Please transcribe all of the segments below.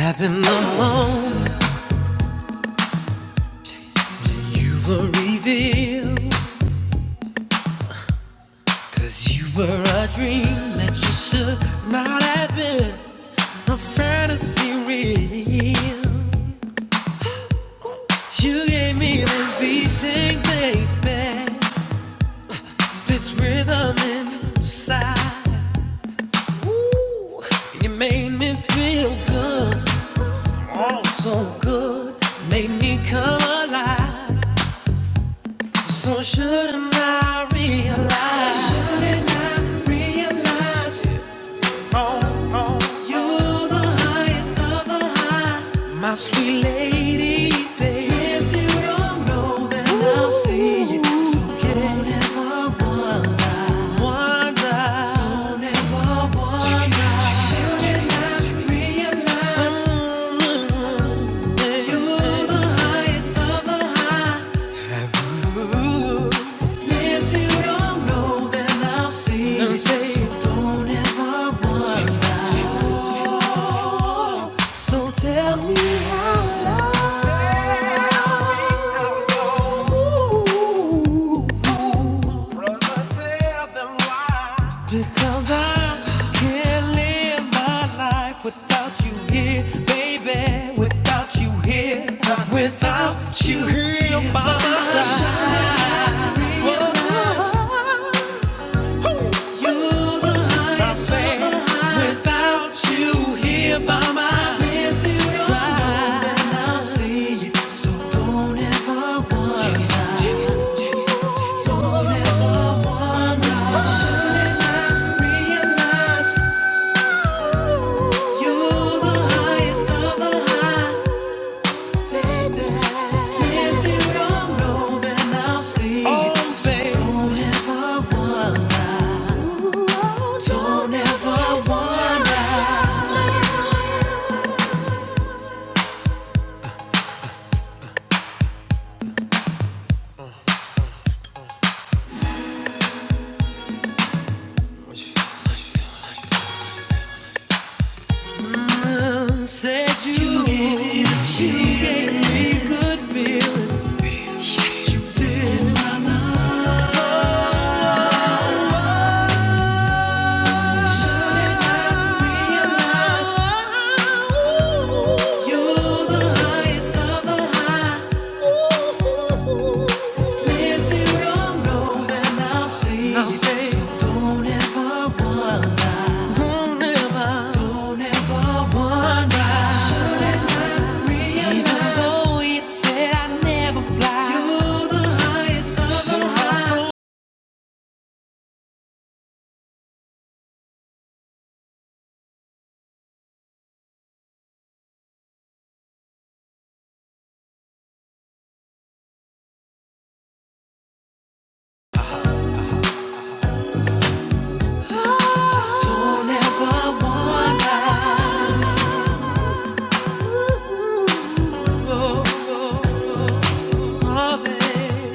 Up in the moment you were revealed. 'Cause you were a dream that you should not have been A fantasy real You gave me this beating, baby This rhythm inside Ooh, You made me feel good, oh so good Made me come alive So shouldn't I realize? Shouldn't I realize you're the highest of the high, my sweet lady? babe? If you don't know, then I'll see it. So don't ever wonder, wonder. Don't ever wonder. Shouldn't I realize? You're the highest of the high. If you don't know, then I'll see. so don't ever want. So tell me how love. Because I can't live my life without you here, baby. Without you here, without you here, by my side. Don't ever wonder. Said you, you gave me, you gave me good feeling, didn't you? Ooh, You're the highest of the high. Ooh, Nothing wrong, no, and I'll see. I'll see. So don't ever wonder, don't ever, don't ever wonder. Should realize, even though it said I never fly, you're the highest of the high. Don't ever wonder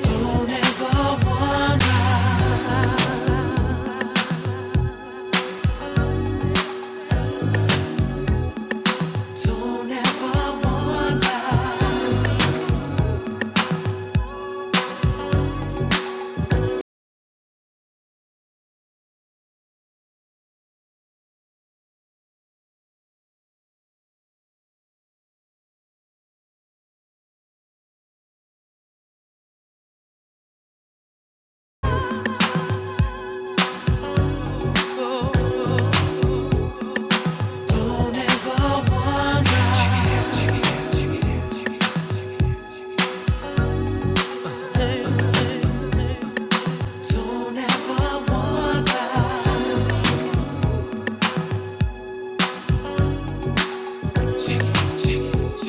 Don't ever wonder. Don't ever wonder. Don't ever wonder. Don't ever wonder. Shake it, shake it,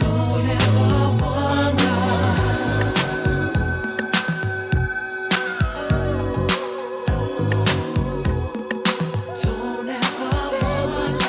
Don't ever wonder. Don't ever wonder.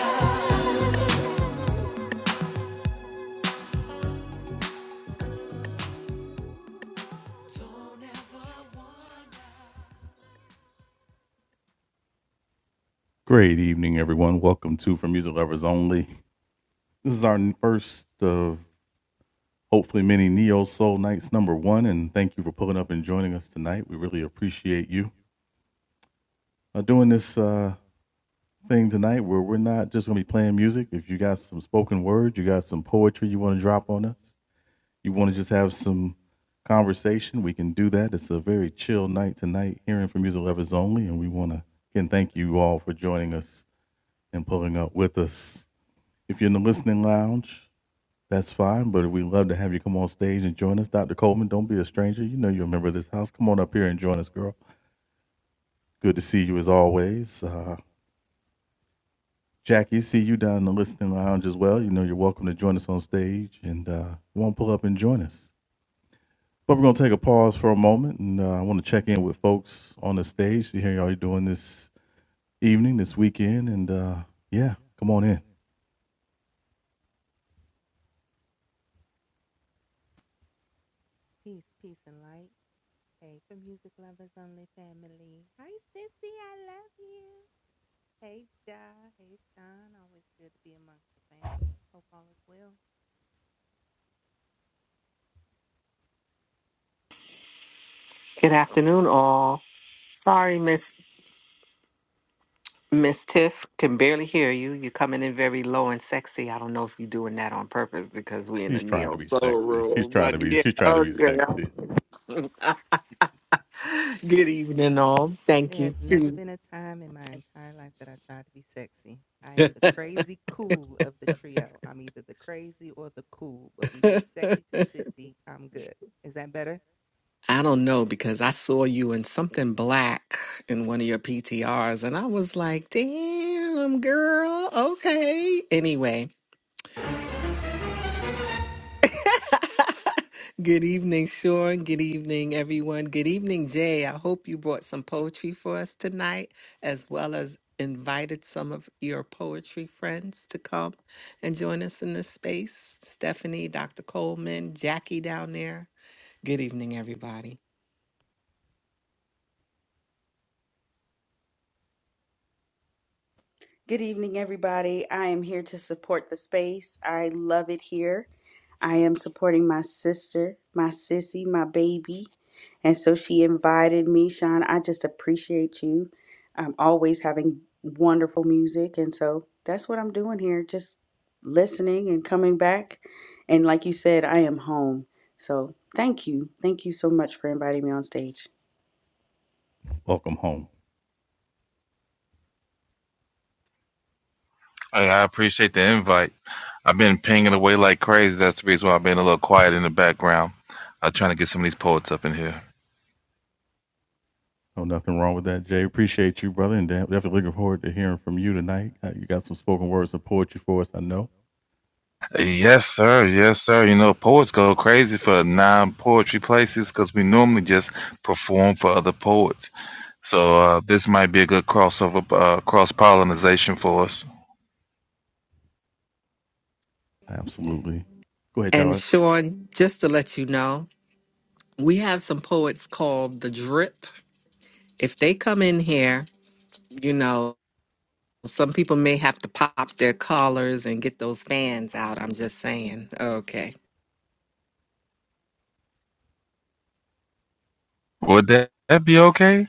Good afternoon, all. Sorry, Miss Miss Tiff, can barely hear you. You're coming in very low and sexy. I don't know if you're doing that on purpose because we're in the neo soul room, but yeah, okay. Good evening, all. Thank you too. I don't know because I saw you in something black in one of your PTRs, and I was like, "Damn, girl, okay." Anyway, Good evening, Sean. Good evening, everyone. Good evening, Jay. I hope you brought some poetry for us tonight, as well as invited some of your poetry friends to come and join us in this space. Stephanie, Dr. Coleman, Jackie down there. Good evening, everybody. Good evening, everybody. I am here to support the space. I love it here. I am supporting my sister, my sissy, my baby. And so she invited me, Sean. I just appreciate you. I'm always having wonderful music. And so that's what I'm doing here, just listening and coming back. And like you said, I am home. So thank you. Thank you so much for inviting me on stage. I, I appreciate the invite. I've been pinging away like crazy. That's the reason why I've been a little quiet in the background. I'm trying to get some of these poets up in here. Yes, sir. Yes, sir. You know, poets go crazy for non poetry places because we normally just perform for other poets. So uh, this might be a good crossover, uh, cross pollinization for us. And Sean, just to let you know, we have some poets called The Drip. If they come in here, you know. Some people may have to pop their collars and get those fans out. I'm just saying. Okay. Would that, that be okay?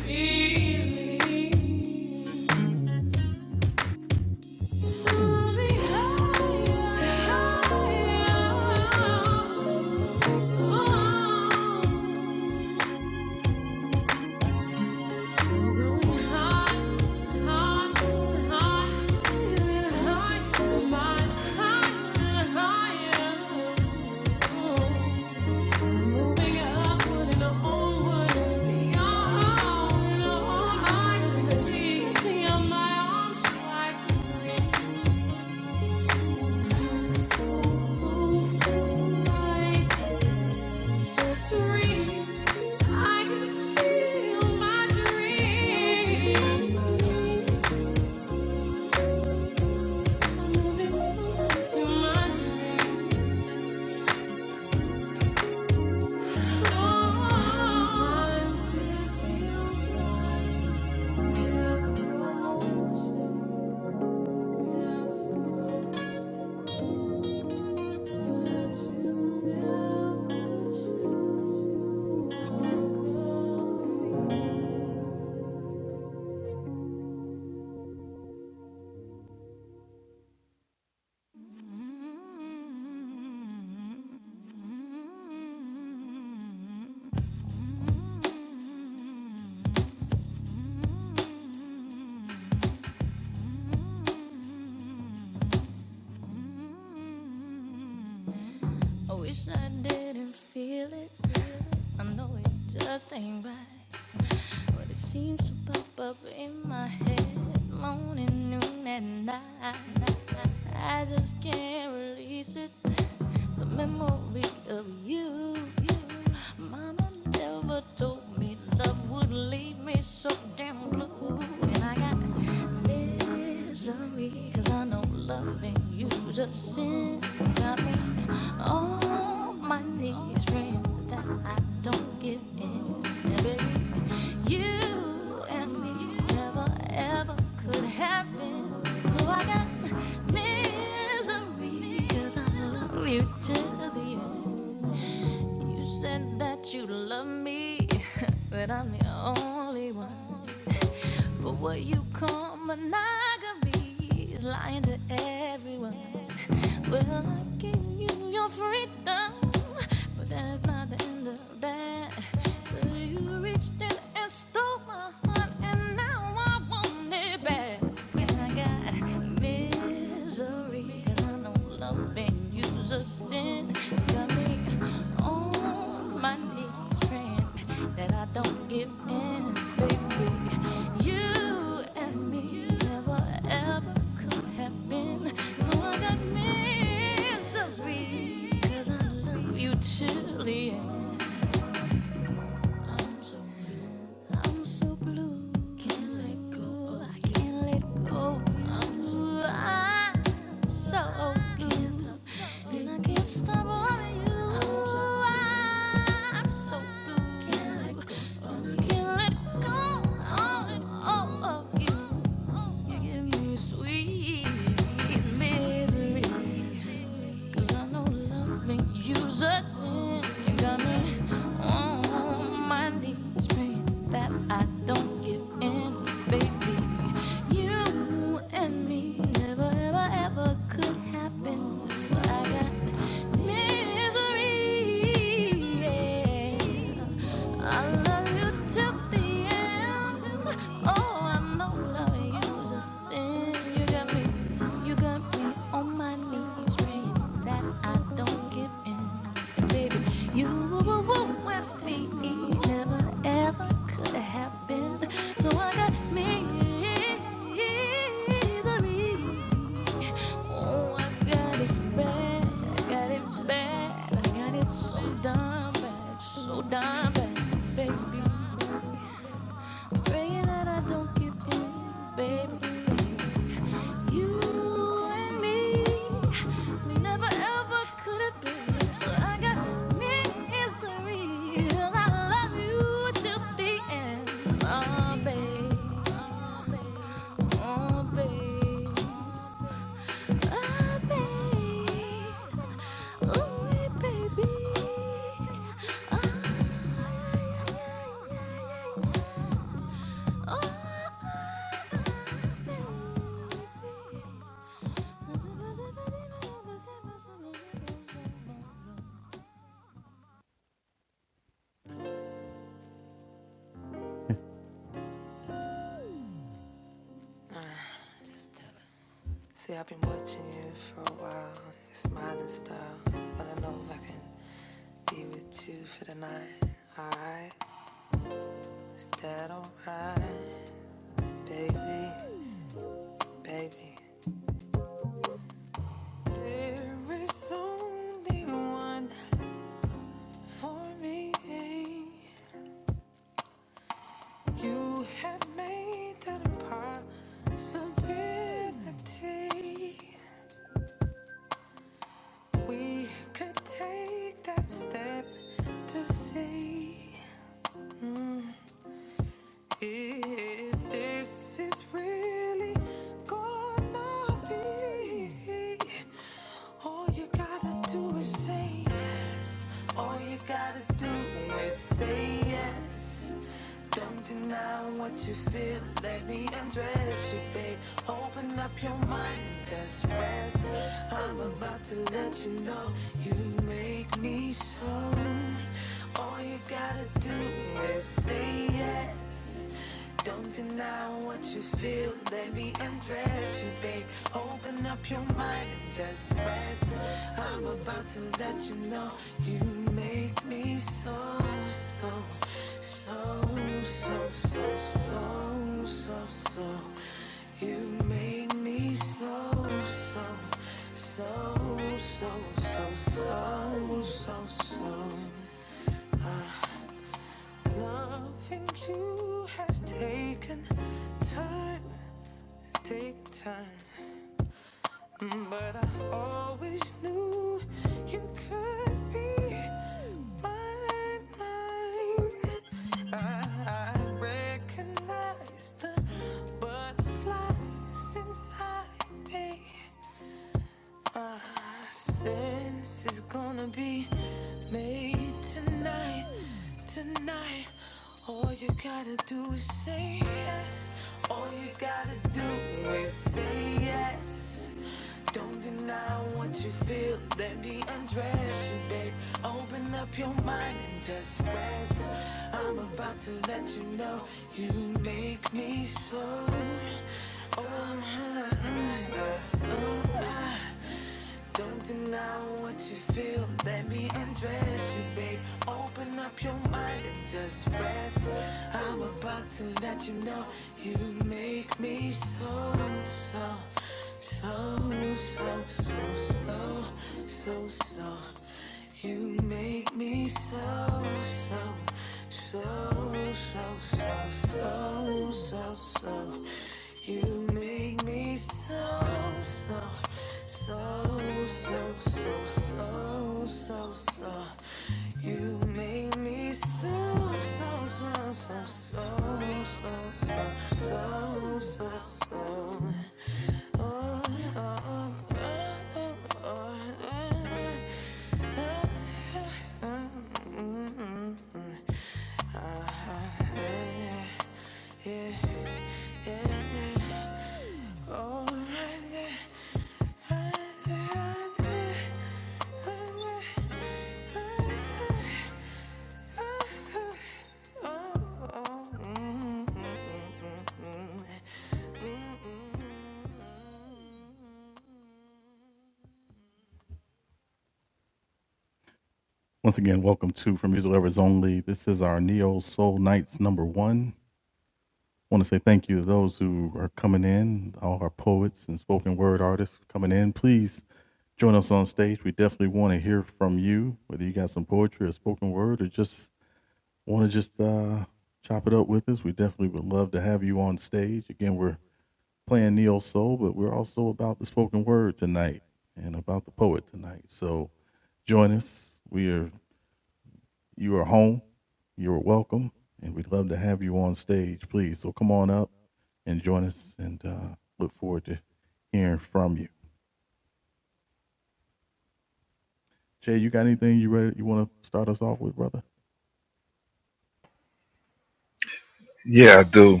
Yeah, I do.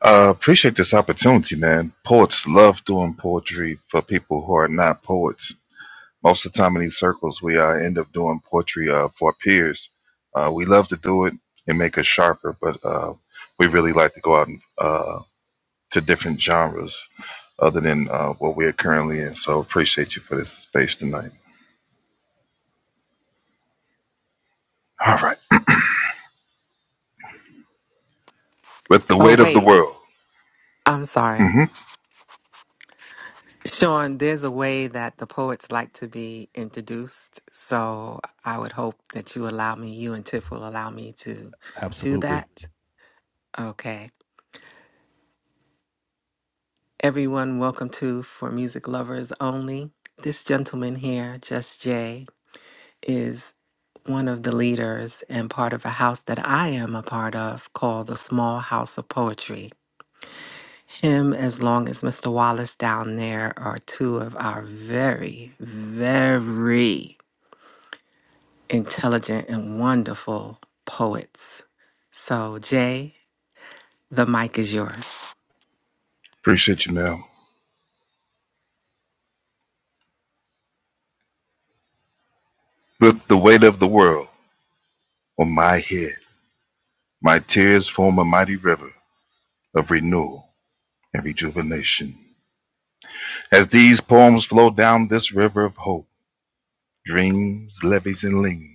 Uh, appreciate this opportunity, man. Poets love doing poetry for people who are not poets. most of the time in these circles, we uh, end up doing poetry uh, for peers. Uh, we love to do it and make us sharper, but uh, we really like to go out and, uh, to different genres other than uh, what we are currently in. So appreciate you for this space tonight. All right. With the Oh, weight of the wait. world. I'm sorry. hmm Sean, there's a way that the poets like to be introduced. So I would hope that you allow me, you and Tiff will allow me to do that. Okay. Everyone, welcome to For Music Lovers Only. This gentleman here, Just Jay, is one of the leaders and part of a house that I am a part of called the Small House of Poetry. him as long as Mr. Wallace down there are two of our very, very intelligent and wonderful poets. So, Jay, the mic is yours. Appreciate you, Mel. With the weight of the world on my head, my tears form a mighty river of renewal and rejuvenation. As these poems flow down this river of hope, dreams, levees, and leans.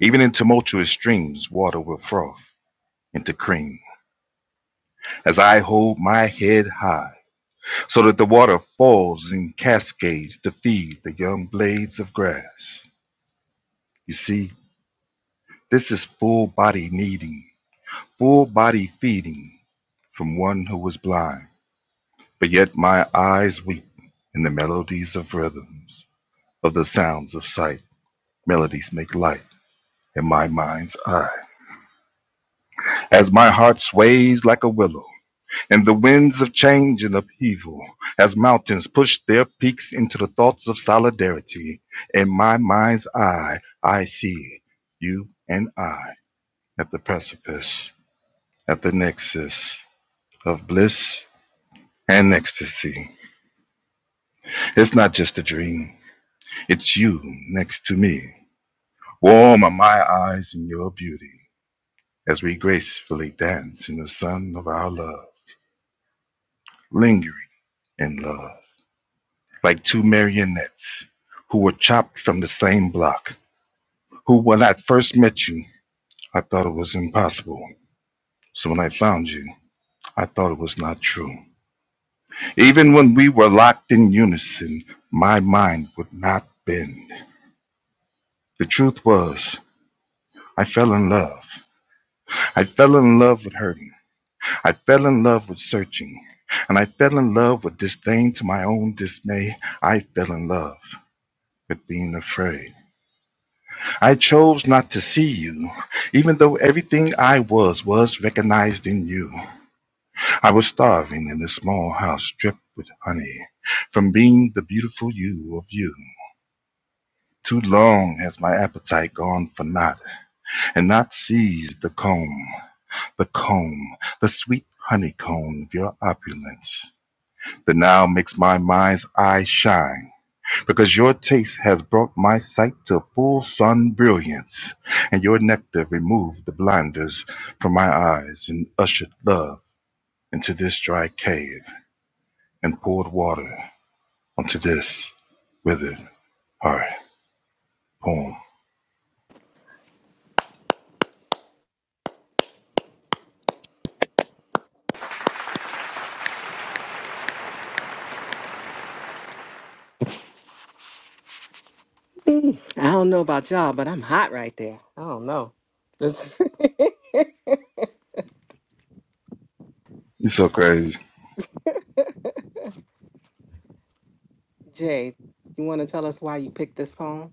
Even in tumultuous streams, water will froth into cream. As I hold my head high, so that the water falls in cascades to feed the young blades of grass. You see, this is full body needing, full body feeding from one who was blind. But yet my eyes weep in the melodies of rhythms, of the sounds of sight. Melodies make light in my mind's eye. as my heart sways like a willow in the winds of change and upheaval, as mountains push their peaks into the thoughts of solidarity. In my mind's eye, I see you and I at the precipice, at the nexus of bliss and ecstasy. It's not just a dream, it's you next to me. Warm are my eyes in your beauty as we gracefully dance in the sun of our love, lingering in love. like two marionettes who were chopped from the same block. Who, when I first met you, I thought it was impossible. So when I found you, I thought it was not true. Even when we were locked in unison, my mind would not bend. The truth was, I fell in love. I fell in love with hurting. I fell in love with searching. And I fell in love with disdain to my own dismay. I fell in love with being afraid. I chose not to see you, even though everything I was was recognized in you. I was starving in a small house dripped with honey from being the beautiful you of you. Too long has my appetite gone for naught, and not seized the comb, the comb, the sweet honeycomb of your opulence, that now makes my mind's eye shine. because your taste has brought my sight to full sun brilliance, and your nectar removed the blinders from my eyes, and ushered love into this dry cave, and poured water onto this withered heart. Poem. I don't know about y'all, but I'm hot right there. I don't know. This- It's so crazy. Jay, you want to tell us why you picked this poem?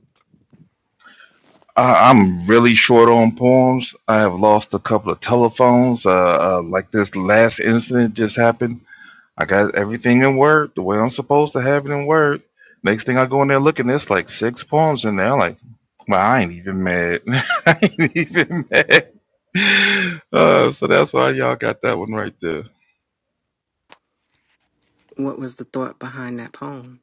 I, I'm really short on poems. I have lost a couple of telephones. Uh, uh, like this last incident just happened. I got everything in Word the way I'm supposed to have it in Word. Next thing I go in there looking, there's like six poems in there. I'm like, well, I ain't even mad. I ain't even mad. Uh, so that's why y'all got that one right there. What was the thought behind that poem?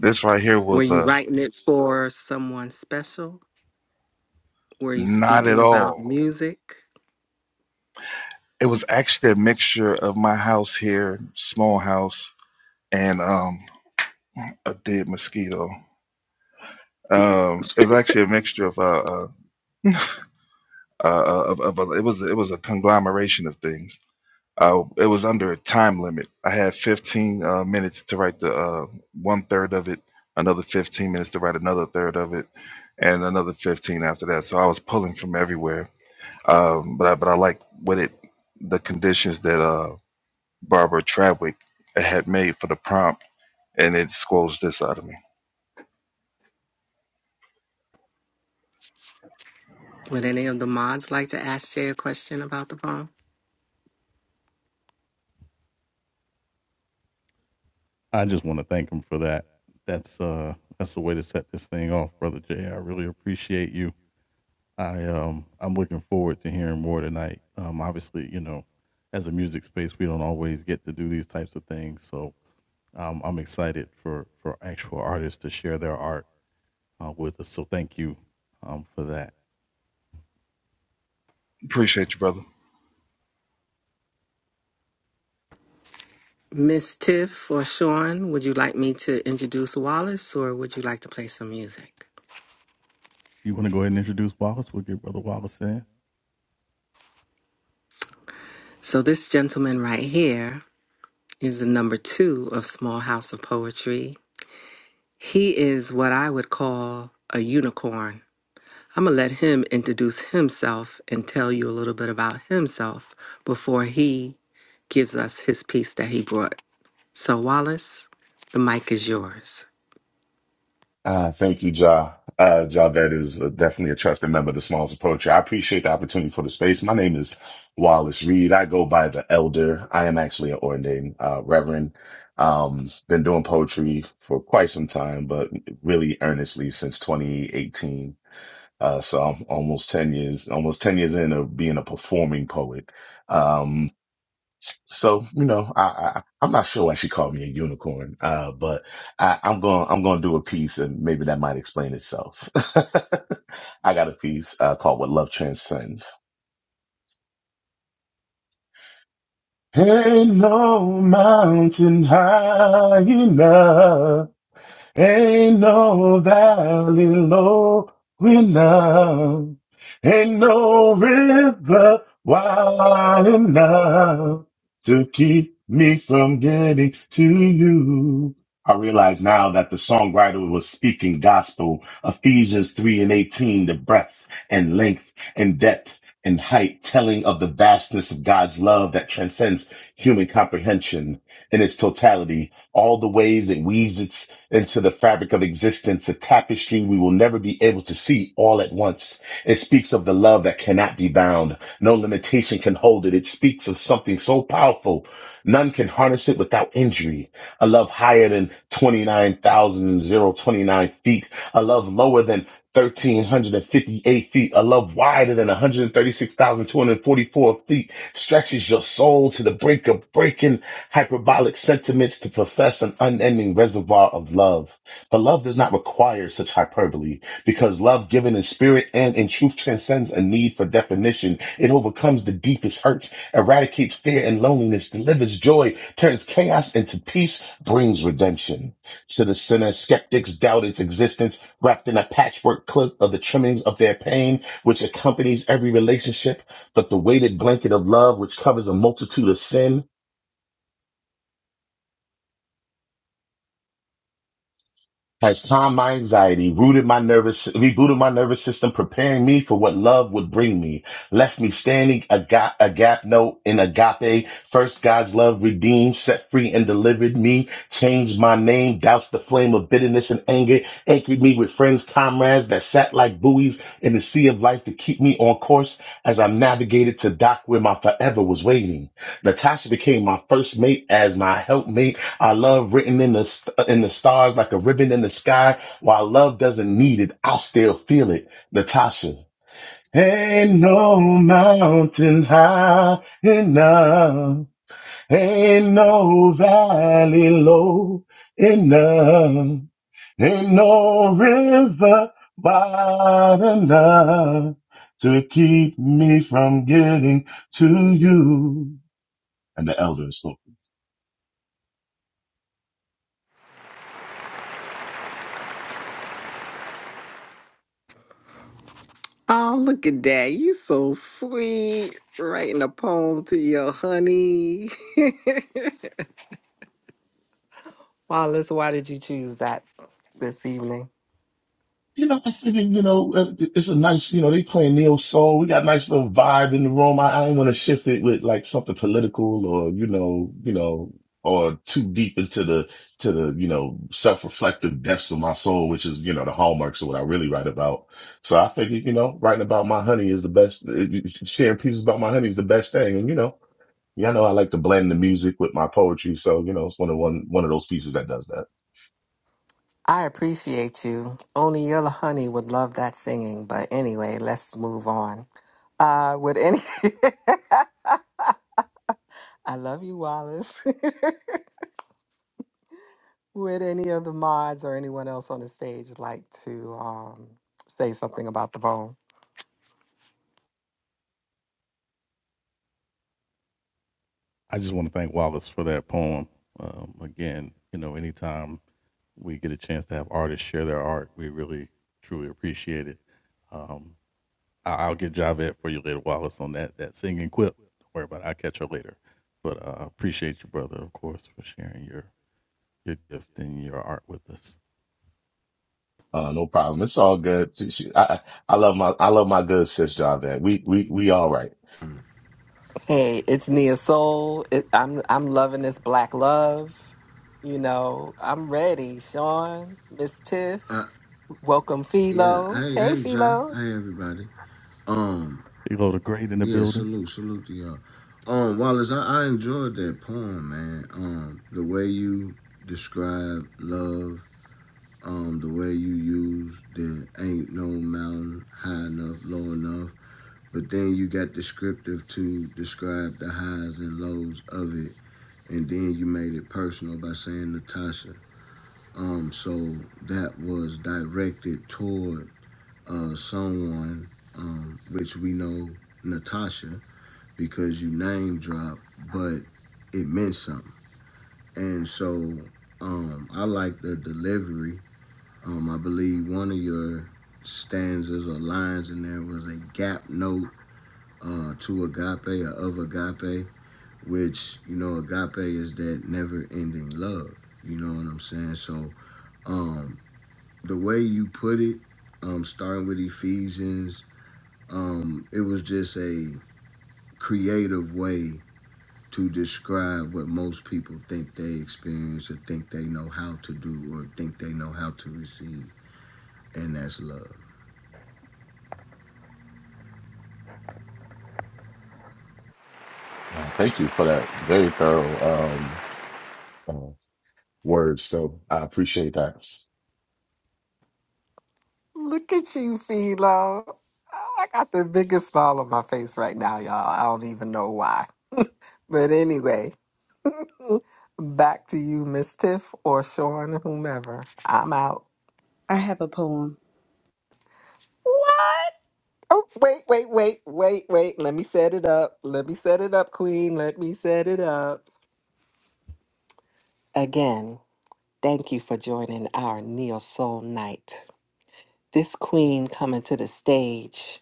This right here Were was you a writing it for someone special? Were you not at speaking about all. music? It was actually a mixture of my house here, small house, and um, a dead mosquito. Um, it was actually a mixture of uh, uh, uh, of, of, of it was it was a conglomeration of things Uh, it was under a time limit. I had 15 uh, minutes to write the uh, one third of it, another 15 minutes to write another third of it, and another 15 after that. So I was pulling from everywhere. Um, but I, but I like what it, the conditions that uh, Barbara Trawick had made for the prompt, and it squelched this out of me. Would any of the mods like to ask Jay a question about the poem? Appreciate you, brother. Miss Tiff or Sean, would you like me to introduce Wallace or would you like to play some music? So, this gentleman right here is the number two of Small House of Poetry. He is what I would call a unicorn. I'm going to let him introduce himself and tell you a little bit about himself before he gives us his piece that he brought. So, Wallace, the mic is yours. Uh, thank you, Ja. Uh, Javed is uh, definitely a trusted member of the Smalls of Poetry. I appreciate the opportunity for the space. My name is Wallace Reed. I go by the Elder. I am actually an ordained uh, Reverend. Um, been doing poetry for quite some time, but really earnestly since 2018. Uh, so I'm almost 10 years, almost 10 years in of being a performing poet. Um, so you know, I, I I'm not sure why she called me a unicorn, uh, but I, I'm going I'm going to do a piece, and maybe that might explain itself. I got a piece uh, called "What Love Transcends." Ain't no mountain high enough. Ain't no valley low enough. Ain't no river wide enough to keep me from getting to you. I realize now that the songwriter was speaking gospel, Ephesians 3 and 18, the breadth and length and depth and height, telling of the vastness of God's love that transcends human comprehension in its totality all the ways it weaves into the fabric of existence, a tapestry we will never be able to see all at once. It speaks of the love that cannot be bound. No limitation can hold it. It speaks of something so powerful. None can harness it without injury. A love higher than 29,029 feet. A love lower than 1,358 feet. A love wider than 136,244 feet stretches your soul to the brink of breaking hyperbolic sentiments to profess an unending reservoir of love. But love does not require such hyperbole because love given in spirit and in truth transcends a need for definition. It overcomes the deepest hurts, eradicates fear and loneliness, delivers joy, turns chaos into peace, brings redemption. To the sinner, skeptics doubt its existence, wrapped in a patchwork clip of the trimmings of their pain, which accompanies every relationship. But the weighted blanket of love, which covers a multitude of sin, has calmed my anxiety, rooted my nervous, rebooted my nervous system, preparing me for what love would bring me, left me standing a gap, a gap note in agape. First God's love redeemed, set free and delivered me, changed my name, doused the flame of bitterness and anger, anchored me with friends, comrades that sat like buoys in the sea of life to keep me on course as I navigated to dock where my forever was waiting. Natasha became my first mate as my helpmate I love written in the st- uh, in the stars like a ribbon in the sky. While love doesn't need it, I'll still feel it. Natasha. Ain't no mountain high enough. Ain't no valley low enough. Ain't no river wide enough to keep me from getting to you. And the elders. Oh, look at that. You so sweet. Writing a poem to your honey. Wallace, why did you choose that this evening? You know, I think, you know, uh, it's a nice, you know, they playing neo soul. We got a nice little vibe in the room. I, I ain't want to shift it with like something political or, you know, you know, or too deep into the, to the, you know, self-reflective depths of my soul, which is, you know, the hallmarks of what I really write about. So I figured, you know, writing about my honey is the best, uh, sharing pieces about my honey is the best thing. And, you know, y'all know I like to blend the music with my poetry. So, you know, it's one of one, one of those pieces that does that. I appreciate you. Only your honey would love that singing. But anyway, let's move on. Uh, would any I love you, Wallace. would any of the mods or anyone else on the stage like to um, say something about the poem? Uh, no problem. It's all good. She- she- I, I I love my, I love my good sis, Javette. We, we, we all right. Hey, it's Nia Soul. It, I'm I'm loving this black love. You know, I'm ready. Sean, Miss Tiff, Uh, welcome yeah. Philo. Hey, Hey hey, Ja. Philo. Hey, everybody. Um, yeah. Salute, salute to y'all. Um, Wallace, I, I enjoyed that poem, man. Um, the way you describe love. Um, the way you use the ain't no mountain high enough, low enough. But then you got descriptive to describe the highs and lows of it, and then you made it personal by saying Natasha. Um, so that was directed toward. uh, someone, um, which we know Natasha because you name drop, but it meant something. And so um, I like the delivery. Um, I believe one of your stanzas or lines in there was a gap note uh, to agape or of agape, which, you know, agape is that never ending love. You know what I'm saying? So um, the way you put it, um, starting with Ephesians Um, it was just a creative way to describe what most people think they experience or think they know how to do or think they know how to receive, and that's love. Uh, thank you for that very thorough, um, uh, words. So I appreciate that. Look at you, Philo. I got the biggest smile on my face right now, y'all. I don't even know why. But anyway, back to you, Miss Tiff or Sean, whomever. I'm out. I have a poem. What? Oh, wait, wait, wait, wait, wait. Let me set it up. Let me set it up, Queen. Let me set it up. Again, thank you for joining our Neo Soul Night. This queen coming to the stage.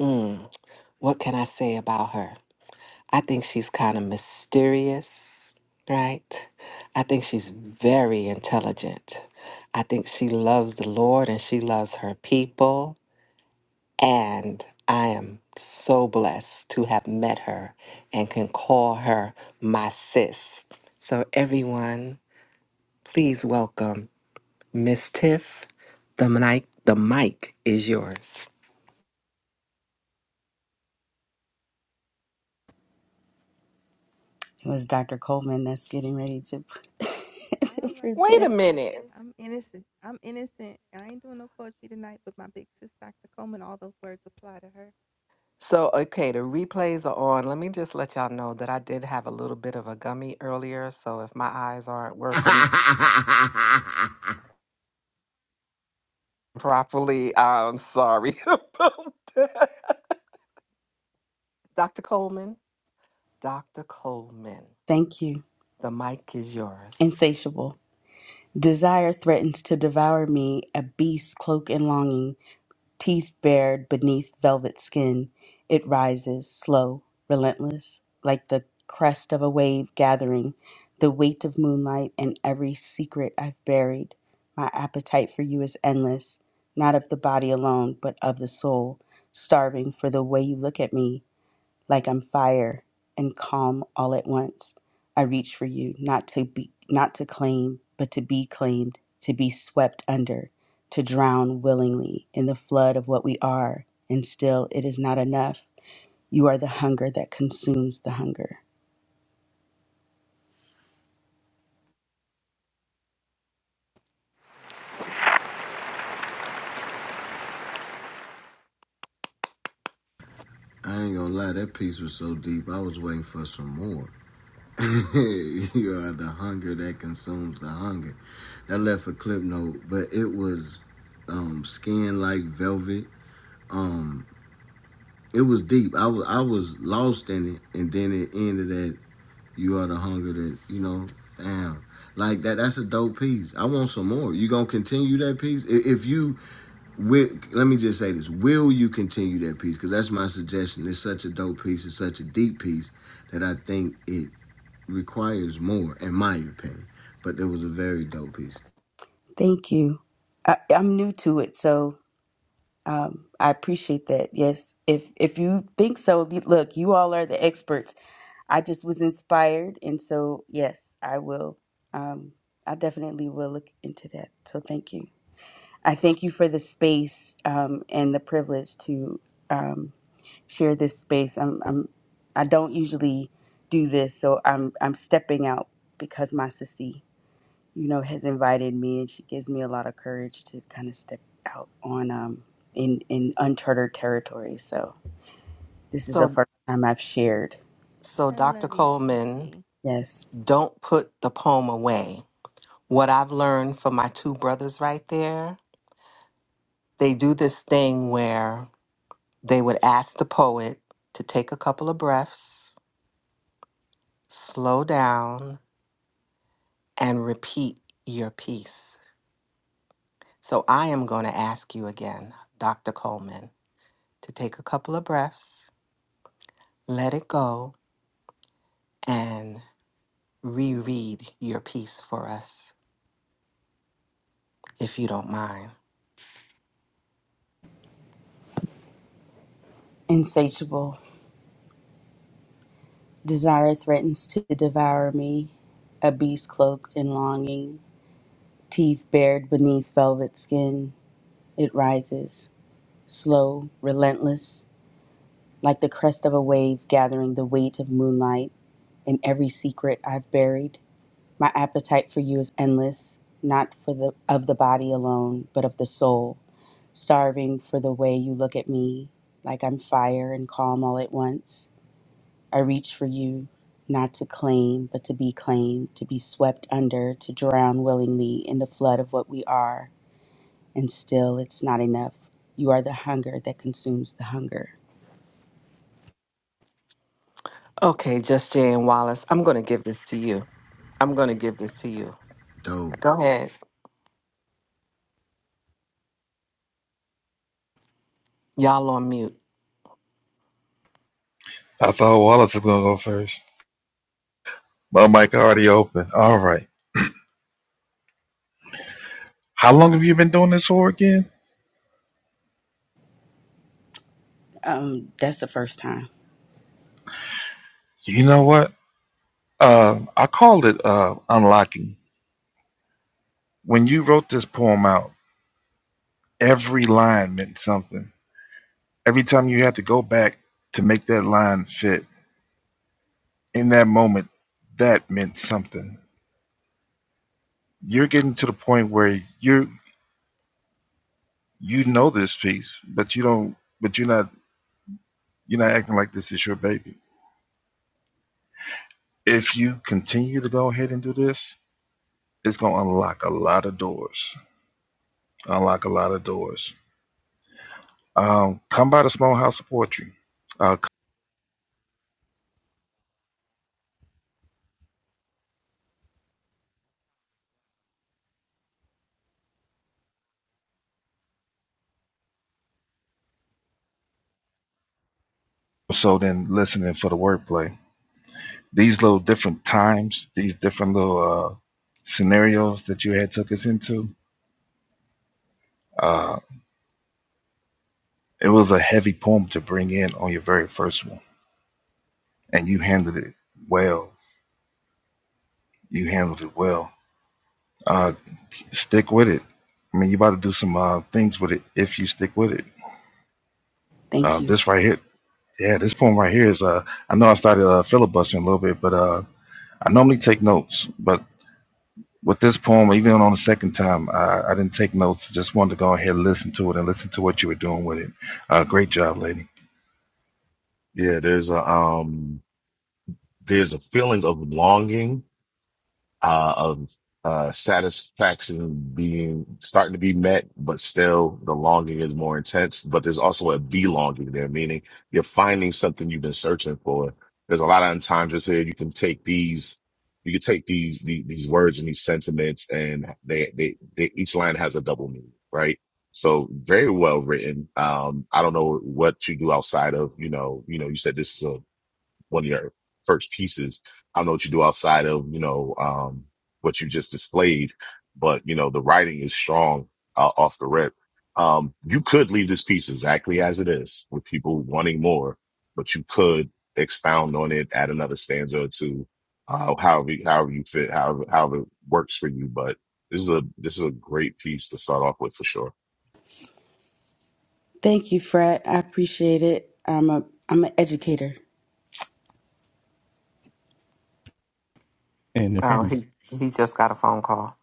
Mm, what can I say about her? I think she's kind of mysterious, right? I think she's very intelligent. I think she loves the Lord and she loves her people. And I am so blessed to have met her and can call her my sis. So, everyone, please welcome Miss Tiff. The mic, the mic is yours. It was Dr. Coleman that's getting ready to, Wait a present. minute. So, okay, the replays are on. Let me just let y'all know that I did have a little bit of a gummy earlier. So, if my eyes aren't I working properly, I'm sorry about that. Dr. Coleman, Dr. Coleman, Thank you. the mic is yours. Insatiable. Desire threatens to devour me, a beast cloaked in longing, teeth bared beneath velvet skin. It rises, slow, relentless, like the crest of a wave gathering, the weight of moonlight and every secret I've buried. My appetite for you is endless, not of the body alone, but of the soul, starving for the way you look at me like I'm fire and calm all at once. I reach for you, not to be not to claim, but to be claimed, to be swept under, to drown willingly in the flood of what we are, and still it is not enough. You are the hunger that consumes the hunger. ain't gonna lie, that piece was so deep. I was waiting for some more. you are the hunger that consumes the hunger. That left a clip note, but it was um skin like velvet. Um, it was deep. I was I was lost in it, and then it ended at. You are the hunger that you know. Damn, like that. That's a dope piece. I want some more. You gonna continue that piece? If you let me just say this: Will you continue that piece? Because that's my suggestion. It's such a dope piece. It's such a deep piece that I think it requires more, in my opinion. But it was a very dope piece. Thank you. I, I'm new to it, so um, I appreciate that. Yes, if if you think so, look, you all are the experts. I just was inspired, and so yes, I will. Um, I definitely will look into that. So thank you. I thank you S- for the space um, and the privilege to um, share this space. I'm, I'm I don't usually do this, so I'm I'm stepping out because my sissy, you know, has invited me, and she gives me a lot of courage to kind of step out on um, in in uncharted territory. So this is the So, first time I've shared. so Dr. Coleman, Yes, don't put the poem away. What I've learned from my two brothers right there, they do this thing where they would ask the poet to take a couple of breaths slow down, and repeat your piece. So I am going to ask you again, Dr. Coleman, to take a couple of breaths, let it go, and reread your piece for us, if you don't mind. insatiable. Desire threatens to devour me, a beast cloaked in longing, teeth bared beneath velvet skin. It rises, slow, relentless, like the crest of a wave gathering the weight of moonlight in every secret I've buried. My appetite for you is endless, not for the of the body alone, but of the soul, starving for the way you look at me, like I'm fire and calm all at once I reach for you, not to claim, but to be claimed, to be swept under, to drown willingly in the flood of what we are. And still, it's not enough. You are the hunger that consumes the hunger. Okay, just Jay and Wallace, I'm going to give this to you. I'm going to give this to you. Dope. Go ahead. Y'all on mute. I thought Wallace was gonna go first. My mic already open. All right. How long have you been doing this for again? Um, that's the first time. You know what? Uh, I called it uh, unlocking. When you wrote this poem out, every line meant something. Every time you had to go back to make that line fit in that moment, that meant something. You're getting to the point where you are you know this piece, but you don't. But you're not you're not acting like this is your baby. If you continue to go ahead and do this, it's gonna unlock a lot of doors. Unlock a lot of doors. Um, come by the small house of poetry Uh, so then listening for the wordplay. These little different times, these different little uh, scenarios that you had took us into, uh, it was a heavy poem to bring in on your very first one, and you handled it well. You handled it well. Uh, stick with it. I mean, you about to do some uh, things with it if you stick with it. Thank Uh, you. this right here, yeah, this poem right here is. Uh, I know I started uh, filibustering a little bit, but uh, I normally take notes, but with this poem, even on the second time, I, I didn't take notes. Just wanted to go ahead and listen to it and listen to what you were doing with it. Uh, great job, lady. Yeah. There's a, um, there's a feeling of longing uh, of uh, satisfaction being starting to be met, but still the longing is more intense. But there's also a belonging there, meaning you're finding something you've been searching for. There's a lot of times it's here you can take these, you can take these the, these words and these sentiments, and they, they they each line has a double meaning, right? So very well written. Um, I don't know what you do outside of you know you know you said this is a one of your first pieces. I don't know what you do outside of, you know, um, what you just displayed, but you know, the writing is strong uh, off the rip. Um, you could leave this piece exactly as it is with people wanting more, but you could expound on it, add another stanza or two, uh, however, however you fit, however, however it works for you. But this is a, this is a great piece to start off with for sure. Thank you, Fred. I appreciate it. I'm a I'm an educator. Oh, he, he just got a phone call.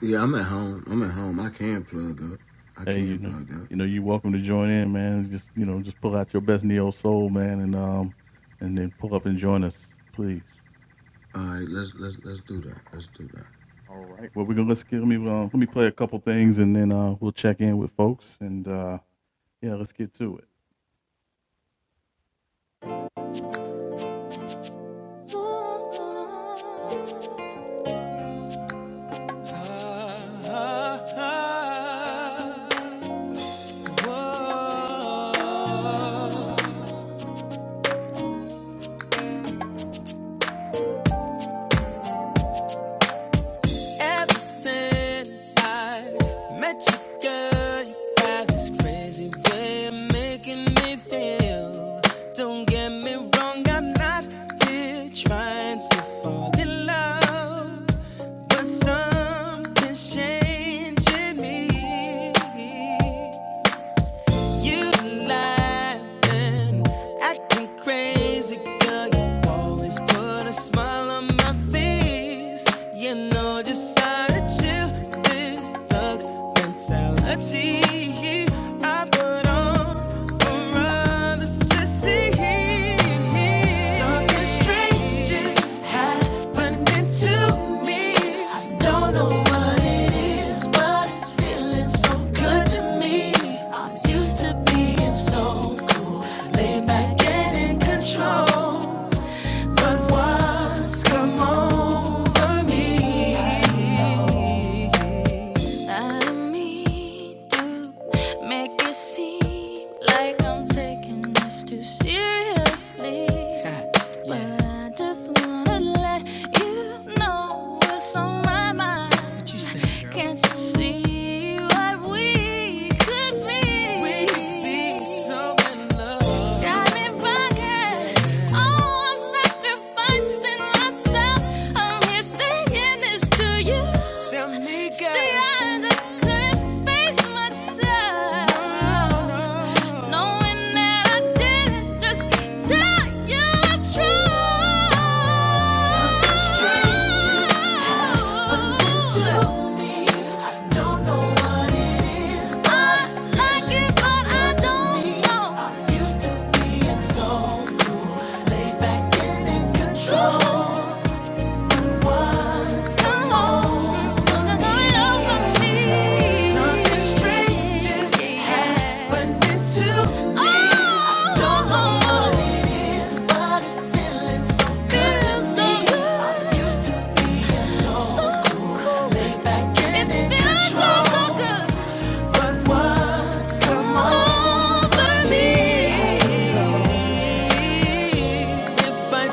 Yeah, I'm at home. I'm at home. I can plug up. I can plug up. All right, let's let's let's do that. Let's do that. Ah, ah, ah. Whoa. Ever since I met you, girl, you got this crazy way of making me feel. Don't get me wrong, I'm not here trying to fall in love, but something's changing me. You lying, acting crazy, girl. You always put a smile on my face. You know just how to chill this thug mentality I put on for others to but control, but what's Come over me. I mean to make it seem like I'm taking this too seriously. yeah. But I just wanna let you know what's on my mind. Can't you see what we could be? We could be so in love. Diamond pocket, oh I'm sacrificing myself. I'm here saying this to you. Tell me, girl. See, I just couldn't face myself. No, no. no. Knowing that I didn't just tell you the truth. Something strange is happening to truth. Don't know what I like it, but I don't me. know. Are you second in control?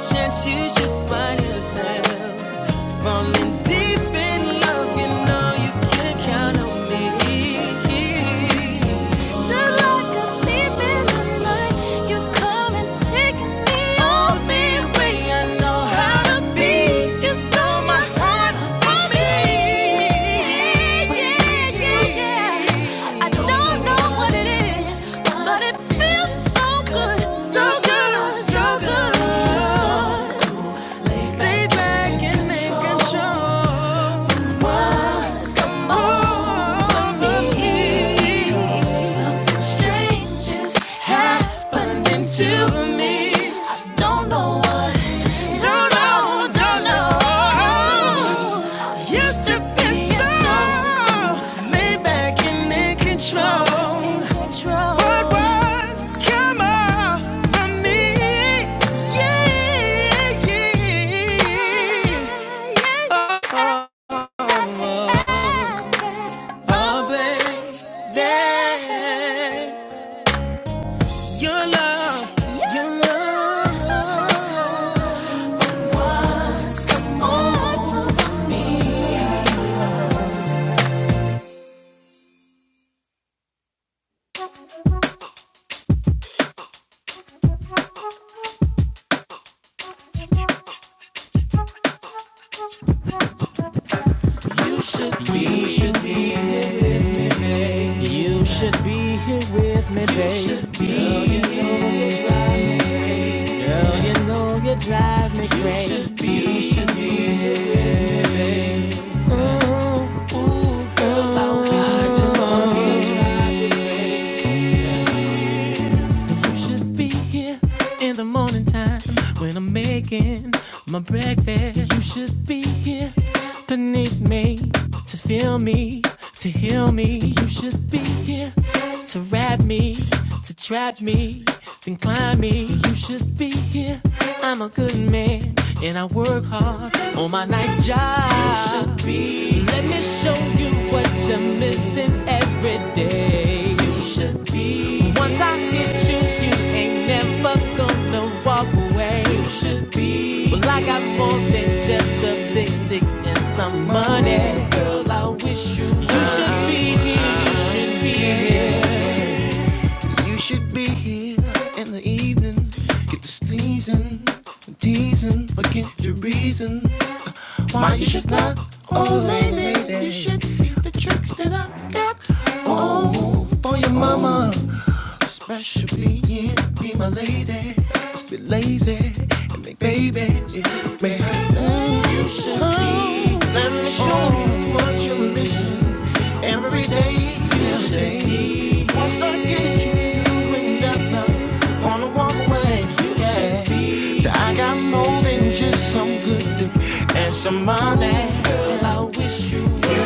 Chance you should find yourself falling deep in love, you kill me. So good, so good, so good. So Come over me. Something strange is happening to me. I don't know what. Don't know, don't know. I used to be so laid back and in control. But what's come over me? Yeah, yeah. Oh, oh, oh. oh. Oh, baby, your love, your love. We should, be, you should be here with me, baby. Girl, you know you drive me. Girl, you know you drive me crazy. You should be you should be here with me, baby. Ooh, girl, I just wanna be. You should be here in the morning time when I'm making my breakfast. You should be here beneath me to feel me, to heal me. You should be here to wrap me, to trap me, then climb me. You should be here. I'm a good man and I work hard on my night job. You should be let me show you what you're missing every day. You should be. Once I hit you, you ain't never gonna walk away. You should be. Well, I got more than just a thing. You should be here in the evening. Get to sneezing, the teasing, forget your reasons. Why you should love, oh lady. You should see the tricks that I got. Oh, for your mama. Special being, be my lady. Let's be lazy and make babies. May I love you should be. Let me show you what you're missing every day. Every day. Once I get you, you would never wanna walk away. Yeah. So I got more than just some good dick and some money.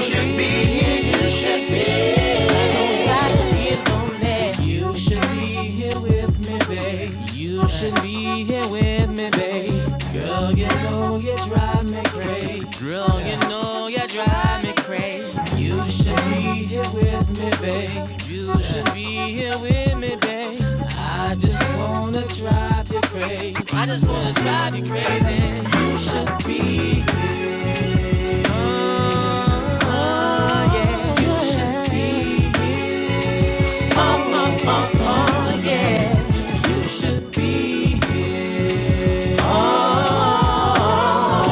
Should be here, you should lonely. You should be here with me, babe. You should be here with me, babe. Girl, you know you drive me crazy. Girl, you know you drive me crazy. You should be here with me, babe. You should be here with me, babe. I just wanna drive you crazy. I just wanna drive you crazy. You should be here. Oh, yeah. You should be here.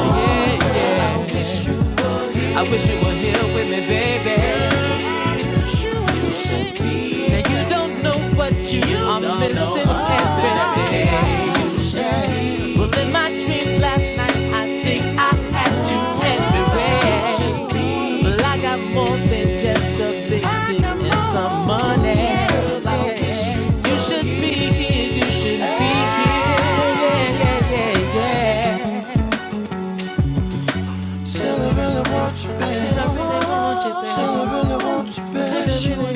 Yeah, yeah. I wish you were here with me, baby. Now you don't know what you, you are missing every day. Well, in my dreams last night, I think I had you everywhere. Well, I got more than just a big stick and some money. You should be here. You should be here. Yeah, yeah, yeah, yeah. I really want you, babe. I said I really want you, babe. I really want you, babe. Said I really Still I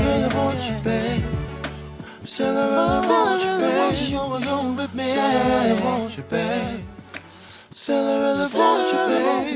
really want you, babe. I really want you, babe. I really want you, babe. Still I really want I really want you,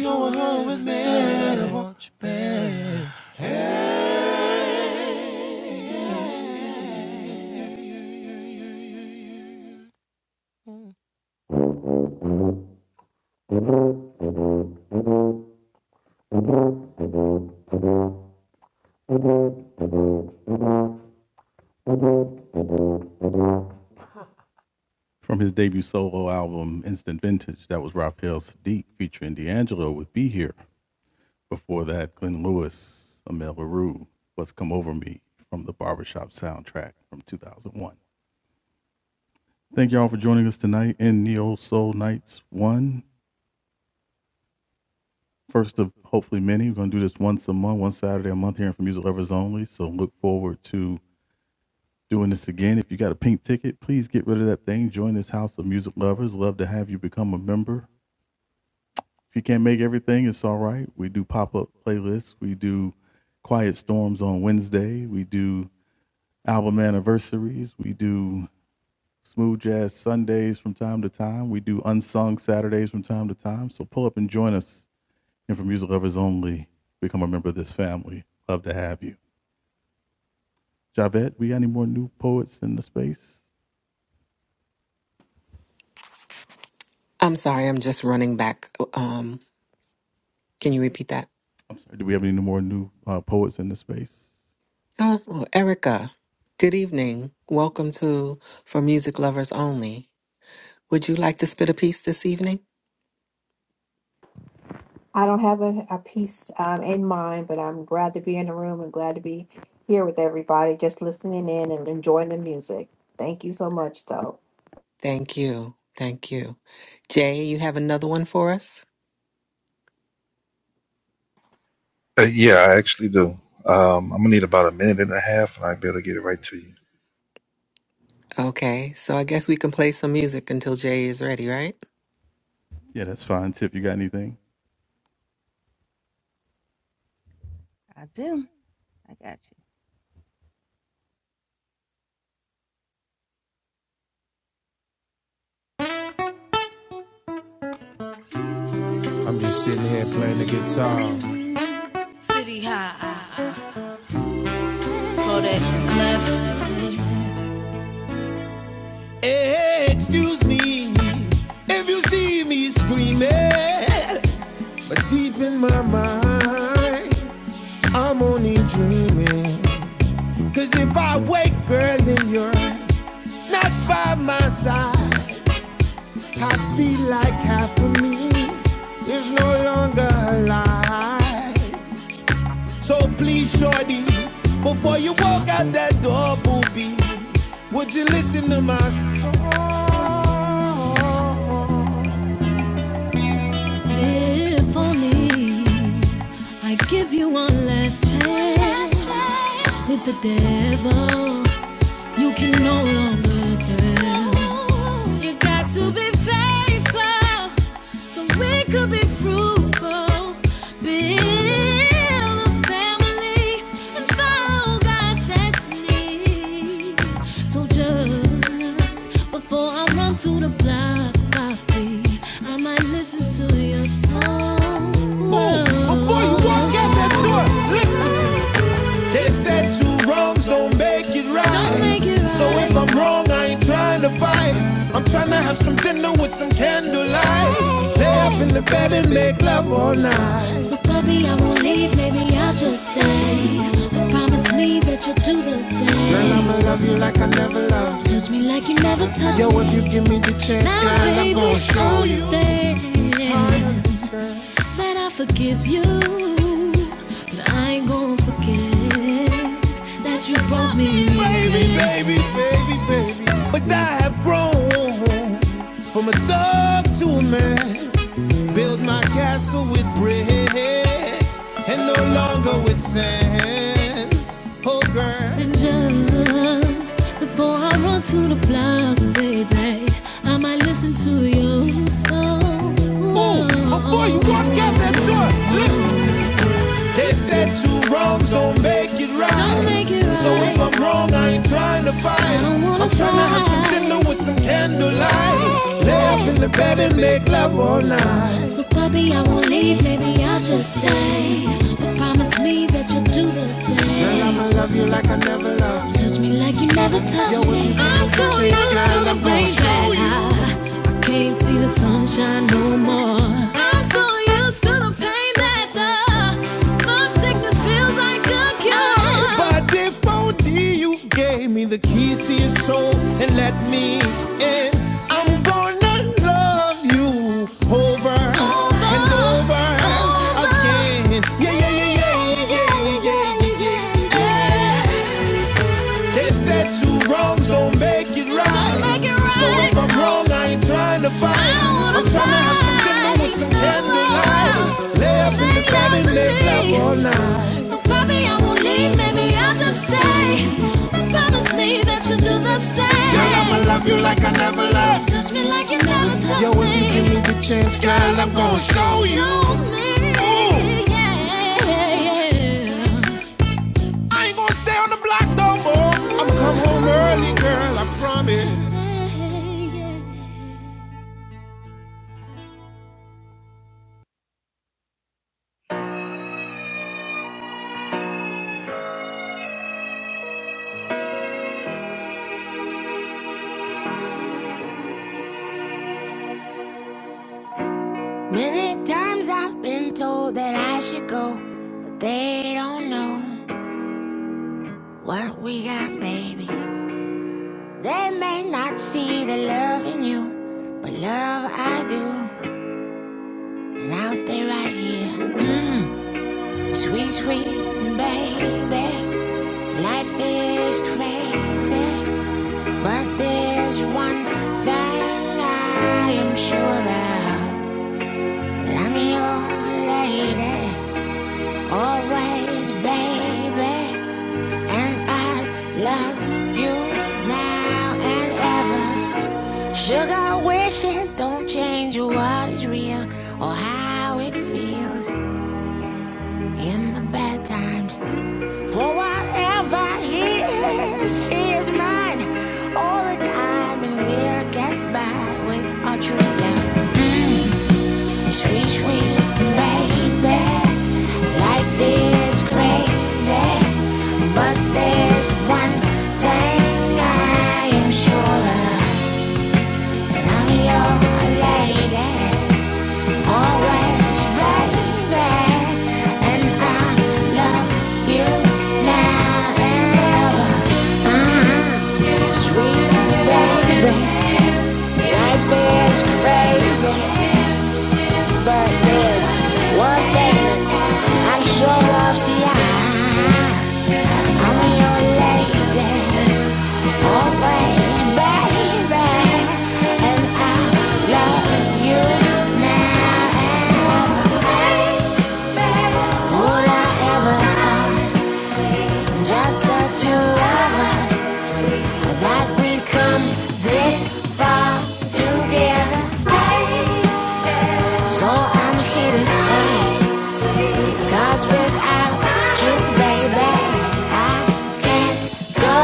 I'm sorry, I'm just running back. Um, can you repeat that? Oh, Erica, good evening. Welcome to For Music Lovers Only. Would you like to spit a piece this evening? I don't have a, a piece um, in mind, but I'm glad to be in the room and glad to be here with everybody, just listening in and enjoying the music. Thank you so much, though. Thank you. Thank you. Jay, you have another one for us? Uh, yeah, I actually do. Um, I'm gonna need about a minute and a half, and I'll be able to get it right to you. Okay, so I guess we can play some music until Jay is ready, right? I'm just sitting here playing the guitar. Hey, excuse me if you see me screaming, But deep in my mind, I'm only dreaming. cause if I wake, girl, then you're not by my side. I feel like half of me is no longer alive. So please, shorty, before you walk out that door, movie, would you listen to my song? Before you walk that door, listen. They said two wrongs don't make it right. I'm wrong, I ain't trying to fight. I'm trying to have some dinner with some candlelight. Lay up in the bed and make love all night. And I'ma love you like I never loved you. If you give me the chance. baby, baby, baby, baby. But I have grown from a thug to a man. Built my castle with bricks and no longer with sand. Oh, girl. Ooh, before you walk out that door, listen. They said two wrongs don't make it right. Don't make it right. So if I'm wrong, I ain't trying to fight. I don't wanna fight. I'm some fight. dinner with some candlelight. Lay up in the bed and make love all night. I'ma love you like I never loved you. A deep OD, you gave me the keys to your soul and let me in. I'm gonna love you over and over again. Yeah, yeah, yeah, yeah, yeah, yeah, yeah, yeah, yeah, yeah. They said two wrongs don't make it right. So if I'm wrong, I ain't trying to fight. I want some candor. Lay up in the and lay all night. Love you like I never loved you. You could change guys. I ain't gonna stay on the block no more. I'ma come home early, girl, I promise. Always right there, and I love you now and ever. Sweet baby, life is crazy, but there's one thing I'm sure of. See, I, I'm your lady. Always, baby, and I love you now. and ever, Would I ever find just the two us that we come this far together? So I'm here to stay, without you, baby, I can't go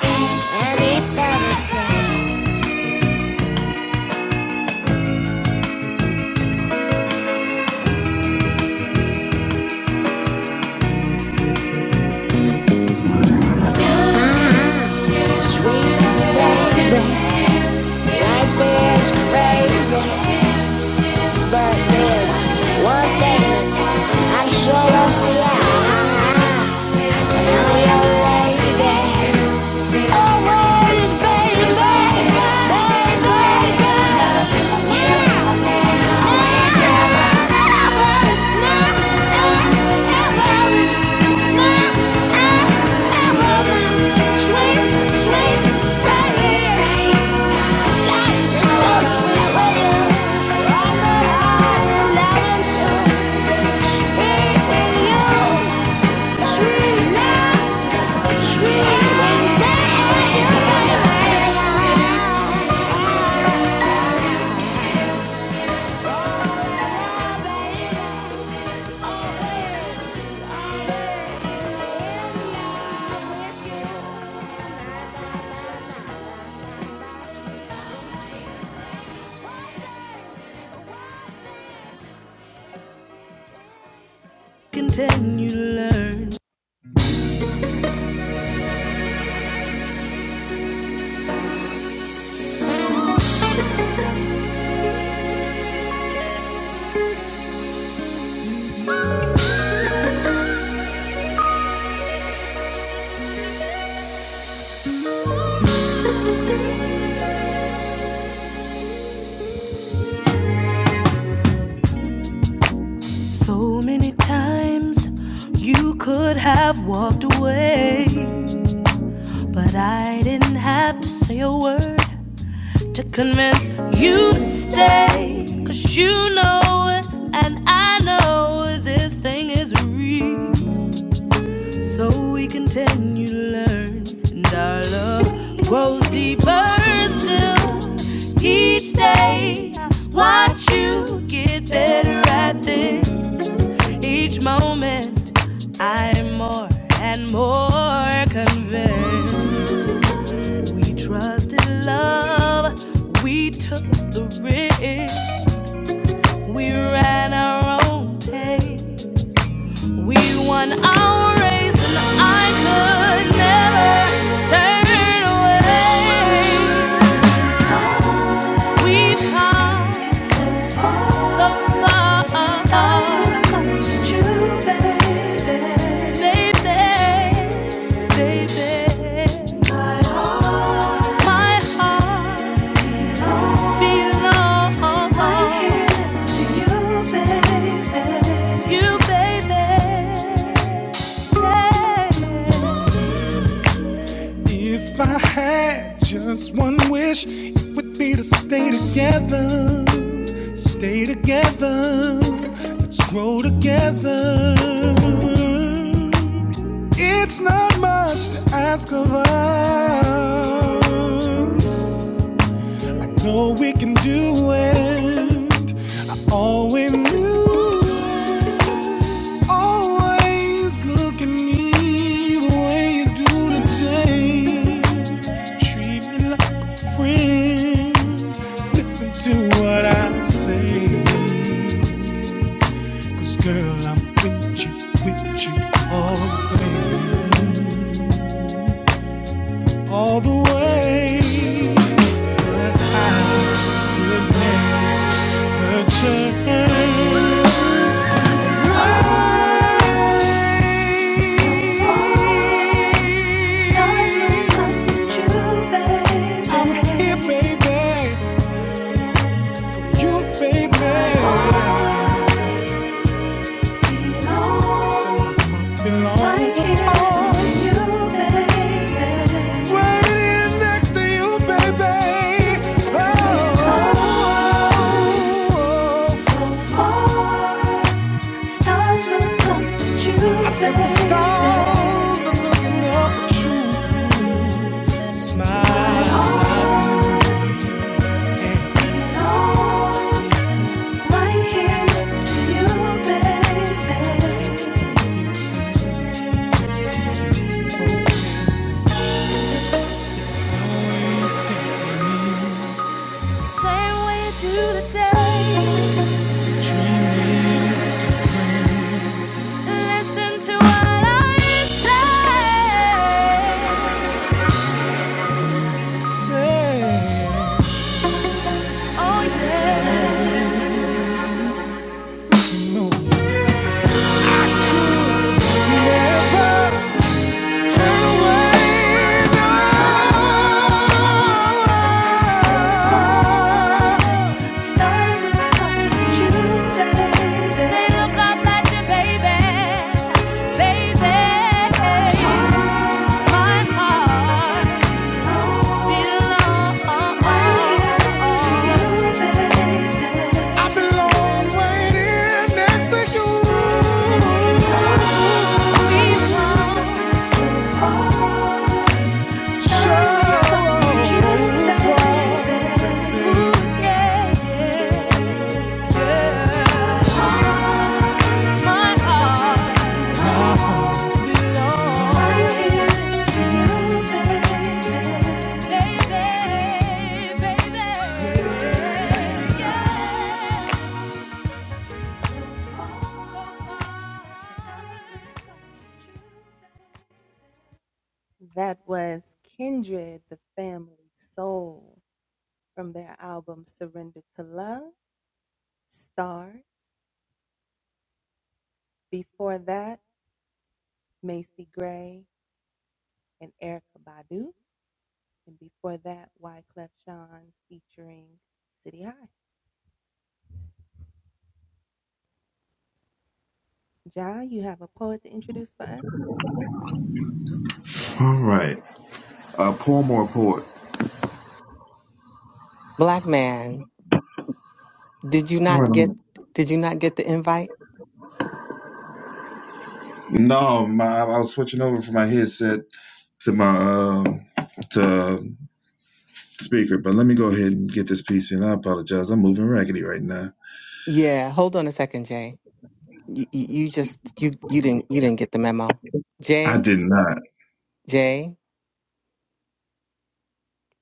any further. Sweet baby, life is crazy, but there's one thing I'm sure we'll see, I Sweet, sweet, sweet, sweet, sweet, sweet, If I had just one wish, it would be to stay together. Stay together. Let's grow together. It's not much to ask of us. know we can do it. I always knew it. Always look at me the way you do today. Treat me like a friend. Listen to what I say. Cause girl, I'm with you, with you all the way. All the way. But I could never change. Stars, I'm looking up at you. Smile, skin me, dream me. Next to you. All right. A poem or poet? Black man, did you All not right. get I'm- did you not get the invite? No, my, I was switching over from my headset to my um to speaker, but let me go ahead and get this piece in. I apologize. I'm moving raggedy right now. Yeah, hold on a second, Jay. You, you you just you you didn't you didn't get the memo. I Jay, did not. Jay,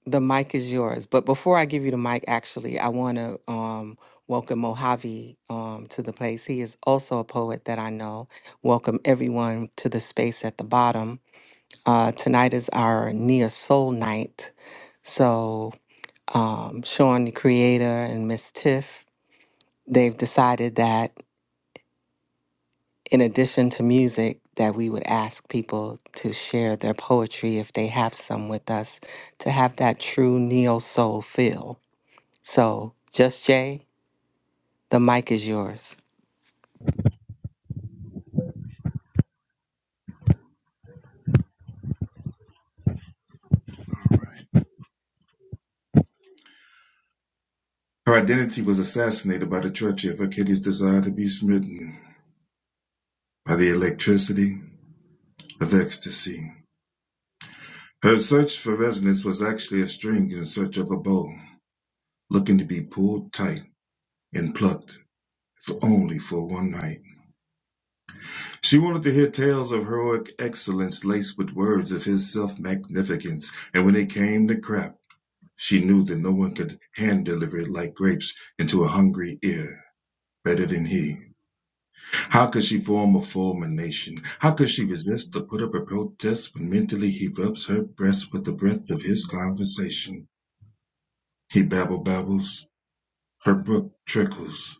The mic is yours. But before I give you the mic, actually, I want to um, welcome Mojave um, to the place. He is also a poet that I know. Welcome everyone to the space at the bottom. Uh, tonight is our Near Soul Night. So, um, Sean, the creator, and Miss Tiff, they've decided that in addition to music, that we would ask people to share their poetry if they have some with us to have that true neo soul feel. So, Just Jay, the mic is yours. Her identity was assassinated by the treachery of her kitty's desire to be smitten by the electricity of ecstasy. Her search for resonance was actually a string in search of a bow, looking to be pulled tight and plucked, if only for one night. She wanted to hear tales of heroic excellence laced with words of his self magnificence, and when it came to crap, She knew that no one could hand deliver it like grapes into a hungry ear better than he. How could she form a fulmination? How could she resist the put up a protest when mentally he rubs her breast with the breath of his conversation? He babble babbles, her brook trickles,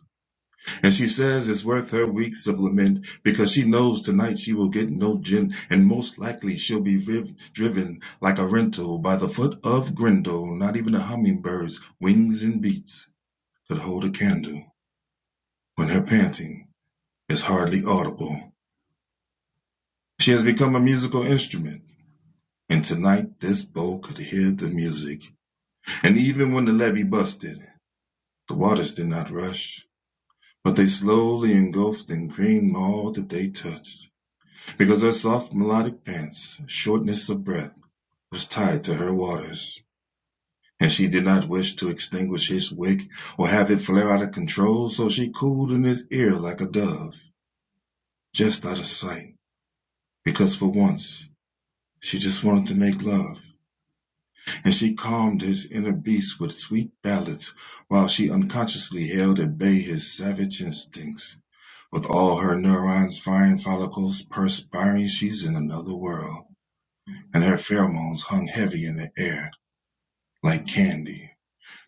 and she says it's worth her weeks of lament because she knows tonight she will get no gin, and most likely she'll be riv- driven like a rental by the foot of Grendel, not even a hummingbird's wings and beats. could hold a candle when her panting is hardly audible. She has become a musical instrument, and tonight this bow could hear the music. And even when the levee busted, the waters did not rush, but they slowly engulfed and creamed all that they touched, because her soft melodic pants, shortness of breath, was tied to her waters. And she did not wish to extinguish his wick or have it flare out of control, so she cooled in his ear like a dove, just out of sight because for once she just wanted to make love, and she calmed his inner beast with sweet ballads while she unconsciously held at bay his savage instincts. With all her neurons firing follicles perspiring, she's in another world, and her pheromones hung heavy in the air like candy.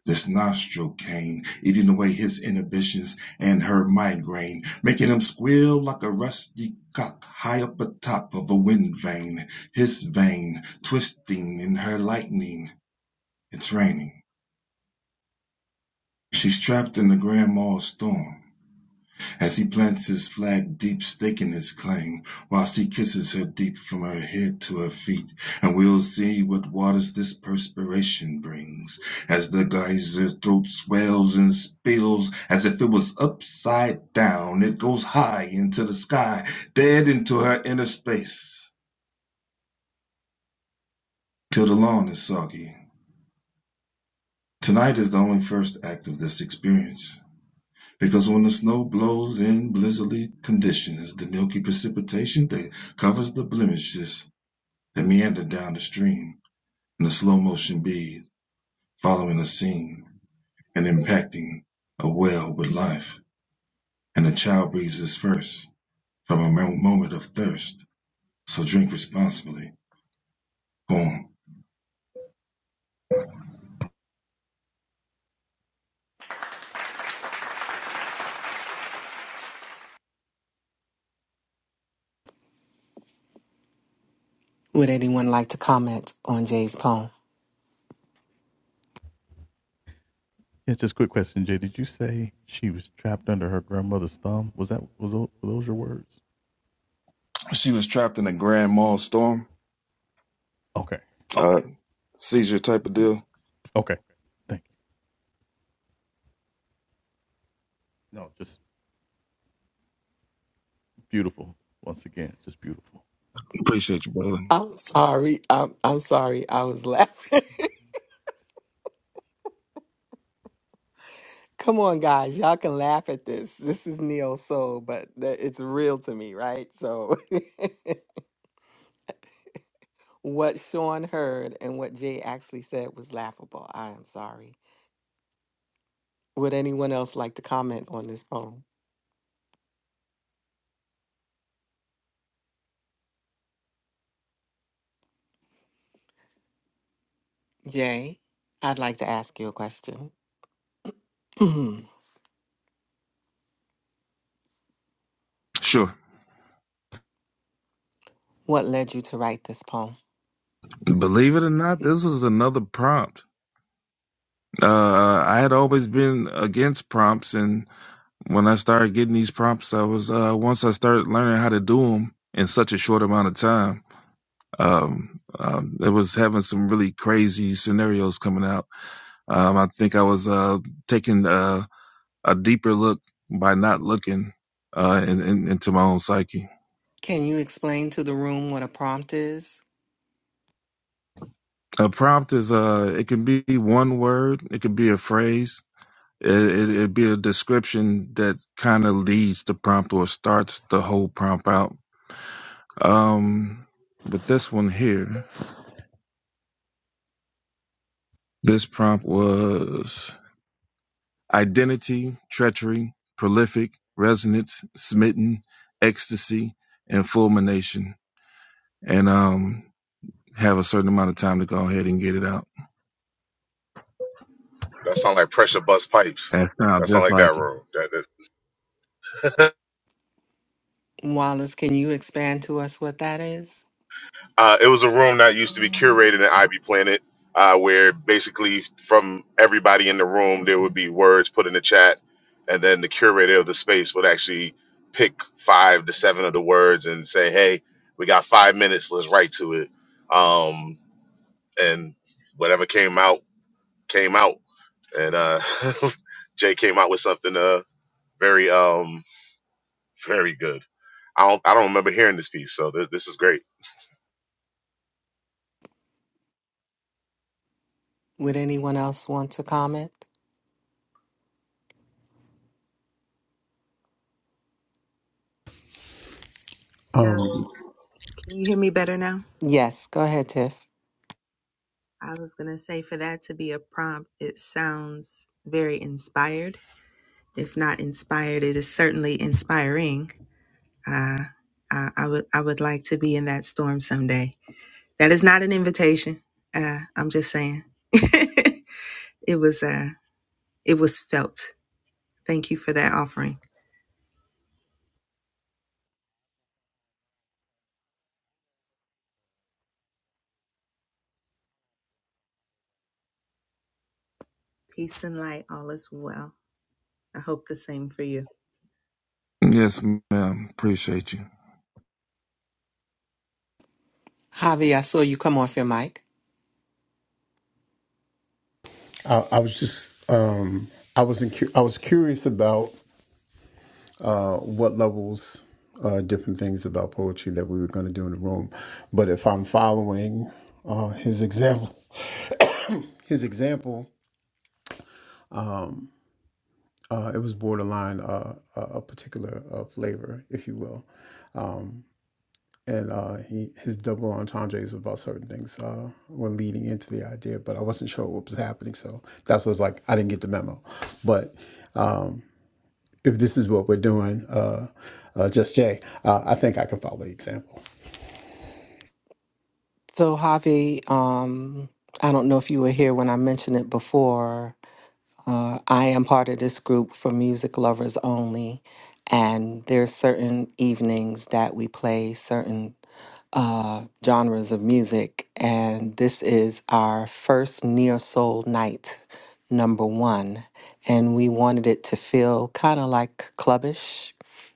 This nostril cane, eating away his inhibitions and her migraine, making him squeal like a rusty cock high up atop of a wind vane. His vein twisting in her lightning. It's raining. She's trapped in the grandma's storm. As he plants his flag deep staking his claim, Whilst he kisses her deep from her head to her feet, And we'll see what waters this perspiration brings, As the geyser throat swells and spills as if it was upside down, It goes high into the sky, dead into her inner space, Till the lawn is soggy. Tonight is the only first act of this experience. Because when the snow blows in blizzardly conditions, the milky precipitation that covers the blemishes that meander down the stream in a slow motion bead, following a seam and impacting a well with life. And the child breathes his first from a moment of thirst. So drink responsibly. Boom. Would anyone like to comment on Jay's poem? She was trapped in a grand mal storm, uh, seizure type of deal. Appreciate you, brother. I'm sorry. I'm I'm sorry. I was laughing. Come on, guys. Y'all can laugh at this. This is Neil Soul, but th- it's real to me, right? So, what Sean heard and what Jay actually said was laughable. I am sorry. Would anyone else like to comment on this poem? Jay, I'd like to ask you a question. what Sure. led you to write this poem? Believe it or not, this was another prompt Uh, I had always been against prompts, and when I started getting these prompts, I was uh, once I started learning how to do them in such a short amount of time. Um, um, it was having some really crazy scenarios coming out. Um, I think I was uh, taking uh, a deeper look by not looking uh, in, in, into my own psyche. Can you explain to the room what a prompt is? A prompt is uh, it can be one word, it can be a phrase, It, it, it'd be a description that kind of leads the prompt or starts the whole prompt out. Um, but this one here, this prompt was identity, treachery, prolific, resonance, smitten, ecstasy, and fulmination. And um, have a certain amount of time to go ahead and get it out. That That sounds sound just like that like it. room. That, that Wallace, can you expand to us what that is? Uh, it was a room that used to be curated at Ivy Planet, uh, where basically from everybody in the room there would be words put in the chat, and then the curator of the space would actually pick five to seven of the words and say, "Hey, we got five minutes. Let's write to it." Um, and whatever came out came out, and uh, Jay came out with something uh, very um, very good. I don't I don't remember hearing this piece, so th- this is great. Would anyone else want to comment? Um, Yes, go ahead, Tiff. Yes, ma'am. Appreciate you. Javi, I saw you come off your mic. I, I was just um, I was in, I was curious about uh, what levels, uh, different things about poetry that we were going to do in the room. But if I'm following uh, his example, his example, um, uh, it was borderline uh, a a particular uh, flavor, if you will. Um, and uh, he, his double entendres about certain things uh, were leading into the idea, but I wasn't sure what was happening, so that's what was like. I didn't get the memo, but. Um, if this is what we're doing, uh, uh, just Jay, uh, I think I can follow the example. So, Javi, um, I don't know if you were here when I mentioned it before. Uh, I am part of this group for music lovers only, and there's certain evenings that we play certain uh, genres of music, and this is our first neo soul night, number one, and we wanted it to feel kind of like clubbish.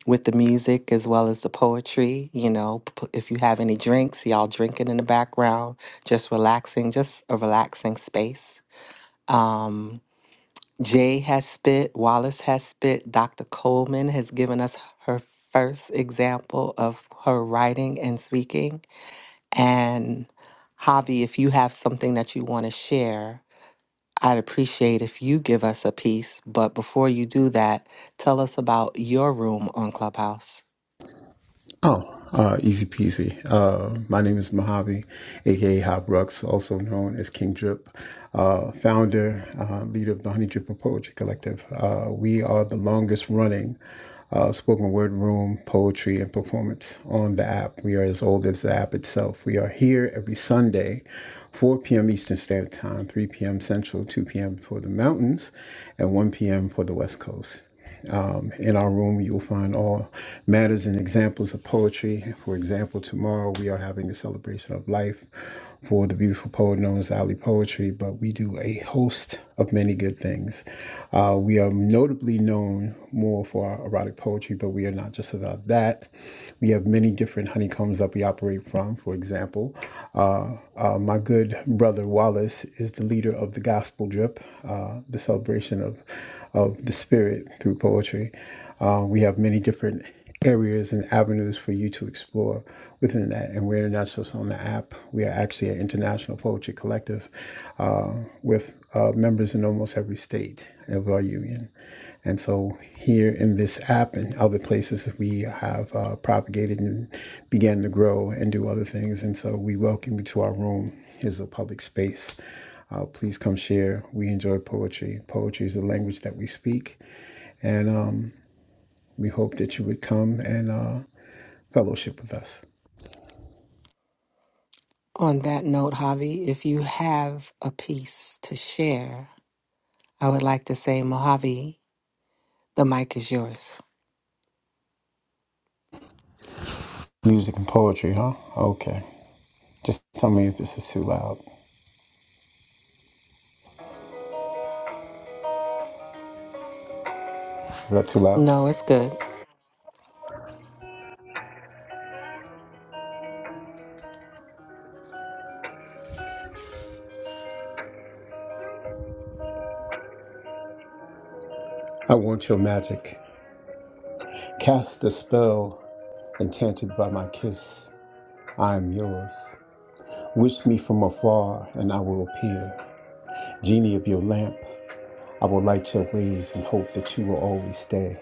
With the music as well as the poetry, you know, p- if you have any drinks, y'all drinking in the background, just relaxing, just a relaxing space. Um, Jay has spit, Wallace has spit, Dr. Coleman has given us her first example of her writing and speaking. And Javi, if you have something that you want to share, I'd appreciate if you give us a piece. But before you do that, tell us about your room on Clubhouse. Oh, uh, easy peasy. Uh, my name is Mojave, aka Hop Rux, also known as King Drip, uh, founder, uh, leader of the Honey Dripper Poetry Collective. Uh, we are the longest running uh, spoken word room poetry and performance on the app. We are as old as the app itself. We are here every Sunday, 4 p.m. Eastern Standard Time, 3 p.m. Central, 2 p.m. for the mountains, and 1 p.m. for the West Coast. Um, in our room, you will find all matters and examples of poetry. For example, tomorrow we are having a celebration of life for the beautiful poet known as Ali Poetry, but we do a host of many good things. Uh, we are notably known more for our erotic poetry, but we are not just about that. We have many different honeycombs that we operate from. For example, uh, uh, my good brother Wallace is the leader of the Gospel Drip, uh, the celebration of, of the Spirit through poetry. Uh, we have many different areas and avenues for you to explore within that. And we're not just on the app, we are actually an international poetry collective uh, with uh, members in almost every state of our union. And so here in this app and other places, we have uh, propagated and began to grow and do other things. And so we welcome you to our room. Here's a public space. Uh, please come share. We enjoy poetry. Poetry is the language that we speak. And um, we hope that you would come and uh, fellowship with us. On that note, Javi, if you have a piece to share, I would like to say, Mojave, the mic is yours. Music and poetry, huh? Okay. Just tell me if this is too loud. Is that too loud? No, it's good. I want your magic. Cast the spell enchanted by my kiss. I am yours. Wish me from afar, and I will appear. Genie of your lamp, I will light your ways and hope that you will always stay.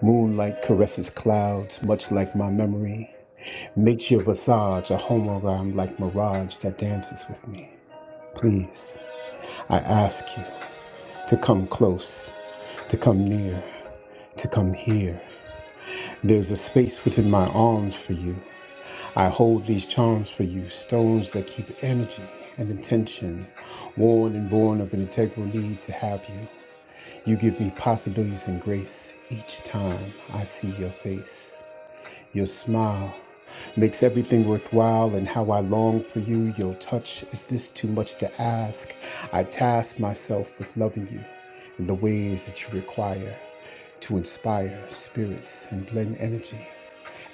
Moonlight caresses clouds, much like my memory. Makes your visage a homogram like mirage that dances with me. Please, I ask you to come close, to come near, to come here. There's a space within my arms for you. I hold these charms for you, stones that keep energy and intention, worn and born of an integral need to have you. You give me possibilities and grace each time I see your face. Your smile makes everything worthwhile, and how I long for you. Your touch is this too much to ask? I task myself with loving you in the ways that you require to inspire spirits and blend energy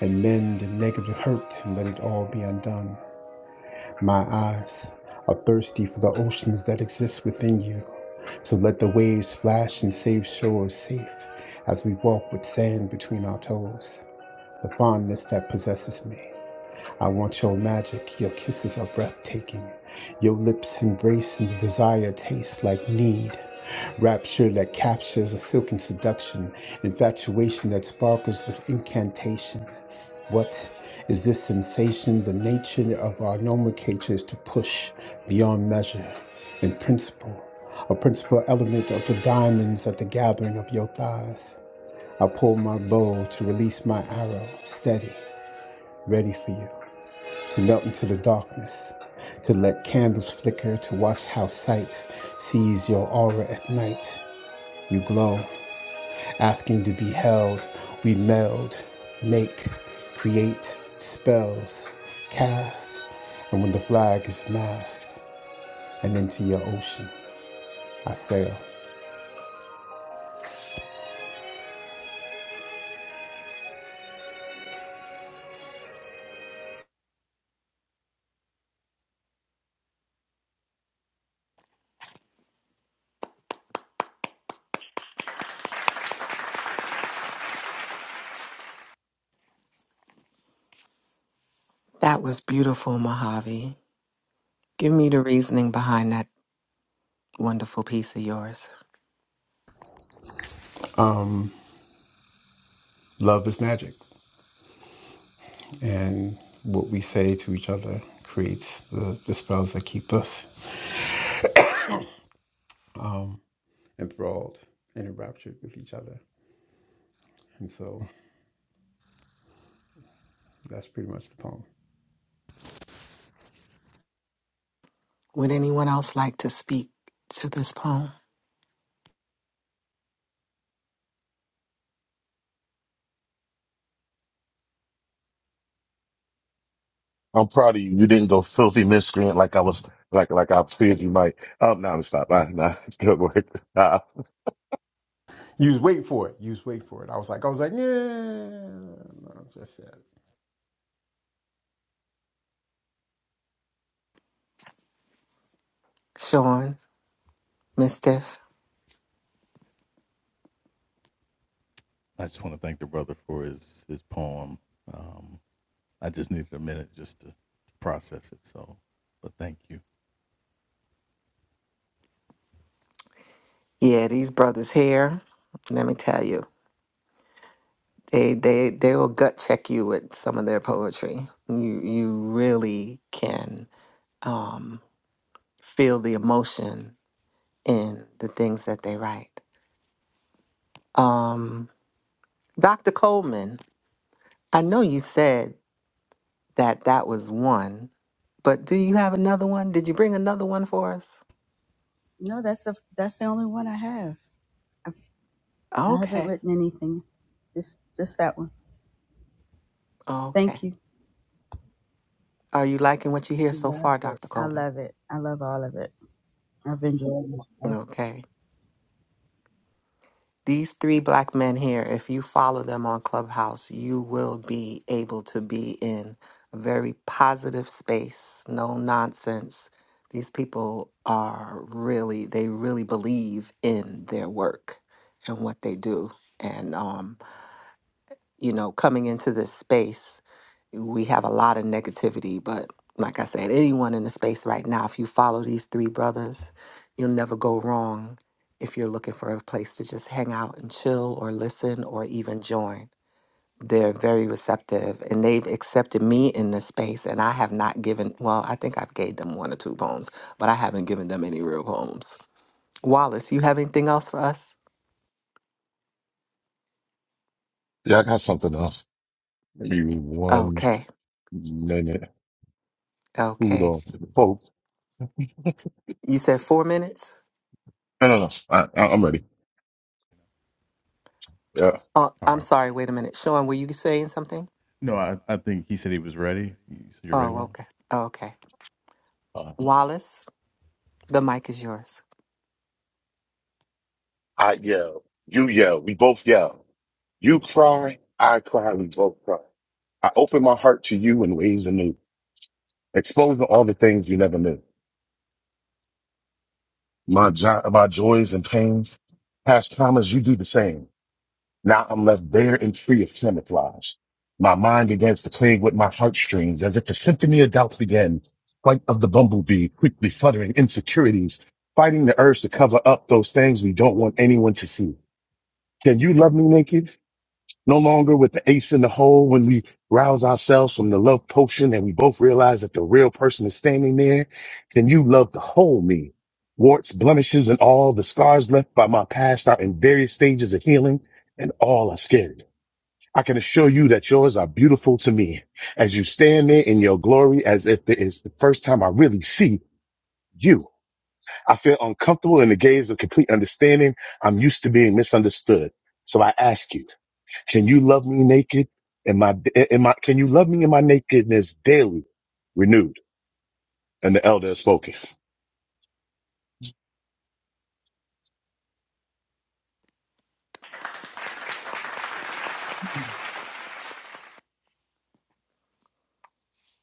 and mend the negative hurt and let it all be undone. My eyes are thirsty for the oceans that exist within you. So let the waves splash and save shores safe as we walk with sand between our toes. The fondness that possesses me. I want your magic, your kisses are breathtaking. Your lips embrace and the desire tastes like need. Rapture that captures a silken seduction, infatuation that sparkles with incantation. What is this sensation? The nature of our nomenclature is to push beyond measure in principle, a principal element of the diamonds at the gathering of your thighs. I pull my bow to release my arrow, steady, ready for you, to melt into the darkness, to let candles flicker, to watch how sight sees your aura at night. You glow, asking to be held. We meld, make, create spells, cast, and when the flag is masked and into your ocean, I sail. That was beautiful, Mojave. Give me the reasoning behind that wonderful piece of yours. Um, love is magic, and what we say to each other creates the, the spells that keep us um, enthralled and enraptured with each other. And so that's pretty much the poem. Would anyone else like to speak to this poem? I'm proud of you. You didn't go filthy miscreant like I was, like like I feared you might. Oh no, I'm stop. Nah, nah, good work. Nah. You was waiting for it. You was waiting for it. I was like, I was like, yeah. No, just yet. Sean, Mistiff. Yeah, these brothers here, let me tell you, they they they will gut check you with some of their poetry. You you really can um feel the emotion in the things that they write. Um Dr. Coleman, I know you said that that was one. But do you have another one? Did you bring another one for us? No, that's the that's the only one I have. I, I haven't Okay. written anything. Just just that one. Okay. Thank you. Are you liking what you hear so Love far, it. Dr. I Coleman? love it. I love all of it. I've enjoyed myself. Okay. These three black men here, if you follow them on Clubhouse, you will be able to be in a very positive space, no nonsense. These people are really, they really believe in their work and what they do. And um, you know, coming into this space, we have a lot of negativity. But like I said, anyone in the space right now, if you follow these three brothers, you'll never go wrong if you're looking for a place to just hang out and chill or listen or even join. They're very receptive and they've accepted me in this space. And I have not given, well, I think I've gave them one or two poems, but I haven't given them any real poems. Wallace, you have anything else for us? yeah, I got something else. Maybe one Okay, minute. Food okay. on, folks. You said four minutes? No, no, no. I, I, I'm ready. Yeah. Uh, I'm sorry, wait a minute. Sean, were you saying something? Oh, okay. Oh, okay. Uh, Wallace, the mic is yours. I yell. You yell. We both yell. You cry. I cry. We both cry. I open my heart to you in ways anew, exposing all the things you never knew. My jo- my joys and pains, past traumas. You do the same. Now I'm left bare and free of camouflage. My mind begins to play with my heartstrings as if the symphony of doubts began. Flight of the bumblebee, quickly fluttering insecurities, fighting the urge to cover up those things we don't want anyone to see. Can you love me naked? No longer with the ace in the hole when we rouse ourselves from the love potion and we both realize that the real person is standing there. Can you love the whole me? Warts, blemishes, and all the scars left by my past are in various stages of healing and all are scary. I can assure you that yours are beautiful to me as you stand there in your glory as if it is the first time I really see you. I feel uncomfortable in the gaze of complete understanding. I'm used to being misunderstood. So I ask you, can you love me naked in my, in my, can you love me in my nakedness daily renewed? And the elder has spoken.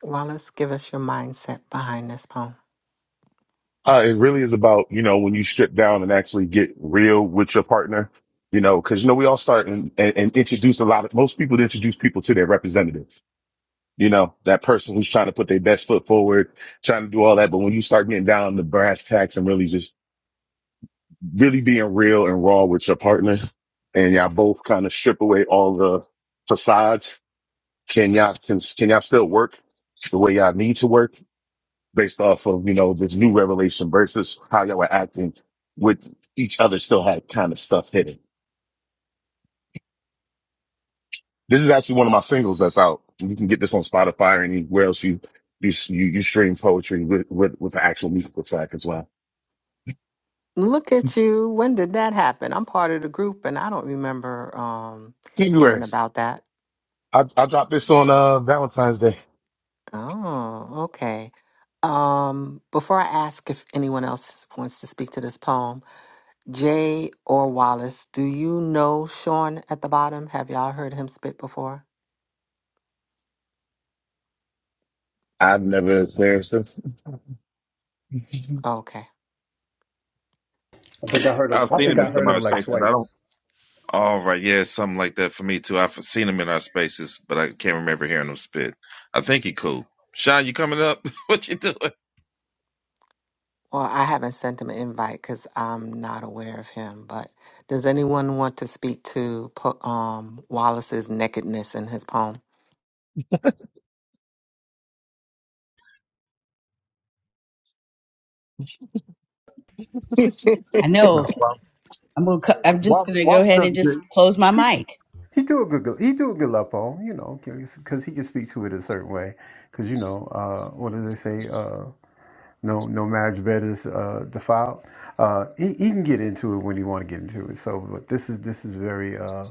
Wallace, give us your mindset behind this poem. Uh, it really is about, you know, when you strip down and actually get real with your partner, you know, cause you know, we all start and, and, and introduce a lot of, most people introduce people to their representatives you know, that person who's trying to put their best foot forward, trying to do all that. But when you start getting down to brass tacks and really just really being real and raw with your partner and y'all both kind of strip away all the facades, can y'all, can, can y'all still work the way y'all need to work based off of, you know, this new revelation versus how y'all were acting with each other still had kind of stuff hidden. This is actually one of my singles that's out. You can get this on Spotify or anywhere else you you you, you stream poetry with, with with the actual musical track as well. Look at you. When did that happen? I'm part of the group and I don't remember um, hearing January. about that. I I dropped this on uh Valentine's Day. Oh, okay. Um, before I ask if anyone else wants to speak to this poem, Jay or Wallace, do you know Sean at the bottom? Have y'all heard him spit before? I've never experienced this. Okay. I think I heard him. I've I seen him think in I some heard other him like stations. I don't twice. All right, yeah, something like that for me too. I've seen him in our spaces, but I can't remember hearing him spit. I think he cool. Sean, you coming up? what you doing? Well, I haven't sent him an invite because I'm not aware of him. But does anyone want to speak to po- um, Wallace's nakedness in his poem? I No, know Wa- I'm gonna. co- I'm just Wa- gonna go Wallace ahead and does a just good. close my He, mic. he do a good. He do a good lap on, you know, because he can speak to it a certain way. Because you know, uh, what do they say? Uh, no, no marriage bed is uh, defiled. Uh, he, he can get into it when he want to get into it. So, but this is this is very uh,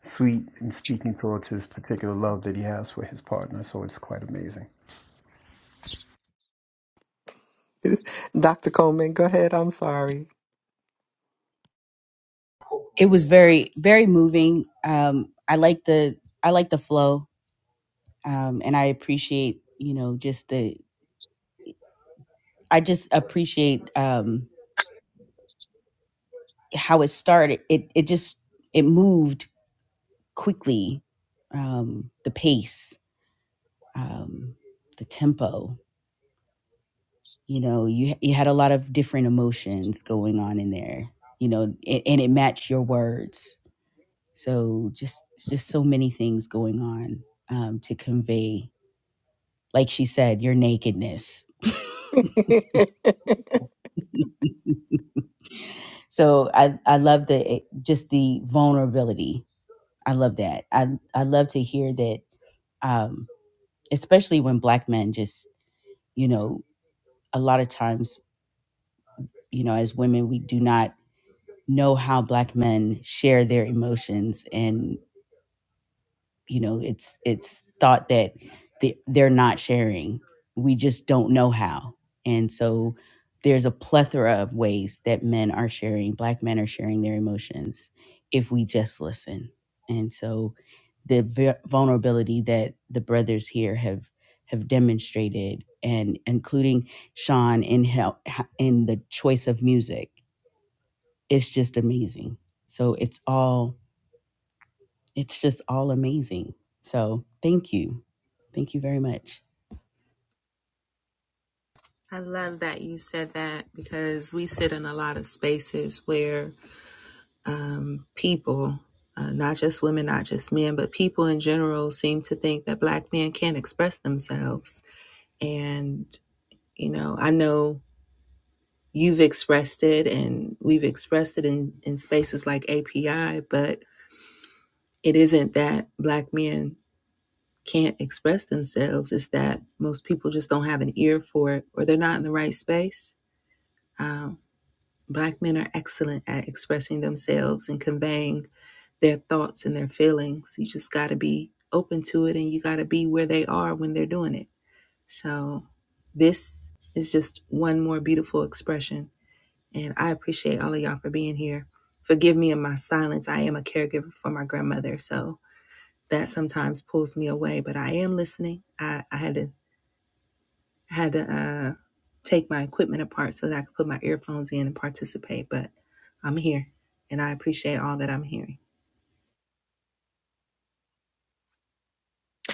sweet and speaking towards his particular love that he has for his partner. So it's quite amazing. Dr. Coleman, go ahead. I'm sorry. It was very, very moving. Um, I like the. I like the flow, um, and I appreciate. You know, just the. I just appreciate um, how it started. It. It just. It moved quickly. Um, the pace. Um, the tempo. You know, you you had a lot of different emotions going on in there. You know, and, and it matched your words So just just so many things going on um, to convey, like she said, your nakedness. so I I love the eh, just the vulnerability. I love that. I I love to hear that, um, especially when black men just you know a lot of times you know as women we do not know how black men share their emotions and. you know it's it's thought that the- they're not sharing we just don't know how and so there's a plethora of ways that men are sharing black men are sharing their emotions if we just listen and so the vu- vulnerability that the brothers here have have demonstrated and including Sean in help in the choice of music it's just amazing so it's all it's just all amazing. So thank you. Thank you very much.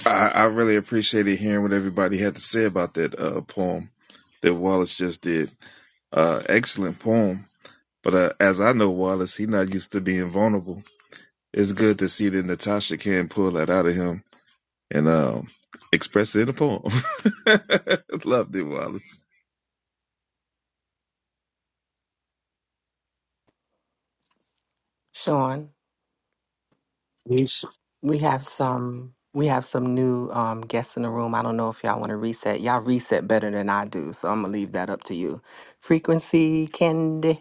I, I really appreciated hearing what everybody had to say about that uh, poem that Wallace just did. Uh, excellent poem, but uh, as I know Wallace, he not used to being vulnerable. It's good to see that Natasha can pull that out of him and um, express it in a poem. Loved it, Wallace. Sean, Please. we have some we have some new um, guests in the room. I don't know if y'all want to reset. Y'all reset better than I do, so I'm gonna leave that up to you. Frequency, Candy.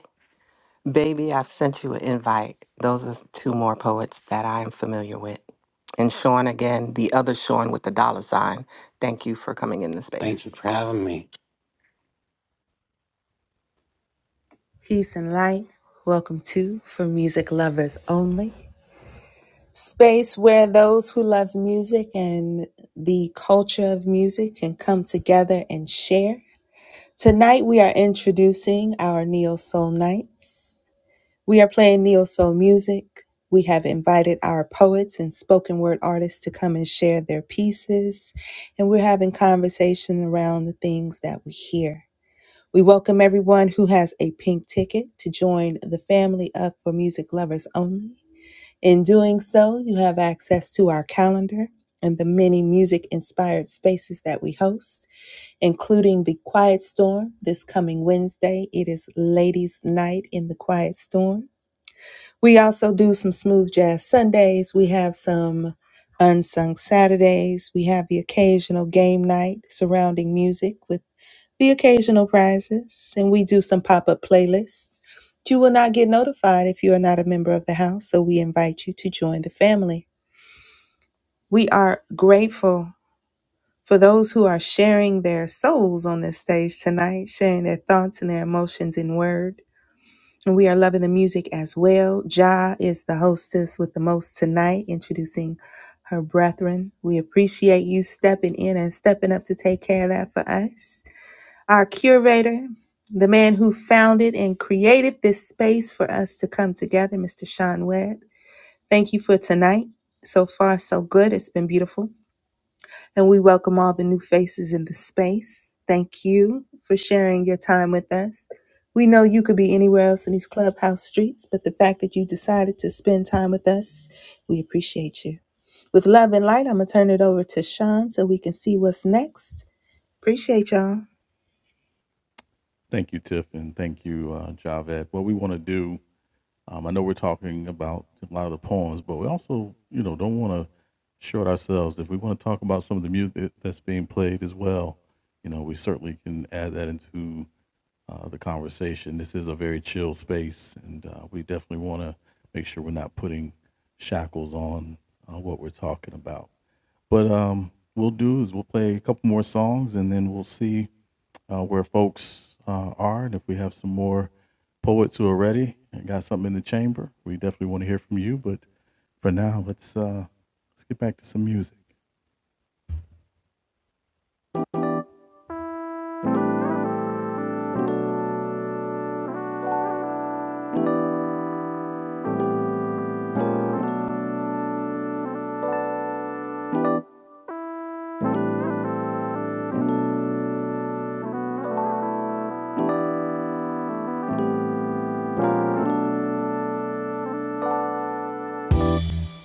Baby, I've sent you an invite. Those are two more poets that I am familiar with. And Sean again, the other Sean with the dollar sign. Thank you for coming in the Thank space. you for having me.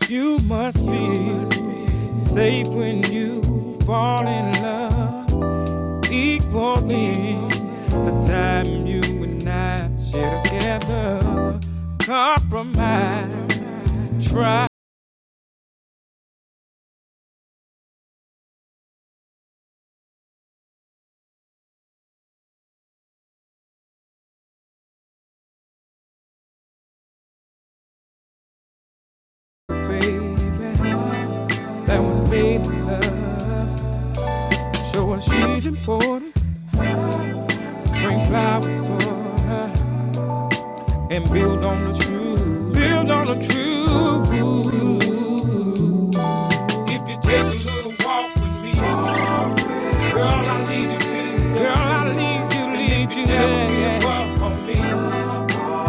babe. You must feel safe when you fall in love. Equal in the time you and I share together. Compromise, try, baby. That was baby love. Show her she's important. Bring flowers for her and build on the truth. Build on the truth. If you take a little walk with me, girl, I need you to. Girl, I need you, need if you. If you never yeah, give yeah. up on me,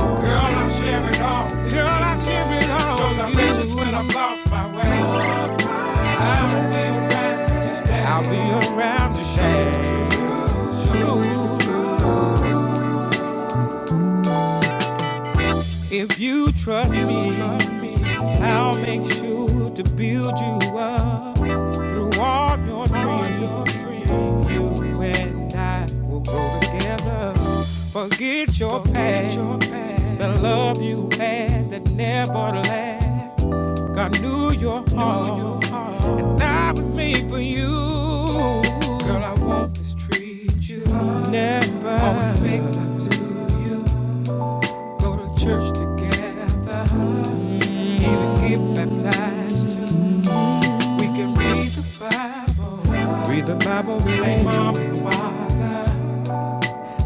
girl, I share it all. Girl, I share it all. Show the message when I'm lost my way. I'll be around to stay. I'll be around to share. True, true, true. If you trust me, trust me, I'll make sure to build you up through all your dreams. You and I will grow together. Forget your past, the love you had that never lasts. God knew your heart, and I was made for you. Girl, I won't mistreat you. Never. Always make love to you. Go to church together. Even get baptized too. We can read the Bible. Read the Bible with our mom and father.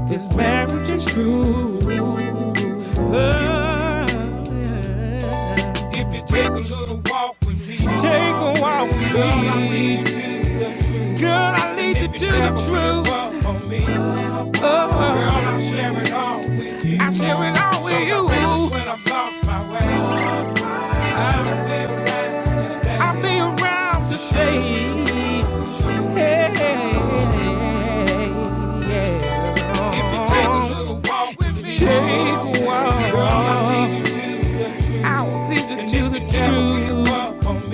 This marriage is true. Oh, yeah. If you take a little walk with me, take a walk with me. Girl, I lead you to the truth. Girl, I lead you to the truth. Girl, Oh, girl, I share it all with you. I share it all with Sometimes you. when I've lost my way, I will be around to stay. Hey, yeah. If you take a yeah. little walk with me, Take a walk. girl, I walk. need you to, the truth. Lead you to the truth.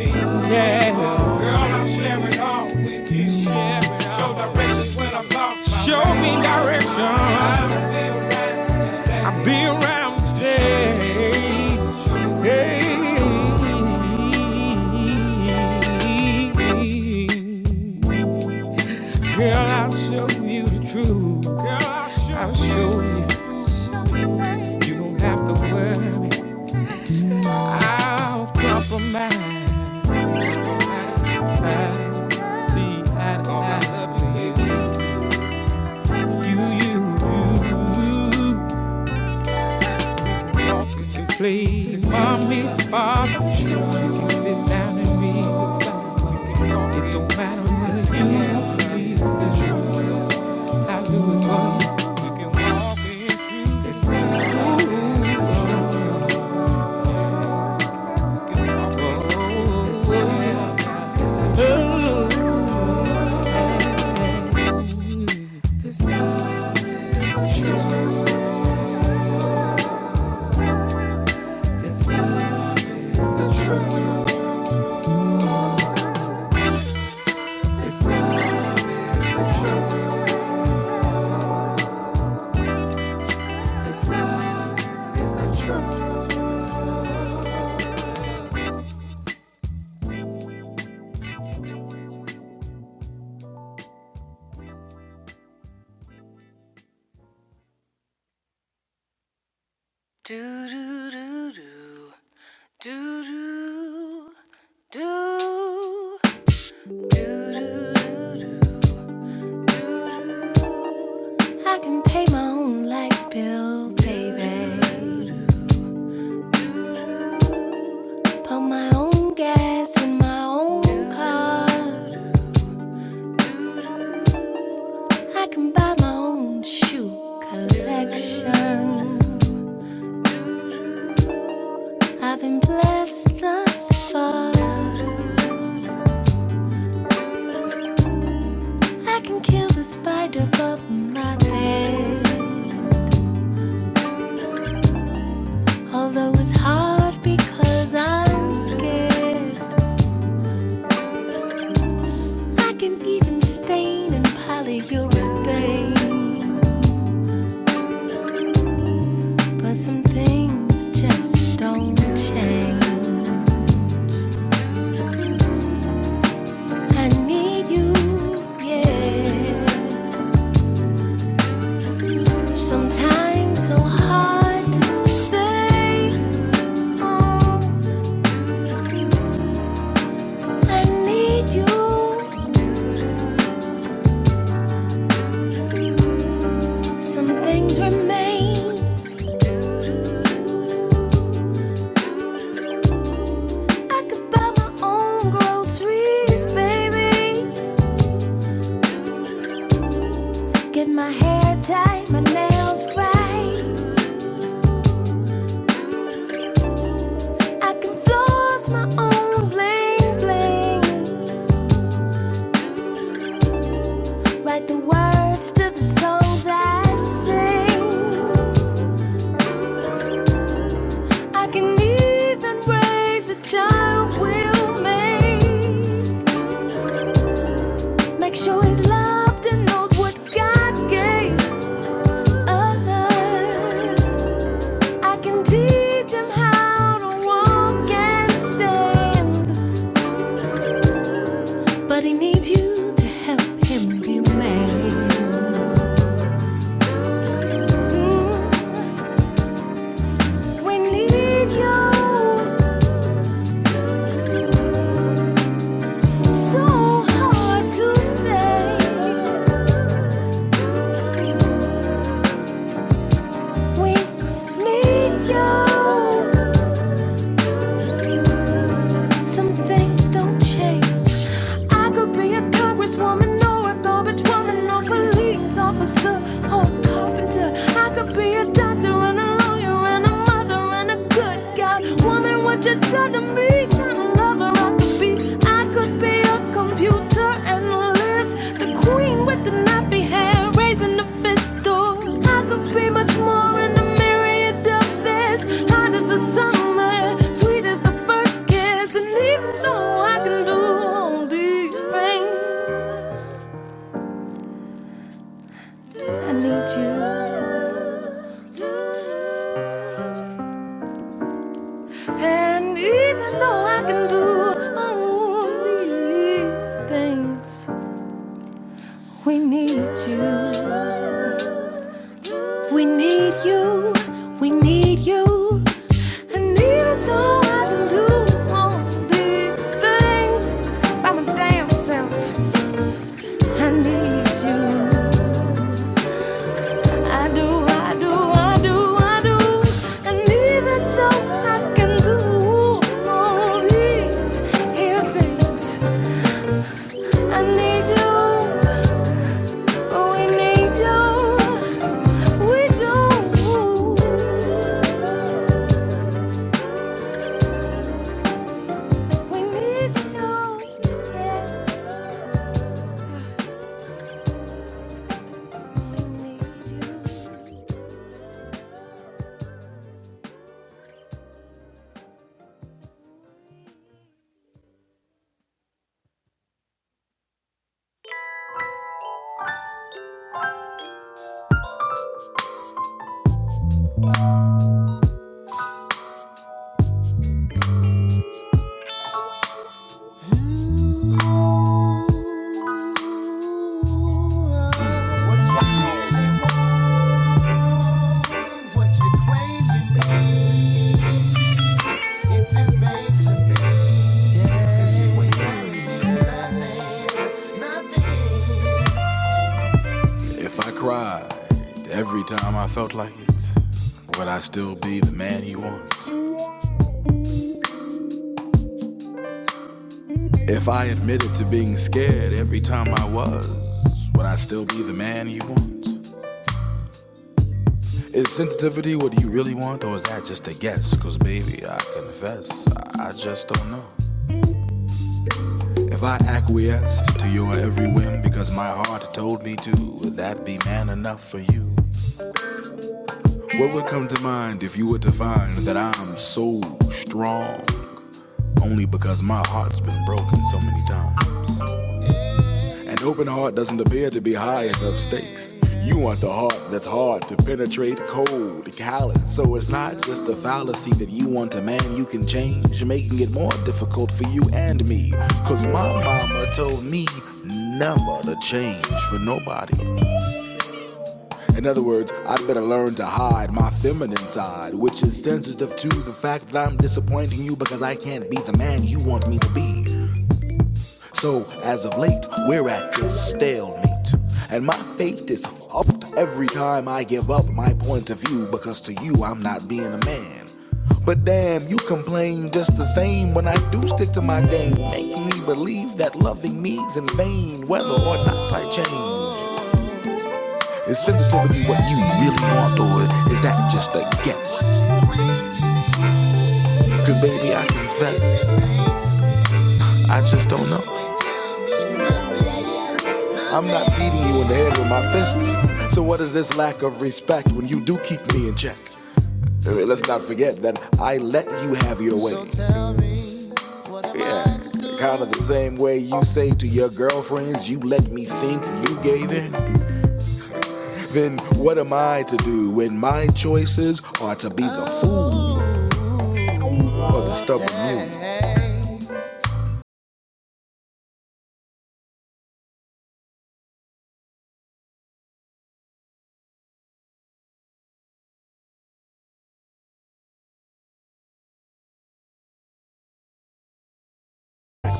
Yeah. Girl, i am sharing all with you. Show directions when I'm lost. Show me direction. I'll be around to stay. Hey. Girl, I'll show you the truth. Girl, I'll show you. You don't have to worry. I'll compromise. see eye to eye. You, you, you can mommy's far You can sit down and be the best. It don't matter what you do, it's the truth. I'll do it for you. You can walk in truth. It's the truth. Oh, it's the truth. It's the truth. It's the truth. It's the truth. This love is the truth. This love is the truth. I can pay my own light bill, baby. Pump my own gas in my own car. I can buy my own shoe collection. I've been blessed thus far. I can kill the spider above my bed. Although it's hard because I'm scared, I can even stain and polyurethane. But some things just don't change. I need you, yeah. Sometimes so hard to say. Oh, I need you. Some things remain. I could buy my own groceries, baby. Get my hair tied, my nails right. I can floss my own bling bling. Write the words to the songs I sing. I can even raise the child we'll make. Make sure he's loved and knows what God gave us. I can teach him how to walk and stand. But he needs you to help him be a man. Mm, We need you so hard to say. We need you. Some things don't change. I could be a congresswoman or a garbage woman or police officer or a carpenter. I could be a doctor and a lawyer and a mother and a good God. Woman, what you done to me? Kind of lover I could be. I could be computer analyst, the queen with the nappy hair, raising the fistal. I could be much more in the myriad of this. Hot as the summer, sweet as the first kiss, and even though I can do all these things, I need you. And even though I can do all these things. We need you. We need you. We need you. And even though I can do all these things by my damn self, I need you. I do, I do, I do, I do. And even though I can do all these here things, I need you. Yeah. If I cried every time I felt like it, would I still be the man he wants? If I admitted to being scared every time I was, would I still be the man he wants? Is sensitivity what you really want, or is that just a guess? Cause baby, I confess, I just don't know. If I acquiesced to your every whim because my heart told me to, would that be man enough for you? What would come to mind if you were to find that I'm so strong only because my heart's been broken so many times? An open heart doesn't appear to be high enough stakes. You want the heart that's hard to penetrate, cold, callous. So it's not just a fallacy that you want a man you can change, making it more difficult for you and me. Cause my mama told me never to change for nobody. In other words, I'd better learn to hide my feminine side, which is sensitive to the fact that I'm disappointing you because I can't be the man you want me to be. So, as of late, we're at this stalemate. And my faith is fucked every time I give up my point of view because to you, I'm not being a man. But damn, you complain just the same when I do stick to my game, making me believe that loving me's in vain, whether or not I change. Is sensitivity what you really want, or is that just a guess? Cause baby, I confess, I just don't know. I'm not beating you in the head with my fists. So what is this lack of respect when you do keep me in check? I mean, let's not forget that I let you have your way. Yeah, kind of the same way you say to your girlfriends, you let me think you gave in. Then what am I to do when my choices are to be the fool or the stubborn you?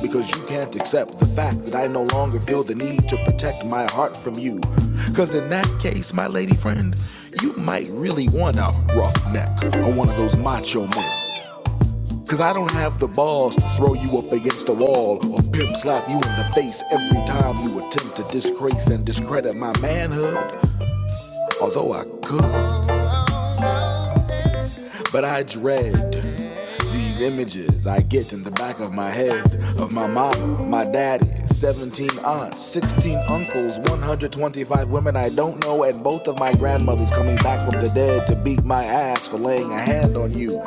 Because you can't accept the fact that I no longer feel the need to protect my heart from you. Because in that case, my lady friend, you might really want a rough neck or one of those macho men. Because I don't have the balls to throw you up against the wall or pimp slap you in the face every time you attempt to disgrace and discredit my manhood. Although I could, but I dread. These images I get in the back of my head of my mama, my daddy, 17 aunts, 16 uncles, 125 women I don't know, and both of my grandmothers coming back from the dead to beat my ass for laying a hand on you.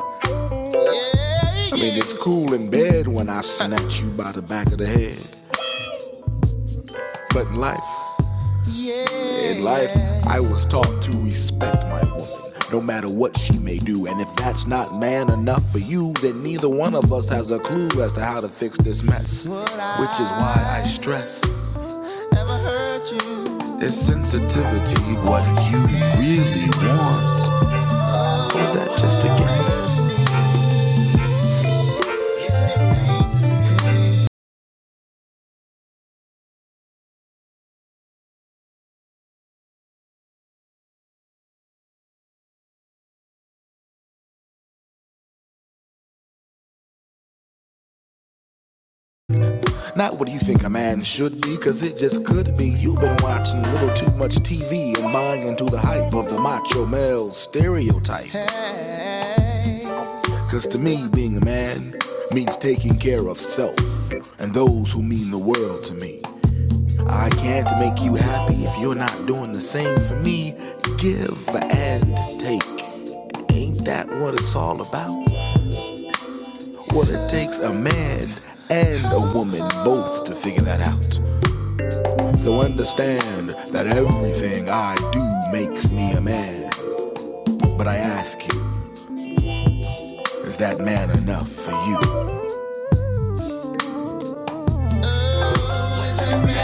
I mean, it's cool in bed when I snatch you by the back of the head, but in life, In life, I was taught to respect my woman, no matter what she may do. And if that's not man enough for you, then neither one of us has a clue as to how to fix this mess. Which is why I stress it's sensitivity, what you really want. Or is that just a guess? Not what you think a man should be, cause it just could be. You've been watching a little too much TV and buying into the hype of the macho male stereotype. Cause to me, being a man means taking care of self and those who mean the world to me. I can't make you happy if you're not doing the same for me. Give and take. Ain't that what it's all about? What it takes a man and a woman both to figure that out. So understand that everything I do makes me a man. But I ask you, is that man enough for you?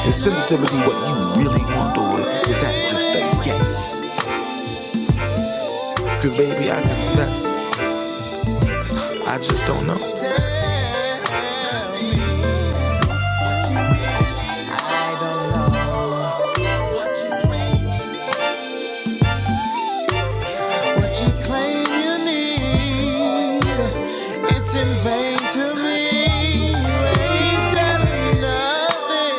Is sensitivity what you really want, or is that just a guess? Cause baby, I confess, I just don't know. What you claim you need, it's in vain to me. You ain't telling me nothing.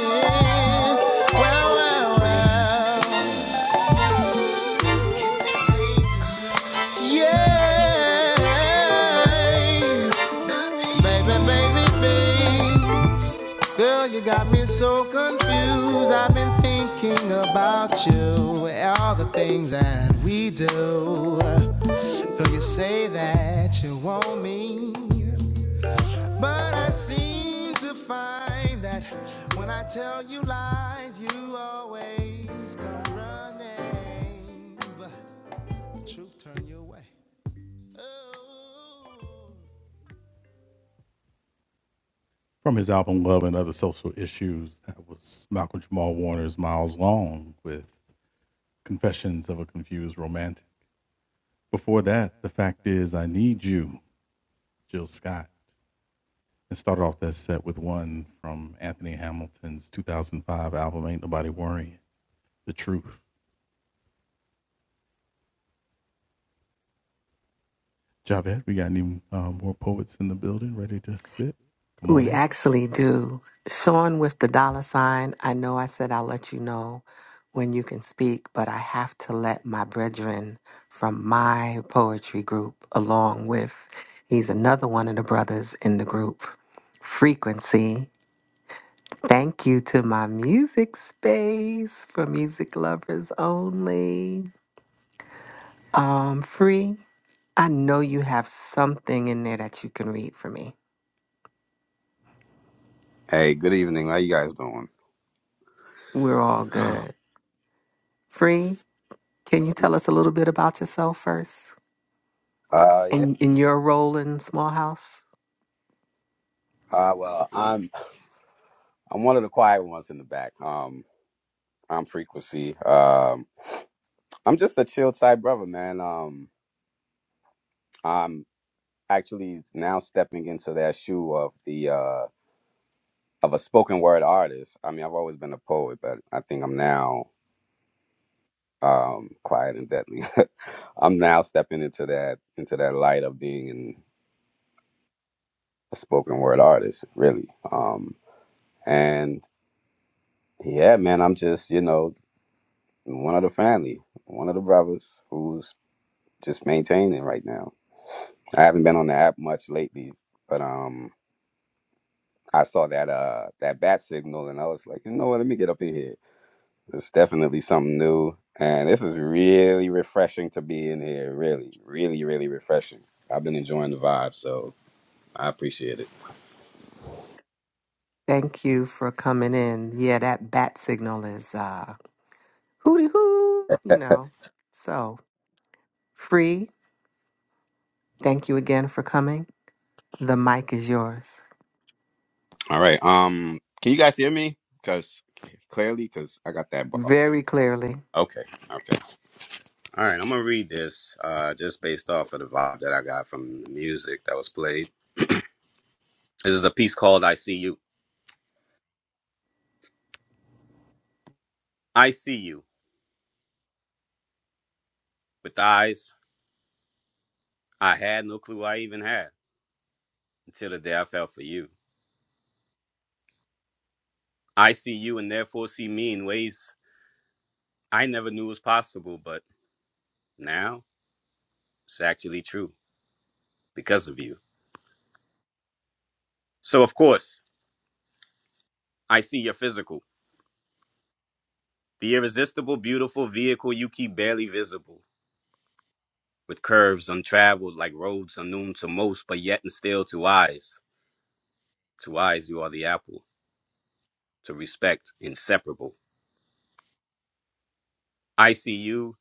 Wow, wow, wow. Yeah. Baby, baby, baby. Girl, you got me so confused. I've been thinking about you, all the things that we do. Though you say that you want me, but I seem to find that when I tell you lies, you always come running. But the truth turn you away. We actually do. Sean with the dollar sign, I know I said I'll let you know when you can speak, but I have to let my brethren from my poetry group, along with, he's another one of the brothers in the group, Frequency. Thank you to my music space for music lovers only. Um, free. I know you have something in there that you can read for me. Hey, good evening. How you guys doing? We're all good. Free. Can you tell us a little bit about yourself first Uh yeah. and in your role in Small House? Uh well, I'm I'm one of the quiet ones in the back. Um I'm frequency. Um I'm just a chill type brother, man. Um I'm actually now stepping into that shoe of the uh of a spoken word artist. I mean, I've always been a poet, but I think I'm now um quiet and deadly. I'm now stepping into that into that light of being an, a spoken word artist, really. Um and yeah, man, I'm just, you know, one of the family, one of the brothers who's just maintaining right now. I haven't been on the app much lately, but um, I saw that uh that bat signal, and I was like, you know what? Let me get up in here. It's definitely something new, and this is really refreshing to be in here. Really, really, really refreshing. I've been enjoying the vibe, so I appreciate it. Thank you for coming in. Yeah, that bat signal is uh hooty hoo, you know. So free. Thank you again for coming. The mic is yours. All right, um, can you guys hear me? Cause clearly, cause I got that bar. Very clearly. Okay, okay. All right, I'm gonna read this uh, just based off of the vibe that I got from the music that was played. This is a piece called "I See You." I see you with eyes I had no clue I even had until the day I fell for you. I see you and therefore see me in ways I never knew was possible, but now it's actually true because of you. So of course I see your physical, the irresistible, beautiful vehicle you keep barely visible, with curves untraveled like roads unknown to most, but yet and still to eyes. To eyes, you are the apple. To respect, inseparable. I see you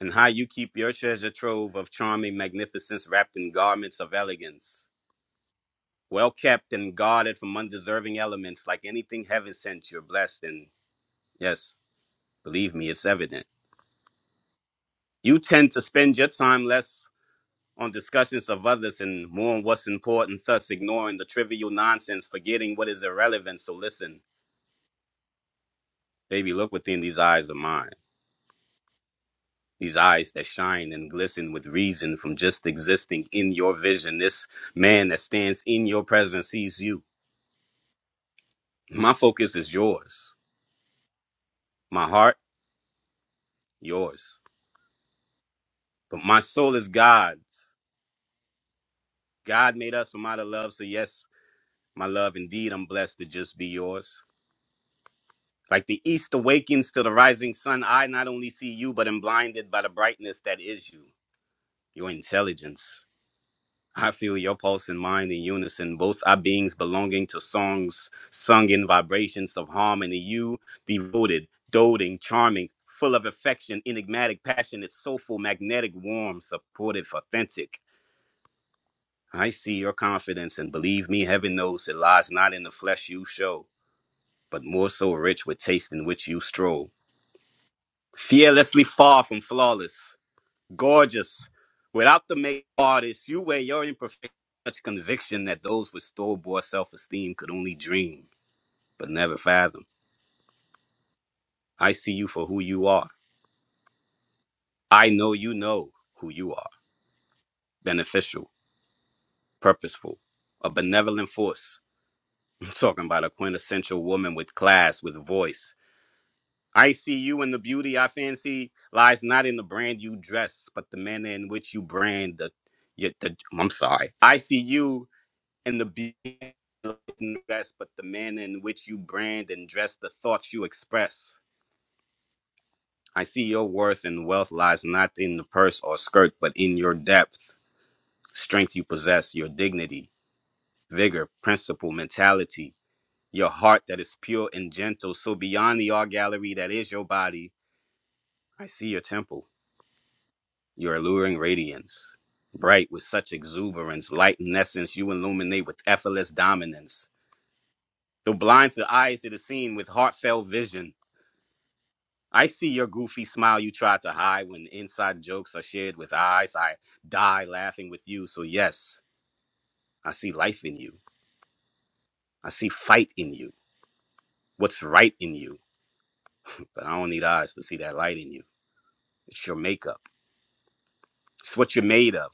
and how you keep your treasure trove of charming magnificence wrapped in garments of elegance, well kept and guarded from undeserving elements like anything heaven sent. You're blessed, and yes, believe me, it's evident. You tend to spend your time less on discussions of others and more on what's important, thus ignoring the trivial nonsense, forgetting what is irrelevant. So listen, baby, look within these eyes of mine. these eyes that shine and glisten with reason from just existing in your vision. This man that stands in your presence sees you. My focus is yours, my heart, yours. But my soul is God's. God made us from out of love. So, yes, my love, indeed, I'm blessed to just be yours. Like the east awakens to the rising sun, I not only see you, but am blinded by the brightness that is you, your intelligence I feel your pulse and mine in unison, both our beings belonging to songs sung in vibrations of harmony. You, devoted, doting, charming, full of affection, enigmatic, passionate, soulful, magnetic, warm, supportive, authentic. I see your confidence, and believe me, heaven knows it lies not in the flesh you show, but more so rich with taste in which you stroll. Fearlessly far from flawless, gorgeous. Without the makeup artist, you wear your imperfection with such conviction that those with store-bought self-esteem could only dream, but never fathom. I see you for who you are. I know you know who you are. Beneficial, purposeful, a benevolent force. I'm talking about a quintessential woman with class, with voice. I see you and the beauty I fancy lies not in the brand you dress, but the manner in which you brand the, yet the I'm sorry. I see you and the beauty of the dress, but the manner in which you brand and dress the thoughts you express. I see your worth and wealth lies not in the purse or skirt, but in your depth, strength you possess, your dignity, vigor, principle, mentality, your heart that is pure and gentle. So beyond the art gallery that is your body, I see your temple, your alluring radiance. Bright with such exuberance, light in essence, you illuminate with effortless dominance. Though blind to eyes, it is seen with heartfelt vision I see your goofy smile you try to hide when inside jokes are shared with eyes. I die laughing with you. So, yes, I see life in you. I see fight in you. What's right in you. But I don't need eyes to see that light in you. It's your makeup, it's what you're made of.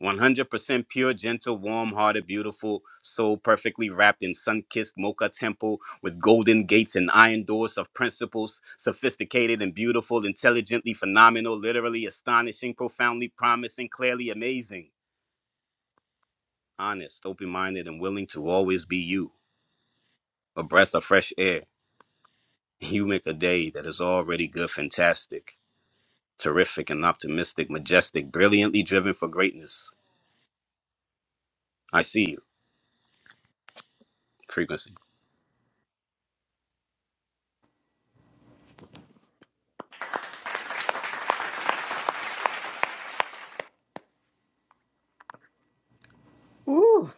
100% pure, gentle, warm hearted, beautiful soul, perfectly wrapped in sun kissed mocha temple with golden gates and iron doors of principles, sophisticated and beautiful, intelligently phenomenal, literally astonishing, profoundly promising, clearly amazing, honest, open minded, and willing to always be you. A breath of fresh air. You make a day that is already good, fantastic, terrific, and optimistic, majestic, brilliantly driven for greatness. I see you. Frequency. Ooh,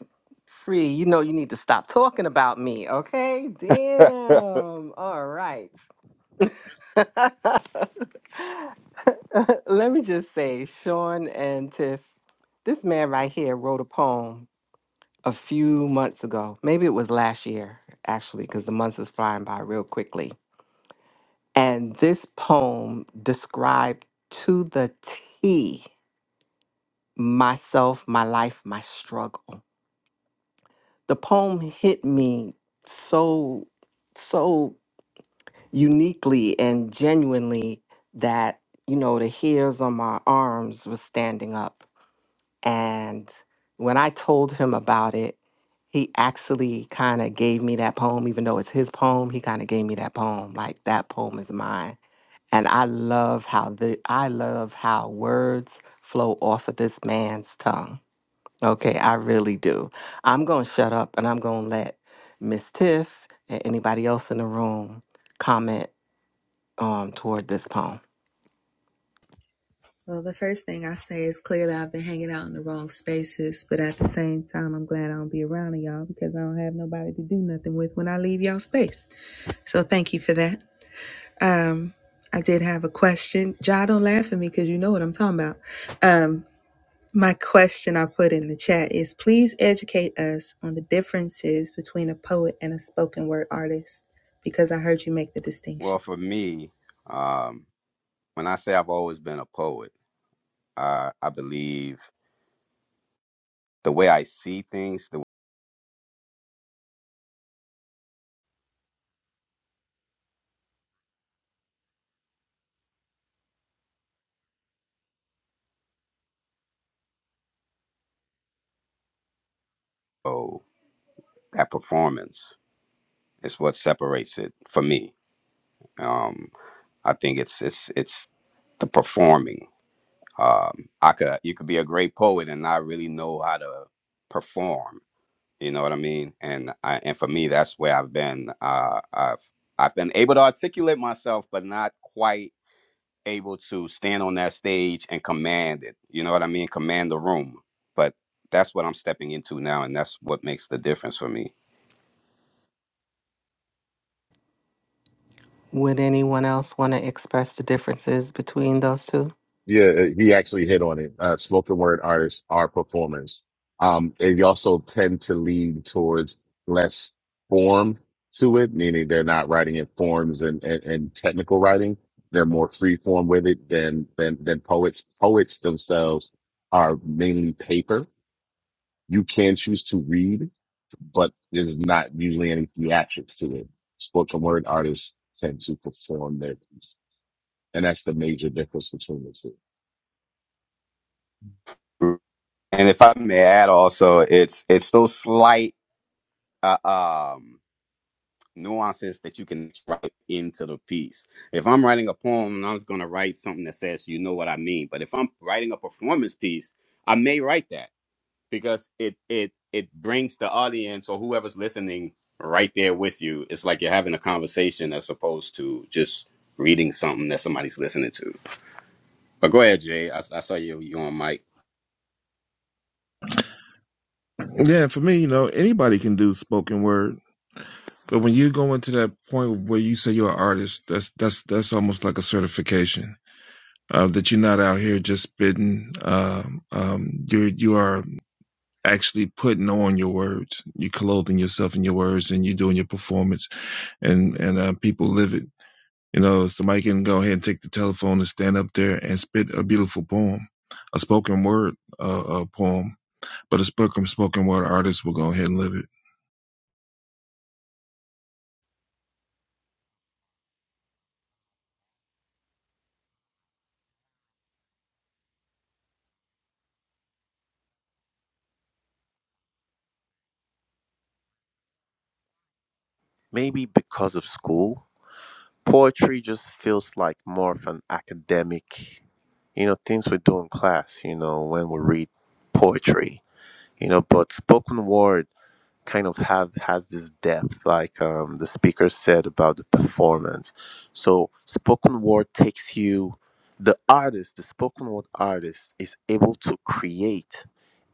free. You know you need to stop talking about me, okay? Damn. All right. Let me just say, Sean and Tiff, this man right here wrote a poem a few months ago. Maybe it was last year, actually, because the months is flying by real quickly. And this poem described to the T myself, my life, my struggle. The poem hit me so, so uniquely and genuinely that, you know, the hairs on my arms was standing up. And when I told him about it, he actually kind of gave me that poem, even though it's his poem. He kind of gave me that poem, like that poem is mine. And I love how the I love how words flow off of this man's tongue. Okay, I really do. I'm gonna shut up and I'm gonna let Miss Tiff and anybody else in the room comment um, toward this poem. Well, for me, um, when I say I've always been a poet, uh, I believe the way I see things, the oh, that performance is what separates it for me. Um, I think it's it's it's the performing. Um, I could you could be a great poet and not really know how to perform. You know what I mean? And I, and for me, that's where I've been. Uh, I've I've been able to articulate myself, but not quite able to stand on that stage and command it. You know what I mean? Command the room. But that's what I'm stepping into now, and that's what makes the difference for me. Would anyone else want to express the differences between those two? Yeah, uh, he actually hit on it. Uh, spoken word artists are performers. Um, they also tend to lean towards less form to it, meaning they're not writing in forms and, and, and technical writing. They're more free form with it than, than, than poets. Poets themselves are mainly paper. You can choose to read, but there's not usually any theatrics to it. Spoken word artists tend to perform their pieces. And that's the major difference between the two. And if I may add, also, it's it's those slight uh, um, nuances that you can write into the piece. If I'm writing a poem, I'm going to write something that says, "You know what I mean," but if I'm writing a performance piece, I may write that. because it it it brings the audience or whoever's listening right there with you. It's like you're having a conversation as opposed to just reading something that somebody's listening to. But go ahead, Jay. I, I saw you you on mic. Yeah, for me, you know, anybody can do spoken word. But when you go into that point where you say you're an artist, that's that's that's almost like a certification uh, that you're not out here just spitting. Um, um, you you are actually putting on your words. You're clothing yourself in your words, and you're doing your performance, and and uh, people live it. You know, somebody can go ahead and take the telephone and stand up there and spit a beautiful poem, a spoken word uh, uh poem, but a spoken spoken word artist will go ahead and live it. maybe because of school, poetry just feels like more of an academic, you know, things we do in class, you know, when we read poetry, you know, but spoken word kind of have has this depth like um, the speaker said about the performance so spoken word takes you the artist the spoken word artist is able to create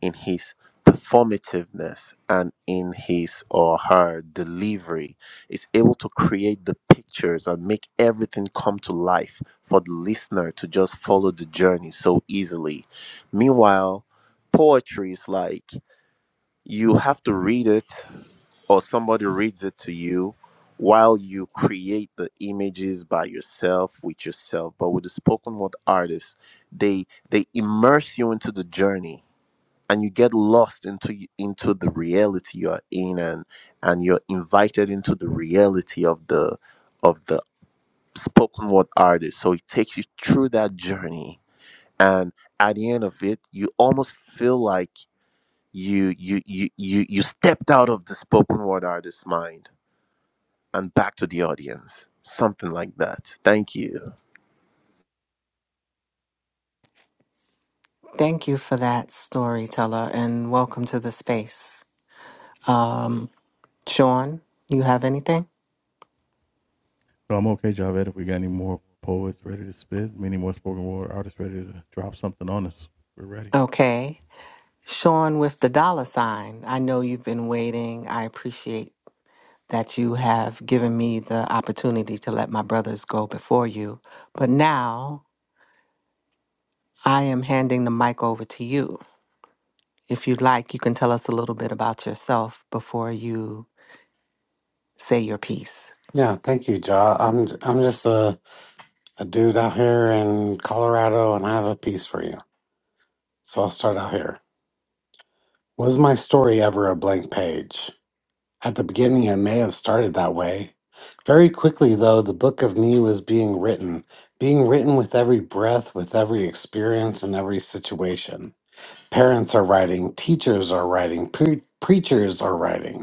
in his performativeness and in his or her delivery is able to create the pictures and make everything come to life for the listener to just follow the journey so easily meanwhile poetry is like you have to read it or somebody reads it to you while you create the images by yourself with yourself but with the spoken word artists they they immerse you into the journey and you get lost into into the reality you're in and and you're invited into the reality of the of the spoken word artist so it takes you through that journey and at the end of it you almost feel like you you you you, you stepped out of the spoken word artist's mind and back to the audience. Something like that. Thank you. Thank you for that, storyteller, and welcome to the space. Um, Sean, you have anything? Okay. Sean with the dollar sign. I know you've been waiting. I appreciate that you have given me the opportunity to let my brothers go before you. But now I am handing the mic over to you. If you'd like, you can tell us a little bit about yourself before you say your piece. Yeah, thank you, Ja. I'm I'm just a, a dude out here in Colorado, and I have a piece for you. So I'll start out here. Was my story ever a blank page? At the beginning, it may have started that way. Very quickly, though, the book of me was being written, being written with every breath, with every experience, and every situation. Parents are writing, teachers are writing, pre- preachers are writing.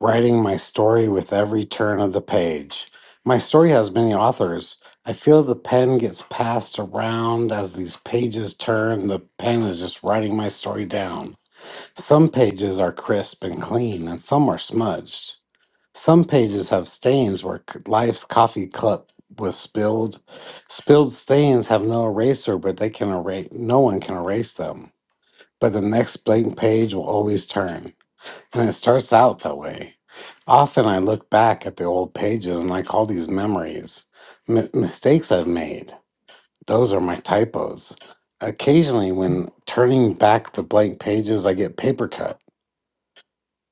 writing my story with every turn of the page. My story has many authors. I feel the pen gets passed around as these pages turn. The pen is just writing my story down. Some pages are crisp and clean, and some are smudged. Some pages have stains where c- life's coffee cup was spilled. Spilled stains have no eraser, but they can erase. No one can erase them. But the next blank page will always turn. And it starts out that way. Often I look back at the old pages and I call these memories. M- mistakes I've made, those are my typos. Occasionally, when turning back the blank pages, I get paper cut.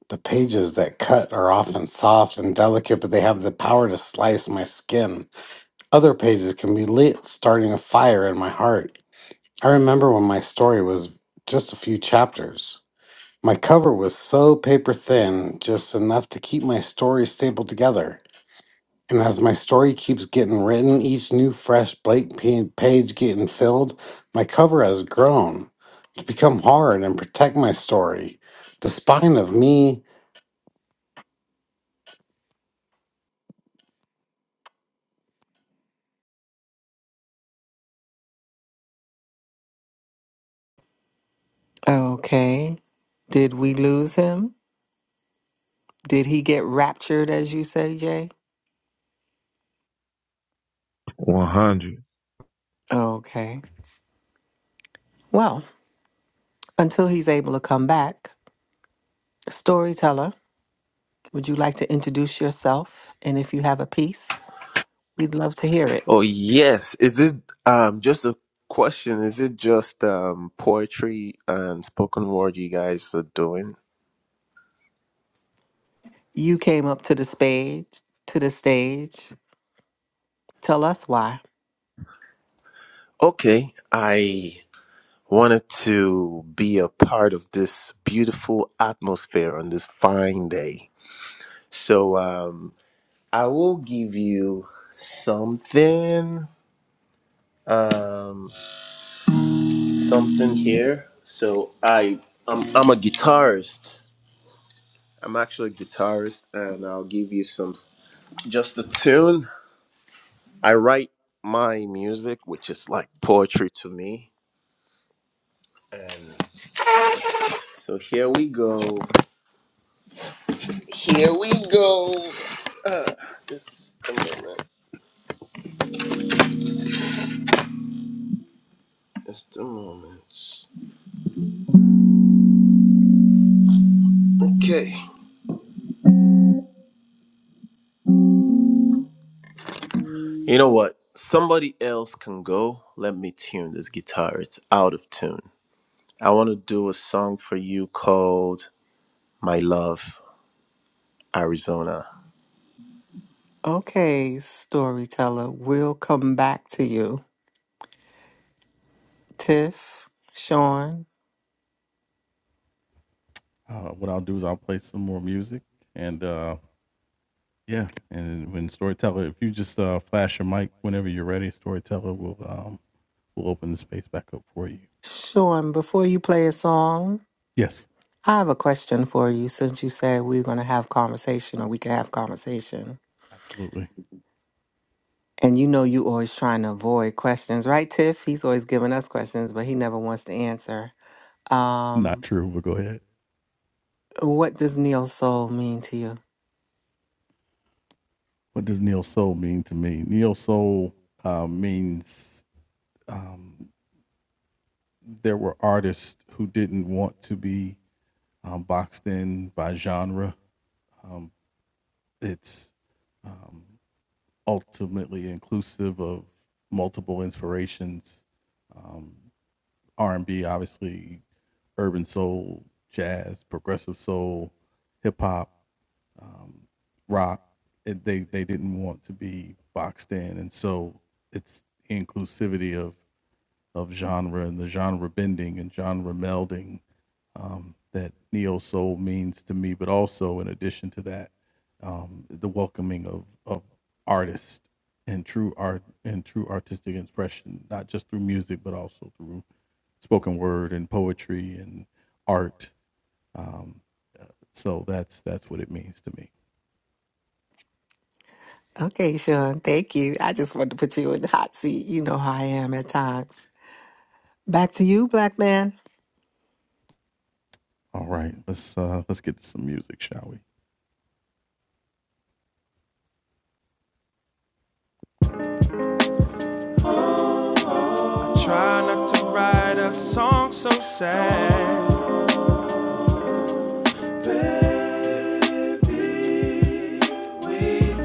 The pages that cut are often soft and delicate, but they have the power to slice my skin. Other pages can be lit, starting a fire in my heart. I remember when my story was just a few chapters. My cover was so paper thin, just enough to keep my story stapled together. And as my story keeps getting written, each new fresh blank pa- page getting filled, my cover has grown to become hard and protect my story. The spine of me Okay. Did we lose him? Did he get raptured, as you say, Jay? One hundred. Okay. Well, until he's able to come back, storyteller, would you like to introduce yourself? And if you have a piece, we'd love to hear it. Oh yes. Is it um just a question, is it just um poetry and spoken word you guys are doing? You came up to the stage, to the stage. Tell us why. Okay. I wanted to be a part of this beautiful atmosphere on this fine day. So um I will give you something um something here. So I I'm, I'm a guitarist I'm actually a guitarist, and I'll give you some s- just a tune. I write my music, which is like poetry to me. And so here we go. Here we go. Uh, just a moment. Just a moment. Okay. You know what? Somebody else can go. Let me tune this guitar. It's out of tune. I want to do a song for you called My Love, Arizona. Okay, storyteller, we'll come back to you. Tiff, Sean, Sean, before you play a song, I have a question for you since you said we are going to have conversation or we can have conversation. And you know you always trying to avoid questions, right, Tiff? He's always giving us questions, but he never wants to answer. Um, what does Neil Soul mean to you? Okay, Sean, thank you. I just wanted to put you in the hot seat. You know how I am at times. Back to you, black man. Try not to write a song so sad. Baby, we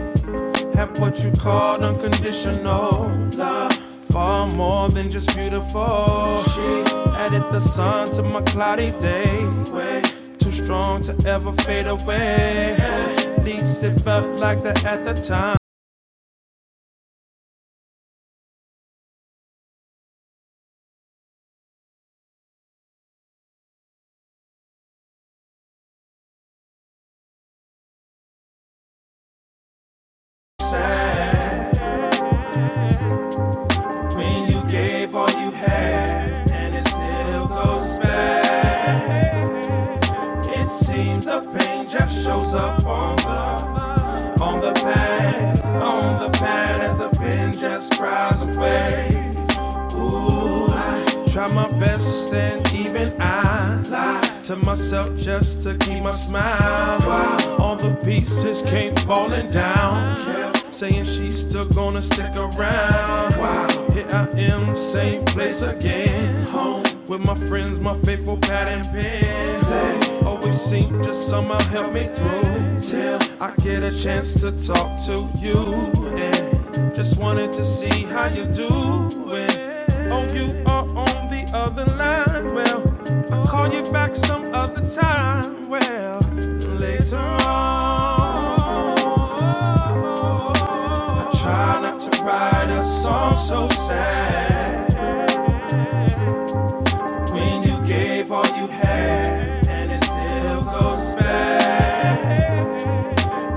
have what you call unconditional love. Far more than just beautiful. She added the sun to my cloudy day. Way too strong to ever fade away. At least it felt like that at the time. Sad when you gave all you had, and it still goes back. It seems the pain just shows up on the on the pad, on the pad as the pen just cries away. Try my best and even I lie to myself just to keep my smile. Wow. All the pieces came falling down. Kept saying she's still gonna stick around. Wow. Here I am, same place again. Home with my friends, my faithful pad and pen. They always seem to somehow help me through. Till I get a chance to talk to you. And just wanted to see how you doing. Oh, you are on on the other line. Well, I'll call you back some other time. Well, later on. I try not to write a song so sad. When you gave all you had, and it still goes bad.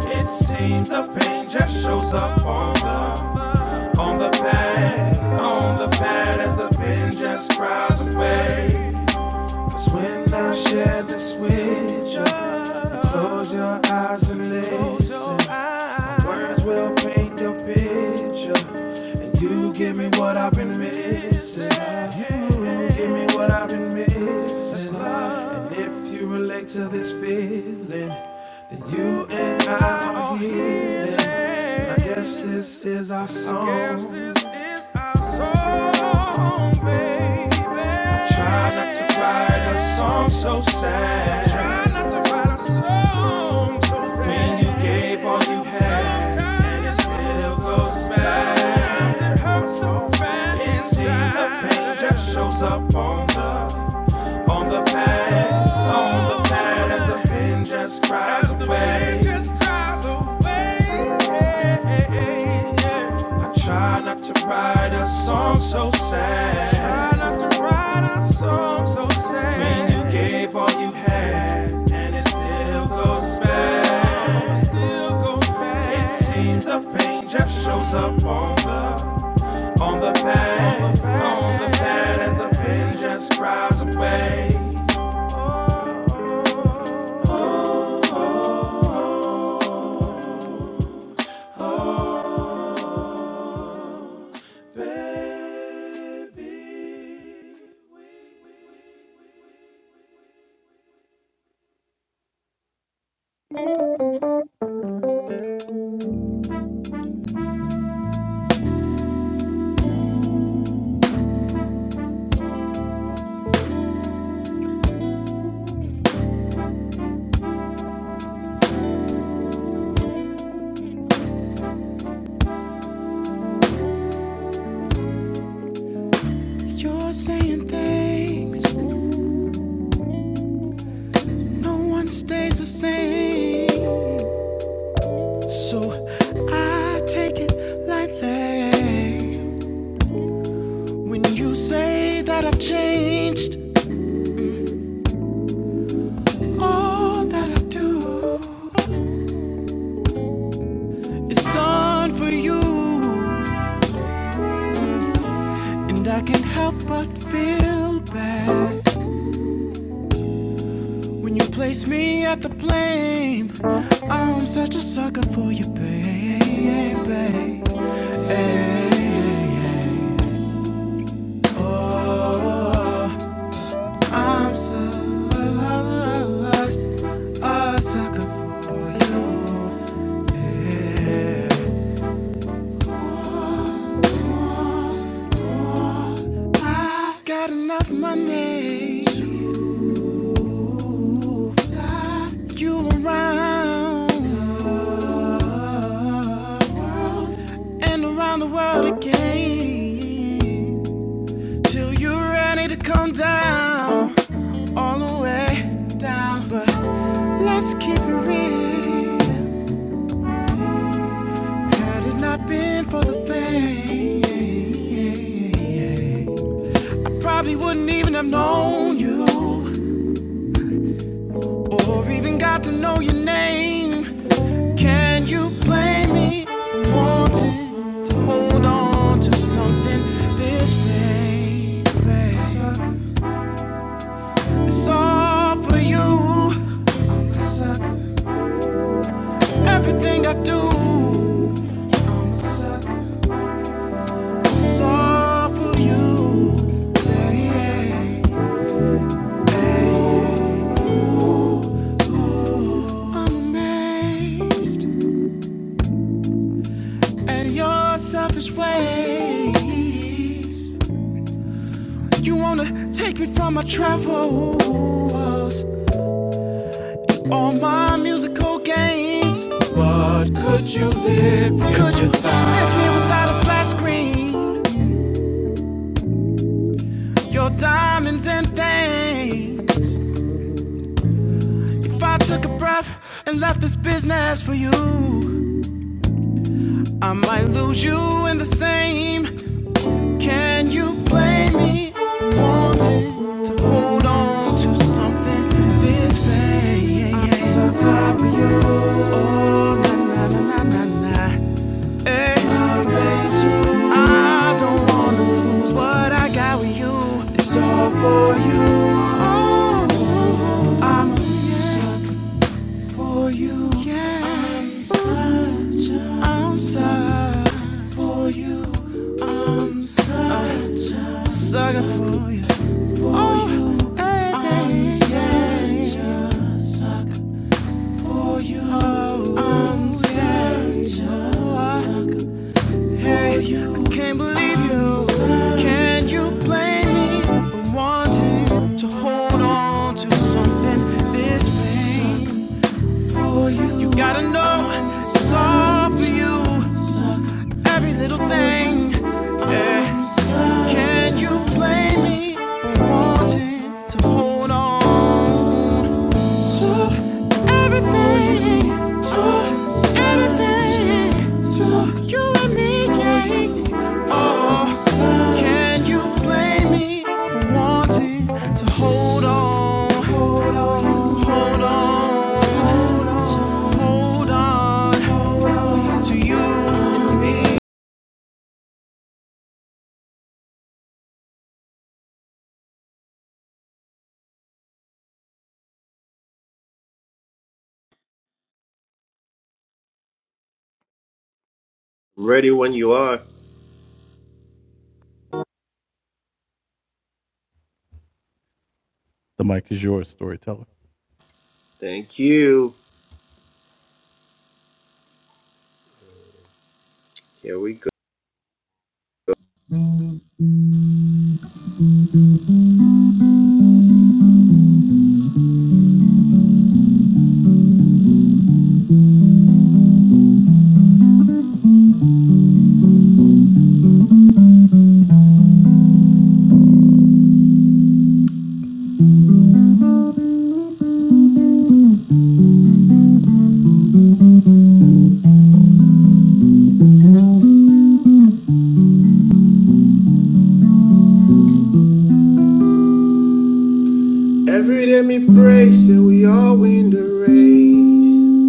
It seems the pain just shows up on the on the pad, on the pad as the pen just cries away. Cause when I share this with you, you close your eyes and listen. My words will paint the picture, and you give me what I've been missing. You give me what I've been missing. And if you relate to this feeling, then you and I are healing. And I guess this is our song. I guess this is our song, baby. I try to to write a song so sad. Try not to write a song so sad. When you gave all you had, and it still goes bad. I'm so bad. It seems the pain just shows up on the on the pain, on the pain as the pain just cries away. I try not to write a song so sad. I Try not to write a song so sad. When you gave all you had, and it Still goes bad. It seems the pain just shows up on the on the pad, on the pad, as the pen just cries away. Baby. You're saying things no one stays the same. So I take it like that. When you say that I've changed, all that I do is done for you. And I can't help but feel bad. When you place me at the blame, I'm such a sucker for you, baby. Oh, I'm such a sucker for you. I got enough money. to you around and around the world again till you're ready to come down all the way down. But let's keep it real. Had it not been for the fame, probably wouldn't even have known you or even got to know your name. Can you blame me for wanting to hold on to something this vain? It's all for you. I'm a sucker. Everything I do, I'm a sucker. It's all for you. Yeah, yeah, yeah. I'm amazed at your selfish ways. You wanna take me from my travels, all my musical gains. What could you live here Could without? you live here without a flash screen? Your diamonds and things. If I took a breath and left this business for you, I might lose you in the same. Can you blame me for wanting to hold on to something this vague? I'm so glad for you. Oh, na na na na na na. Hey, always you. I don't wanna lose what I got with you. It's all for you. Oh, I'm so glad for you. Yeah. I'm such a I'm such for you. I'm such a sucker for you. For oh, you. Hey, I'm such a sucker for you. Oh, I'm such a sucker for hey, you. I can't believe you. I'm such Can you blame me for wanting to hold on to something this big? for you. You gotta know it's all for you. Every little thing. Can you blame me for wanting to hold on to everything, to everything, to you and me? yeah. Oh, so, can you blame me for wanting to hold on, hold on, hold on, hold on, hold on to you? and me. Ready when you are. Thank you. Here we go. Every day me pray, say we all win the race.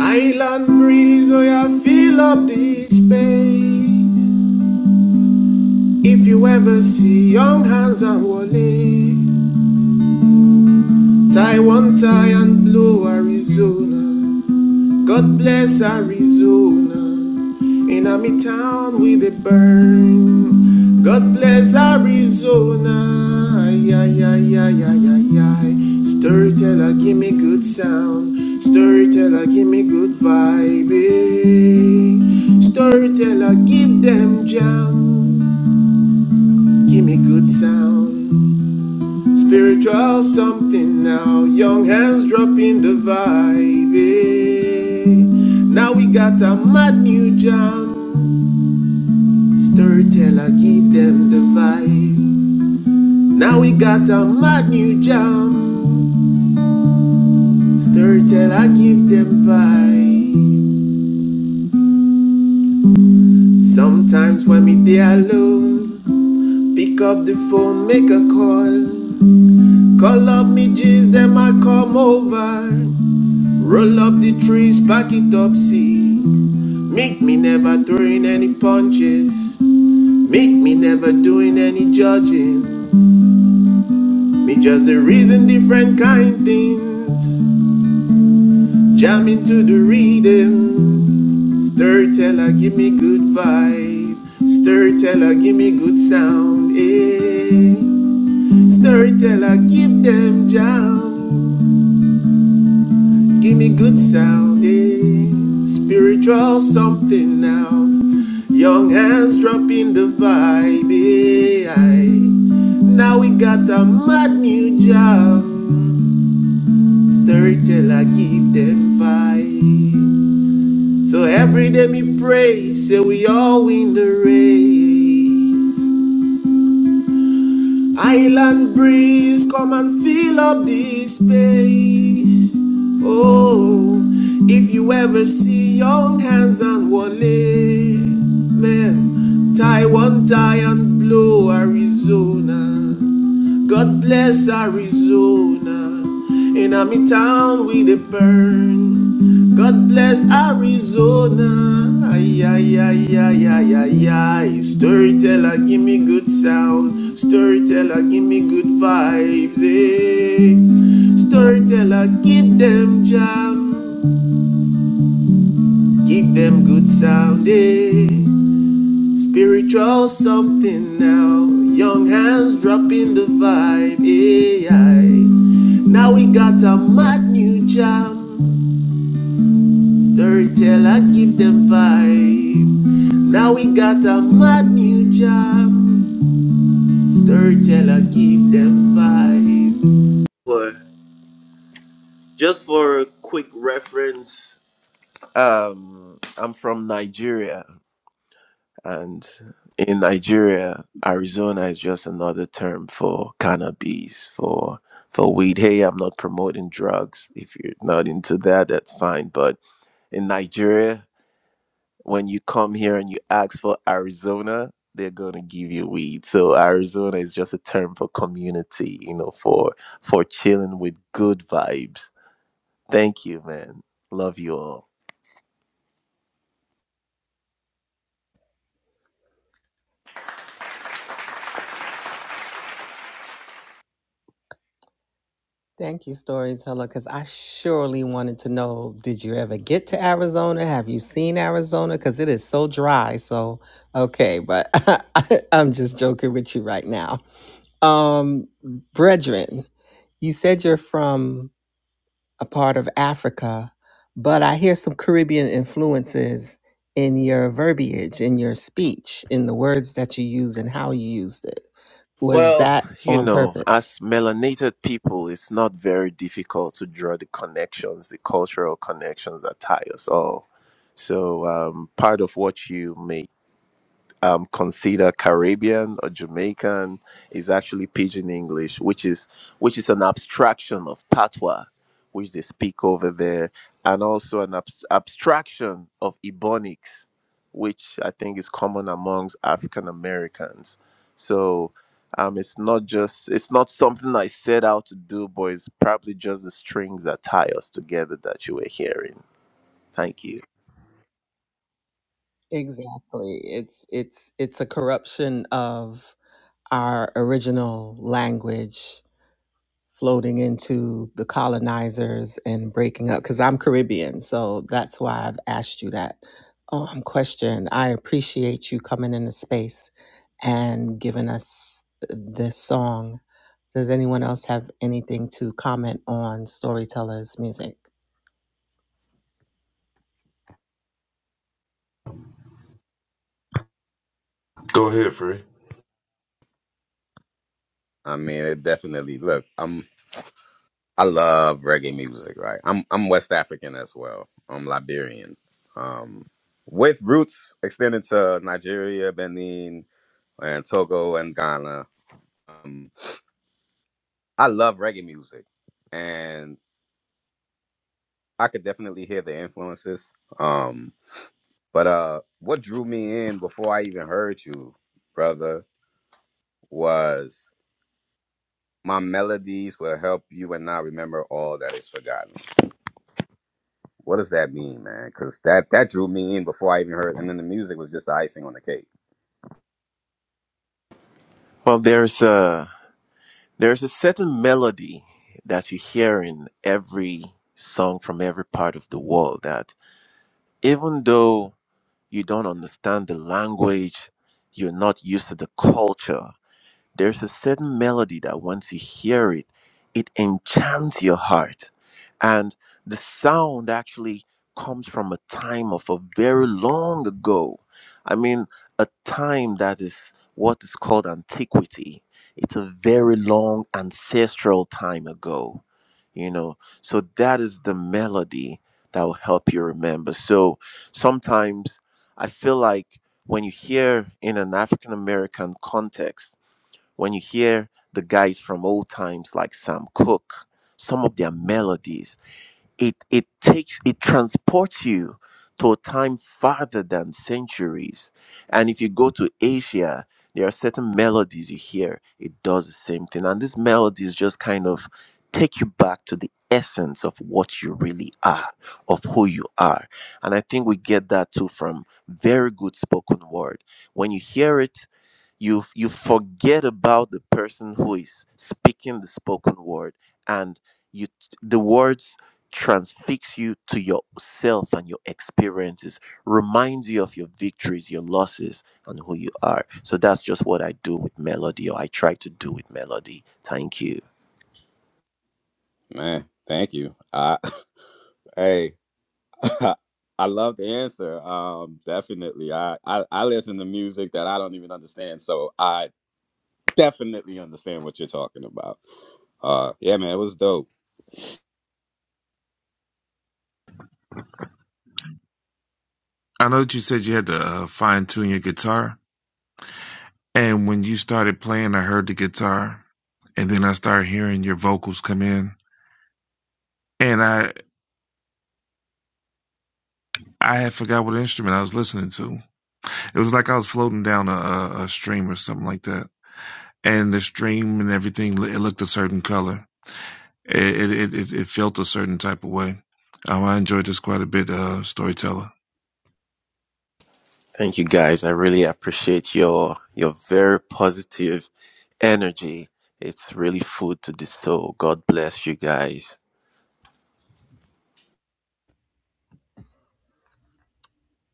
Island breeze, oh yeah, fill up this space. If you ever see young hands and Wale, tie one tie and blue Arizona. God bless Arizona. In a me town with a burn. God bless Arizona. Yeah, yeah, yeah, yeah, yeah, yeah. Storyteller, give me good sound. Storyteller, give me good vibe. eh. Storyteller, give them jam. Give me good sound. Spiritual something now, young hands dropping the vibe. eh. Now we got a mad new jam. Storyteller, give them the vibe. Now we got a mad new jam. Storyteller, give them vibe. Sometimes when me they alone, pick up the phone, make a call. Call up me G's, them I come over. Roll up the trees, pack it up, see. Make me never throwing any punches. Make me never doing any judging. Me just a reason different kind things. Jam into the rhythm. Stir teller, give me good vibe. Stir teller, give me good sound. Eh. Stir teller, give them jam. Give me good sound, yeah. Spiritual something now. Young hands dropping the vibe, yeah. Now we got a mad new jam. Storyteller give them vibe. So every day me pray, say we all win the race. Island breeze, come and fill up this space. Oh, if you ever see young hands and Wale, man, tie one tie and blow Arizona. God bless Arizona. In Army town we dey burn. God bless Arizona. Ay, ay, ay, ay, ay, ay, ay. Storyteller, give me good sound. Storyteller, give me good vibes. eh. Storyteller, give them jam. Give them good sound. Eh. Spiritual something now. Young hands dropping the vibe. Eh, aye. Now we got a mad new jam. Storyteller, give them vibe. Now we got a mad new jam. Storyteller, give them vibe. For, just for a quick reference, um, I'm from Nigeria, and in Nigeria, Arizona is just another term for cannabis, for for weed. Hey, I'm not promoting drugs. If you're not into that, that's fine. But in Nigeria. when you come here and you ask for Arizona, they're going to give you weed. So Arizona is just a term for community, you know, for for chilling with good vibes. Thank you, man. Love you all. Thank you, storyteller, because I surely wanted to know, did you ever get to Arizona? Have you seen Arizona? Because it is so dry. So, okay, but I'm just joking with you right now. Um, brethren. You said you're from a part of Africa, but I hear some Caribbean influences in your verbiage, in your speech, in the words that you use and how you used it. Was Well, that you on know, purpose? as melanated people, it's not very difficult to draw the connections, the cultural connections that tie us all. So, um, part of what you make. um, consider Caribbean or Jamaican is actually Pidgin English, which is which is an abstraction of Patois, which they speak over there, and also an abs- abstraction of Ebonics, which I think is common amongst African Americans. So. Um, it's not just it's not something I set out to do, but it's probably just the strings that tie us together that you were hearing. Thank you. Exactly. It's it's it's a corruption of our original language floating into the colonizers and breaking up because I'm Caribbean. So that's why I've asked you that um, question. I appreciate you coming into space and giving us this song. Does anyone else have anything to comment on Storyteller's music? Go ahead, Free. I mean, it definitely. Look, I'm. I love reggae music, right? I'm. I'm West African as well. I'm Liberian, um, with roots extended to Nigeria, Benin, and Togo and Ghana. Um, I love reggae music, and. I could definitely hear the influences. Um, but uh, what drew me in before I even heard you, brother, was my melodies will help you and I remember all that is forgotten. What does that mean, man? Because that that drew me in before I even heard, and then the music was just the icing on the cake. Well, there's a There's a certain melody that you hear in every song from every part of the world that even though you don't understand the language, you're not used to the culture, there's a certain melody that once you hear it, it enchants your heart. And the sound actually comes from a time of a very long ago. I mean, a time that is what is called antiquity. It's a very long ancestral time ago, you know. So that is the melody that will help you remember. So sometimes I feel like when you hear in an African American context, when you hear the guys from old times like Sam Cooke, some of their melodies, it it takes it transports you to a time farther than centuries. And if you go to Asia, there are certain melodies you hear, it does the same thing. And these melodies just kind of take you back to the essence of what you really are, of who you are. And I think we get that too from very good spoken word. When you hear it, you f- you forget about the person who is speaking the spoken word and you t- the words transfix you to yourself and your experiences reminds you of your victories your losses and who you are so that's just what i do with melody or i try to do with melody thank you Man, thank you. I hey. I love the answer. Um, definitely. I, I I listen to music that I don't even understand, so I definitely understand what you're talking about. Uh, yeah, man, it was dope. I know that you said you had to uh, fine tune your guitar, and when you started playing, I heard the guitar, and then I started hearing your vocals come in, and I I had forgot what instrument I was listening to. It was like I was floating down a, a, a stream or something like that, and the stream and everything it looked a certain color. It it it, it felt a certain type of way. Um, I enjoyed this quite a bit, uh, storyteller. thank you guys i really appreciate your your very positive energy it's really food to the soul god bless you guys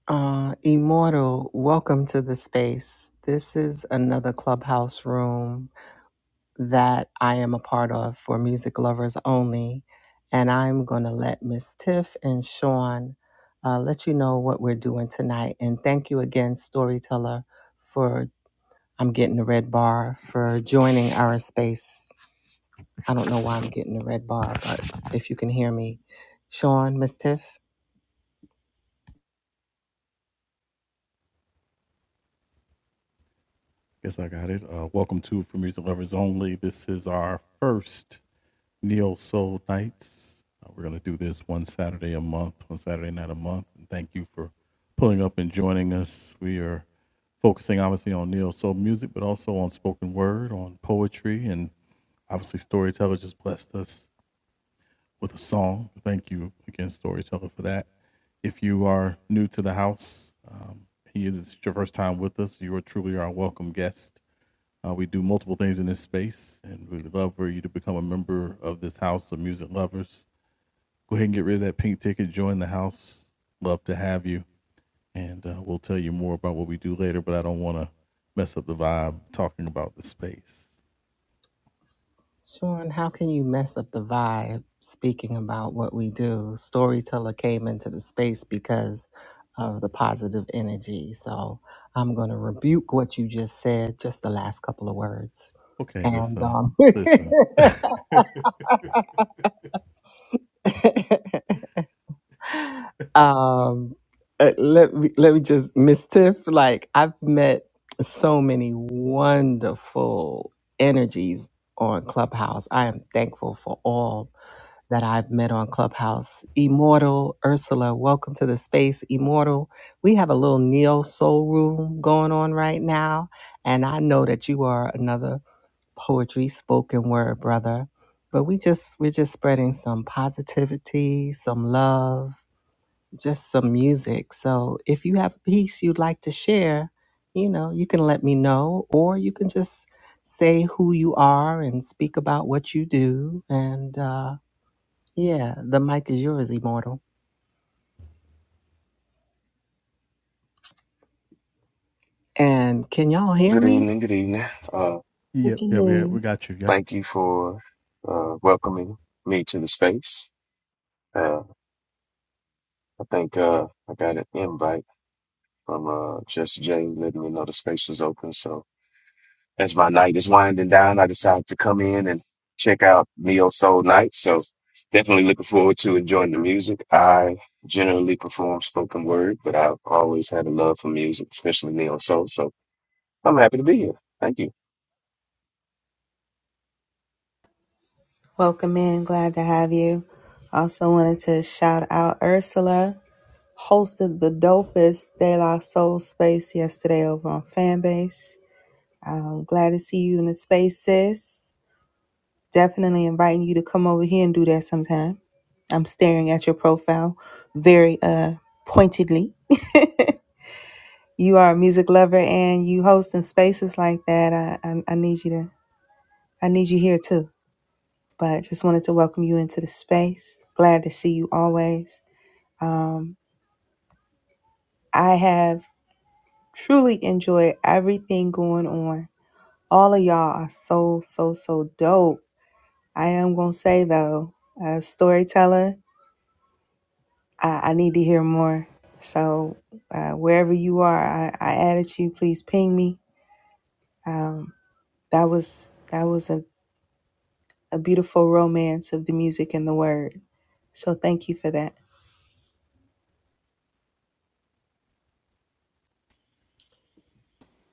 Uh, Immortal, welcome to the space. This is another clubhouse room that I am a part of for music lovers only. And I'm going to let Miss Tiff and Sean uh, let you know what we're doing tonight. And thank you again, Storyteller, for I'm getting the red bar for joining our space. I don't know why I'm getting the red bar, but if you can hear me, Sean, Miss Tiff. Sean, how can you mess up the vibe speaking about what we do? Storyteller came into the space because of the positive energy. So I'm going to rebuke what you just said, just the last couple of words. And um, um, uh, let, me, let me just, Miss Tiff, like I've met so many wonderful energies on Clubhouse. I am thankful for all that I've met on Clubhouse. Immortal Ursula, welcome to the space, Immortal. We have a little neo soul room going on right now, and I know that you are another poetry spoken word brother. But we just we're just spreading some positivity, some love, just some music. So if you have a piece you'd like to share, you know, you can let me know or you can just say who you are and speak about what you do and uh yeah, the mic is yours, Immortal. And can y'all hear Good me? evening, good evening. Uh, thank you for uh, welcoming me to the space. Uh, I think uh, I got an invite from uh, Just Jay letting me know the space was open. So as my night is winding down, I decided to come in and check out Neo Soul Night. So definitely looking forward to enjoying the music. I generally perform spoken word, but I've always had a love for music, especially Neo Soul. So I'm happy to be here. Thank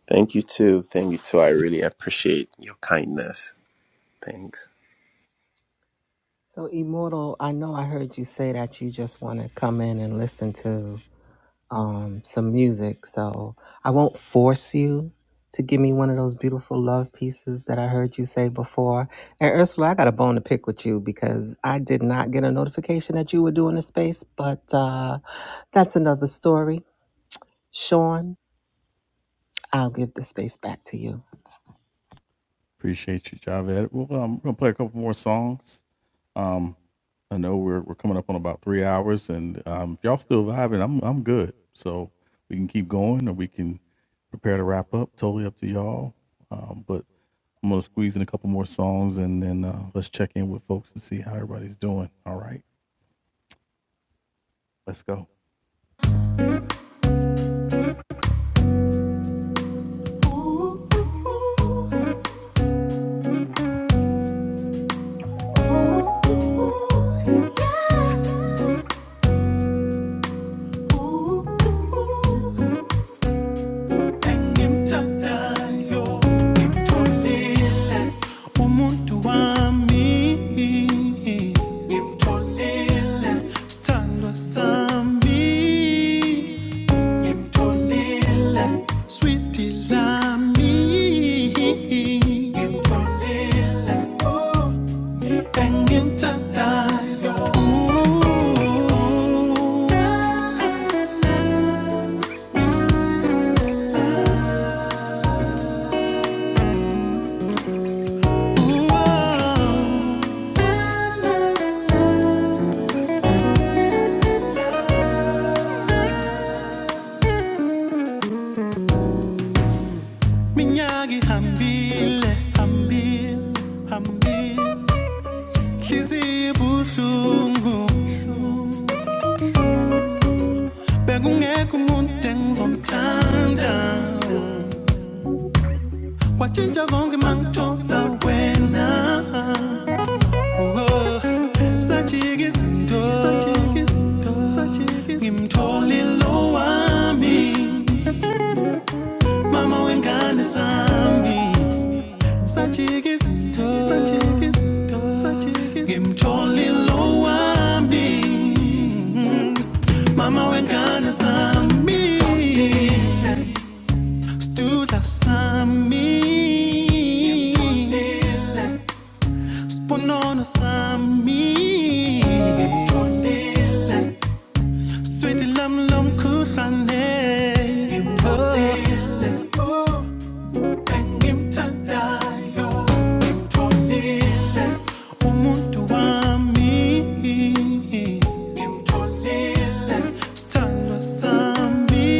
Thank you too. Thank you too. I really appreciate your kindness. Thanks. So, Immortal, I know I heard you say that you just want to come in and listen to um, some music. So, I won't force you to give me one of those beautiful love pieces that I heard you say before. And, Ursula, I got a bone to pick with you because I did not get a notification that you were doing a space, but uh, that's another story. Sean, I'll give the space back to you. engimthandayo ngimtholile umuntu wami ngimtholile sithandwa sami ngimtholile switi lami ngimtholile oh, engimthandayo Ooh, ooh, oh. Minyaki hambile hambile hambile Hliziyo ibuhlungu Bekungekho umuntu engizomthanda Kwatshintsha konke mangithola wena oh, Sajika izinto Ngimtholile lo Mama wengane sami Sanchez, Sanchez, ngimtholi lo wami mama wengane sami stula sami spunono sami sweet lam lomkhuhlane ngimtholi engimthandayo ngimtholile umuntu wami ngimtholile sithandwa sami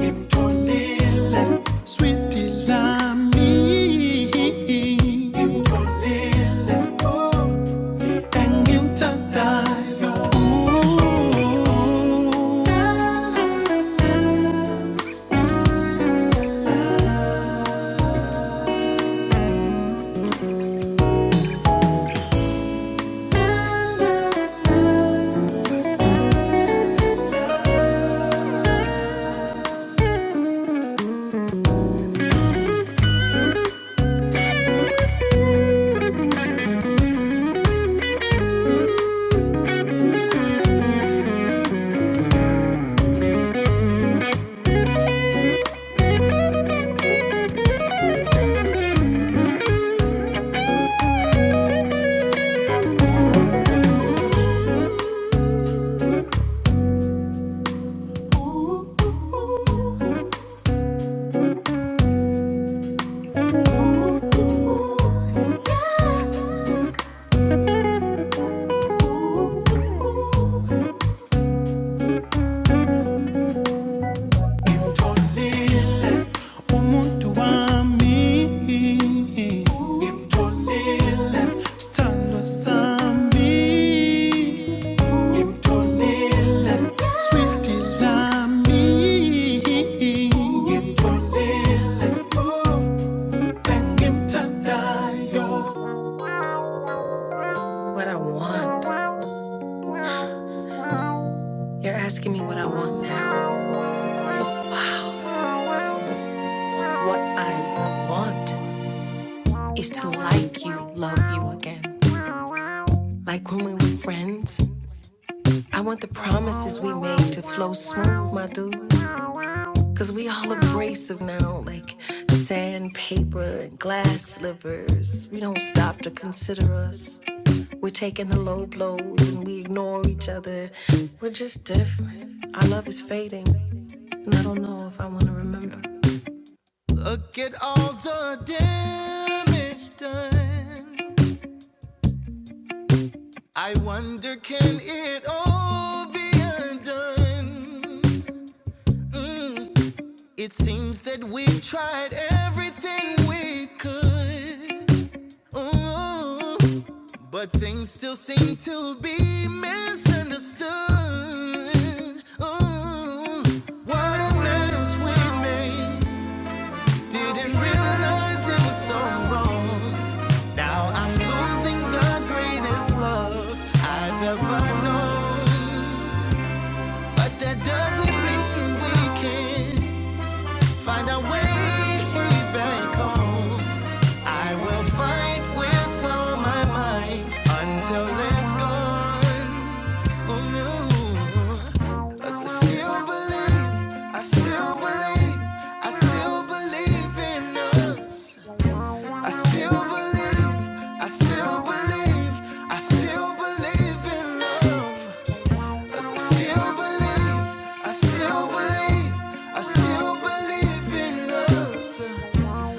ngimtholile switi lami ngimtholile engimthandayo You're asking me what I want now. I want is to like you, love you again. Like when we were friends I want the promises we made to flow smooth, my dude. Cause we all abrasive now, like sandpaper and glass slivers. We don't stop to consider us. Low blows and we ignore each other. We're just different. Look at all the damage done. I wonder, can it all be undone? Mm. It seems that we've tried everything we could. Ooh, but things still seem to be misunderstood. Ooh, what a mess we made. Didn't realize it was so wrong. Now I'm losing the greatest love I've ever known. But that doesn't mean we can't find our way. I will fight with all that's gone. I Still believe. I still believe, I still, I still believe, I still believe, I still believe in love. I still believe, I still believe, I still believe in us.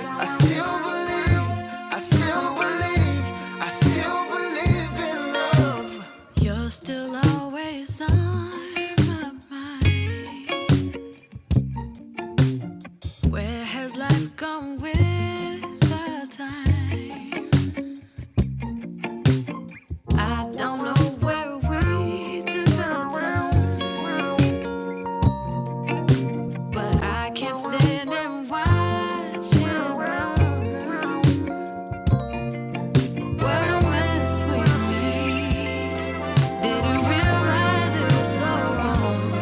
I still believe, I still believe, I still believe in love. You're still always on my mind. Where has life gone with the time? I don't know where we took the town, but I can't stand and watch you burn. What a mess we made. Didn't realize it was so wrong.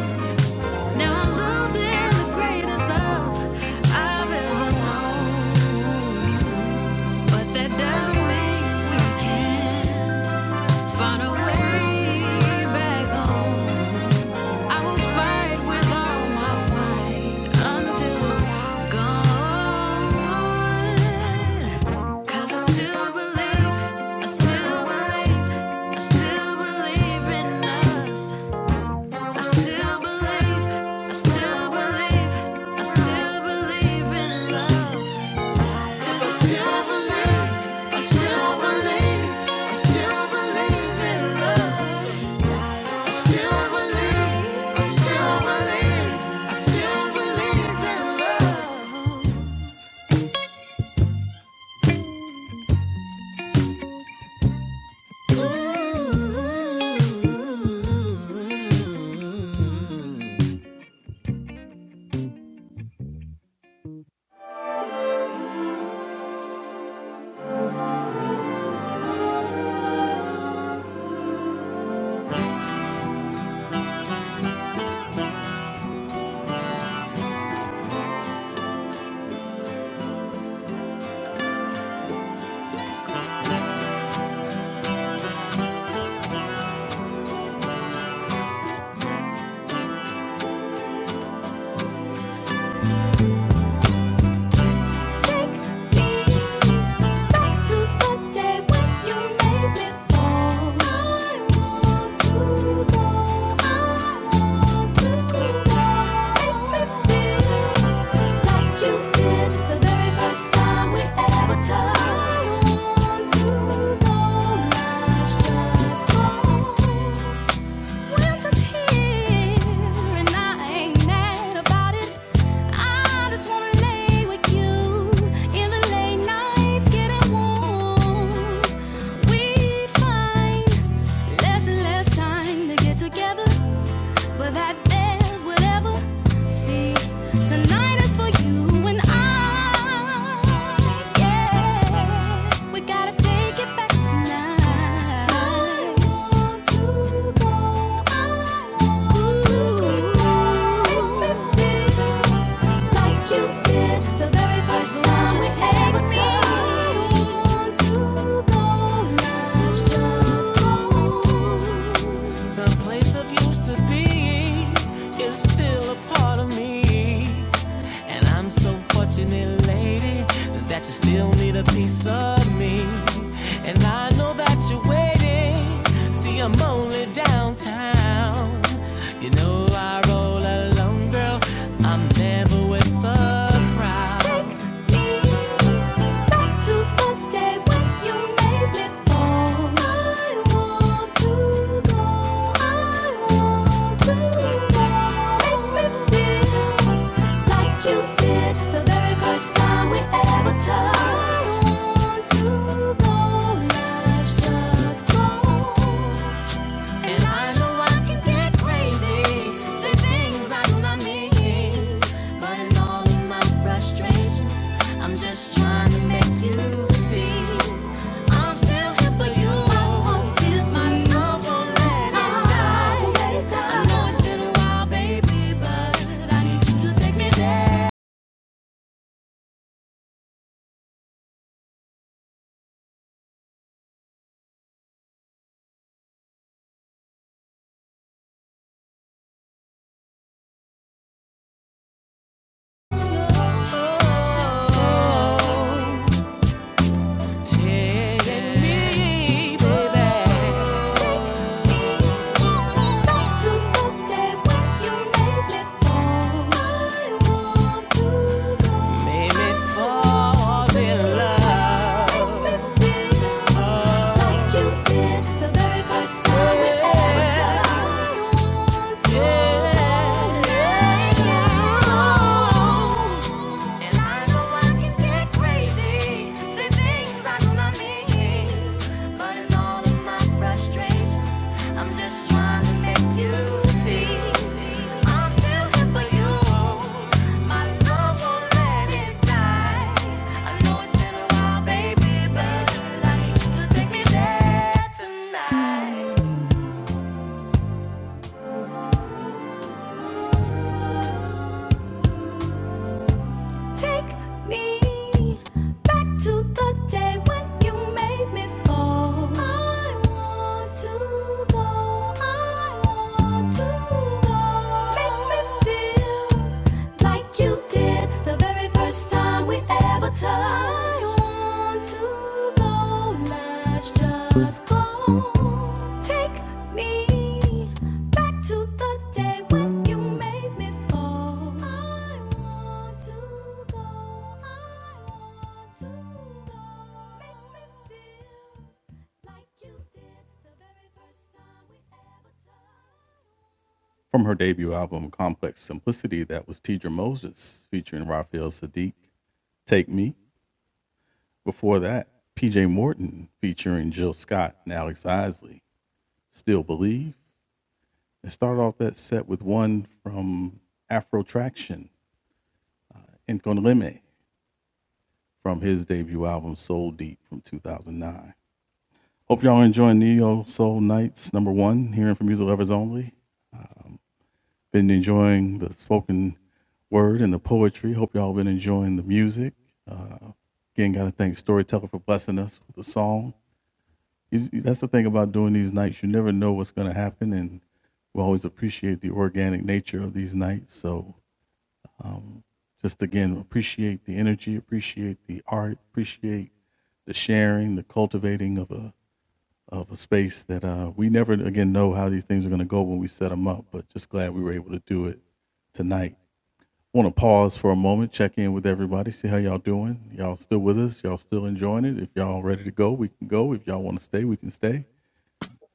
Now I'm losing the greatest love I've ever known. But that doesn't mean we can't find a way back home. I will fight with all my might until it's gone. 'Cause I still believe, I still believe, I still believe in us. I still believe, I still believe, I still believe in love. 'Cause I still believe, I still believe, I still believe in us still believe, I still believe, I still believe in love. Take me back to the day when you made me fall. I want to go. I want to go. Make me feel like you did the very first time we ever touched. I want to go. Let's just go. Winter's here and I ain't mad about it. I just wanna lay with you in the late nights, getting warm. We find less and less time to get together but that there's whatever. See, tonight is for you and I. Yeah, we gotta take it back tonight. I want to go. I want to go. Everything like you did the very first time we ever touched. I want to go. Let's just go. The place I've used to be is still a part of me. And I'm so fortunate, lady, that you still need a piece of me. And I know that you're waiting. See, I'm only downtown. You know I roll alone, girl. I'm never with the crowd. Take me back to the take what you made me for. I want to go. I want to go. Make me feel like you did the very first time we ever touched. I want to go. Let's just go. And I know I can get crazy, say things I do not mean. But in all of my frustrations, I'm just trying to make you see. I'm still here for you. I won't my love, won't let I know it's been a while, baby, but I need you to take me there. Take me, baby. Thank you And I know I can get crazy, say things I do not mean. But in all of my frustrations, I'm just trying to make you see. I'm still here for you. My love won't let it die. I know it's been a while, baby, but I need you to take me there tonight. Take me back to the day when you made me fall. I want to go. I want to go. Make me feel like you did the very first time we ever touched. I want to go. Let's just go. Take me back to the day when you made me fall. I want to go. I want to go. Make me feel like you did the very first time we ever touched.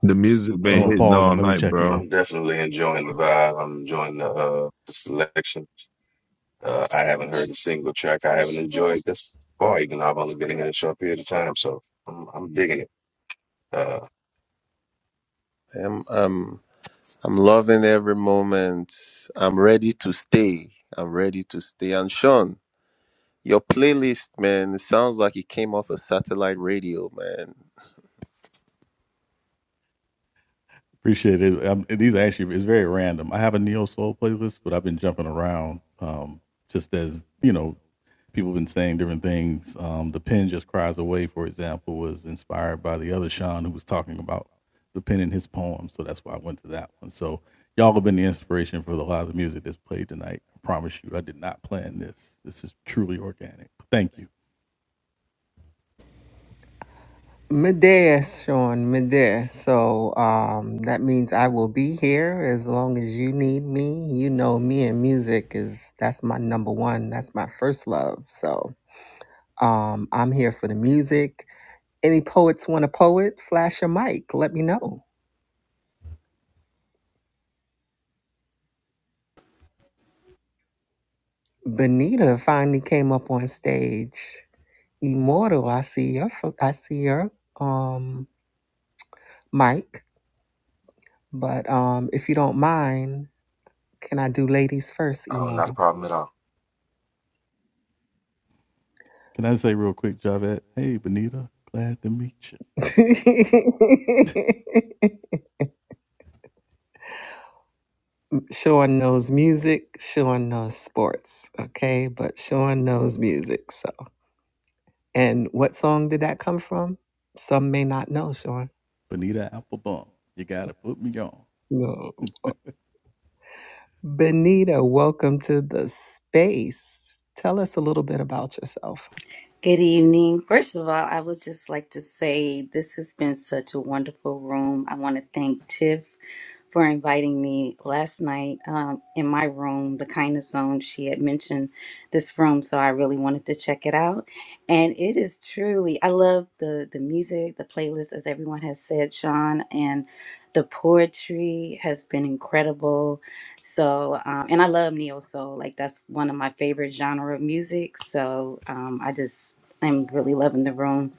The music been you. hitting all night, bro. I'm definitely enjoying the vibe. I'm enjoying the, uh, the selection. Uh, I haven't heard a single track I haven't enjoyed this far, even though I've only been here a short period of time. So I'm, I'm digging it. Uh, I'm um I'm loving every moment. I'm ready to stay. I'm ready to stay. And Sean, your playlist, man, it sounds like it came off a satellite radio, man. Midday, Sean, midday. So um, that means I will be here as long as you need me. You know, me and music is that's my number one. That's my first love. So um, I'm here for the music. Any poets want a poet? Flash a mic. Let me know. Benita finally came up on stage. Immortal, I see your, fo- I see your um mic. But um, if you don't mind, can I do ladies first? oh, not a Immortal. problem at all. Sean knows music. Sean knows sports. Okay, but Sean knows music. So, and what song did that come from? Some may not know, Sean. No. Benita, welcome to the space. Tell us a little bit about yourself. Good evening. First of all, I would just like to say this has been such a wonderful room. I want to thank Tiff for inviting me last night um, in my room, the kindness zone. She had mentioned this room, so I really wanted to check it out. And it is truly, I love the the music, the playlist, as everyone has said, Sean, and the poetry has been incredible so, um, and I love neo soul. Like that's one of my favorite genre of music. So, um, I just I'm really loving the room.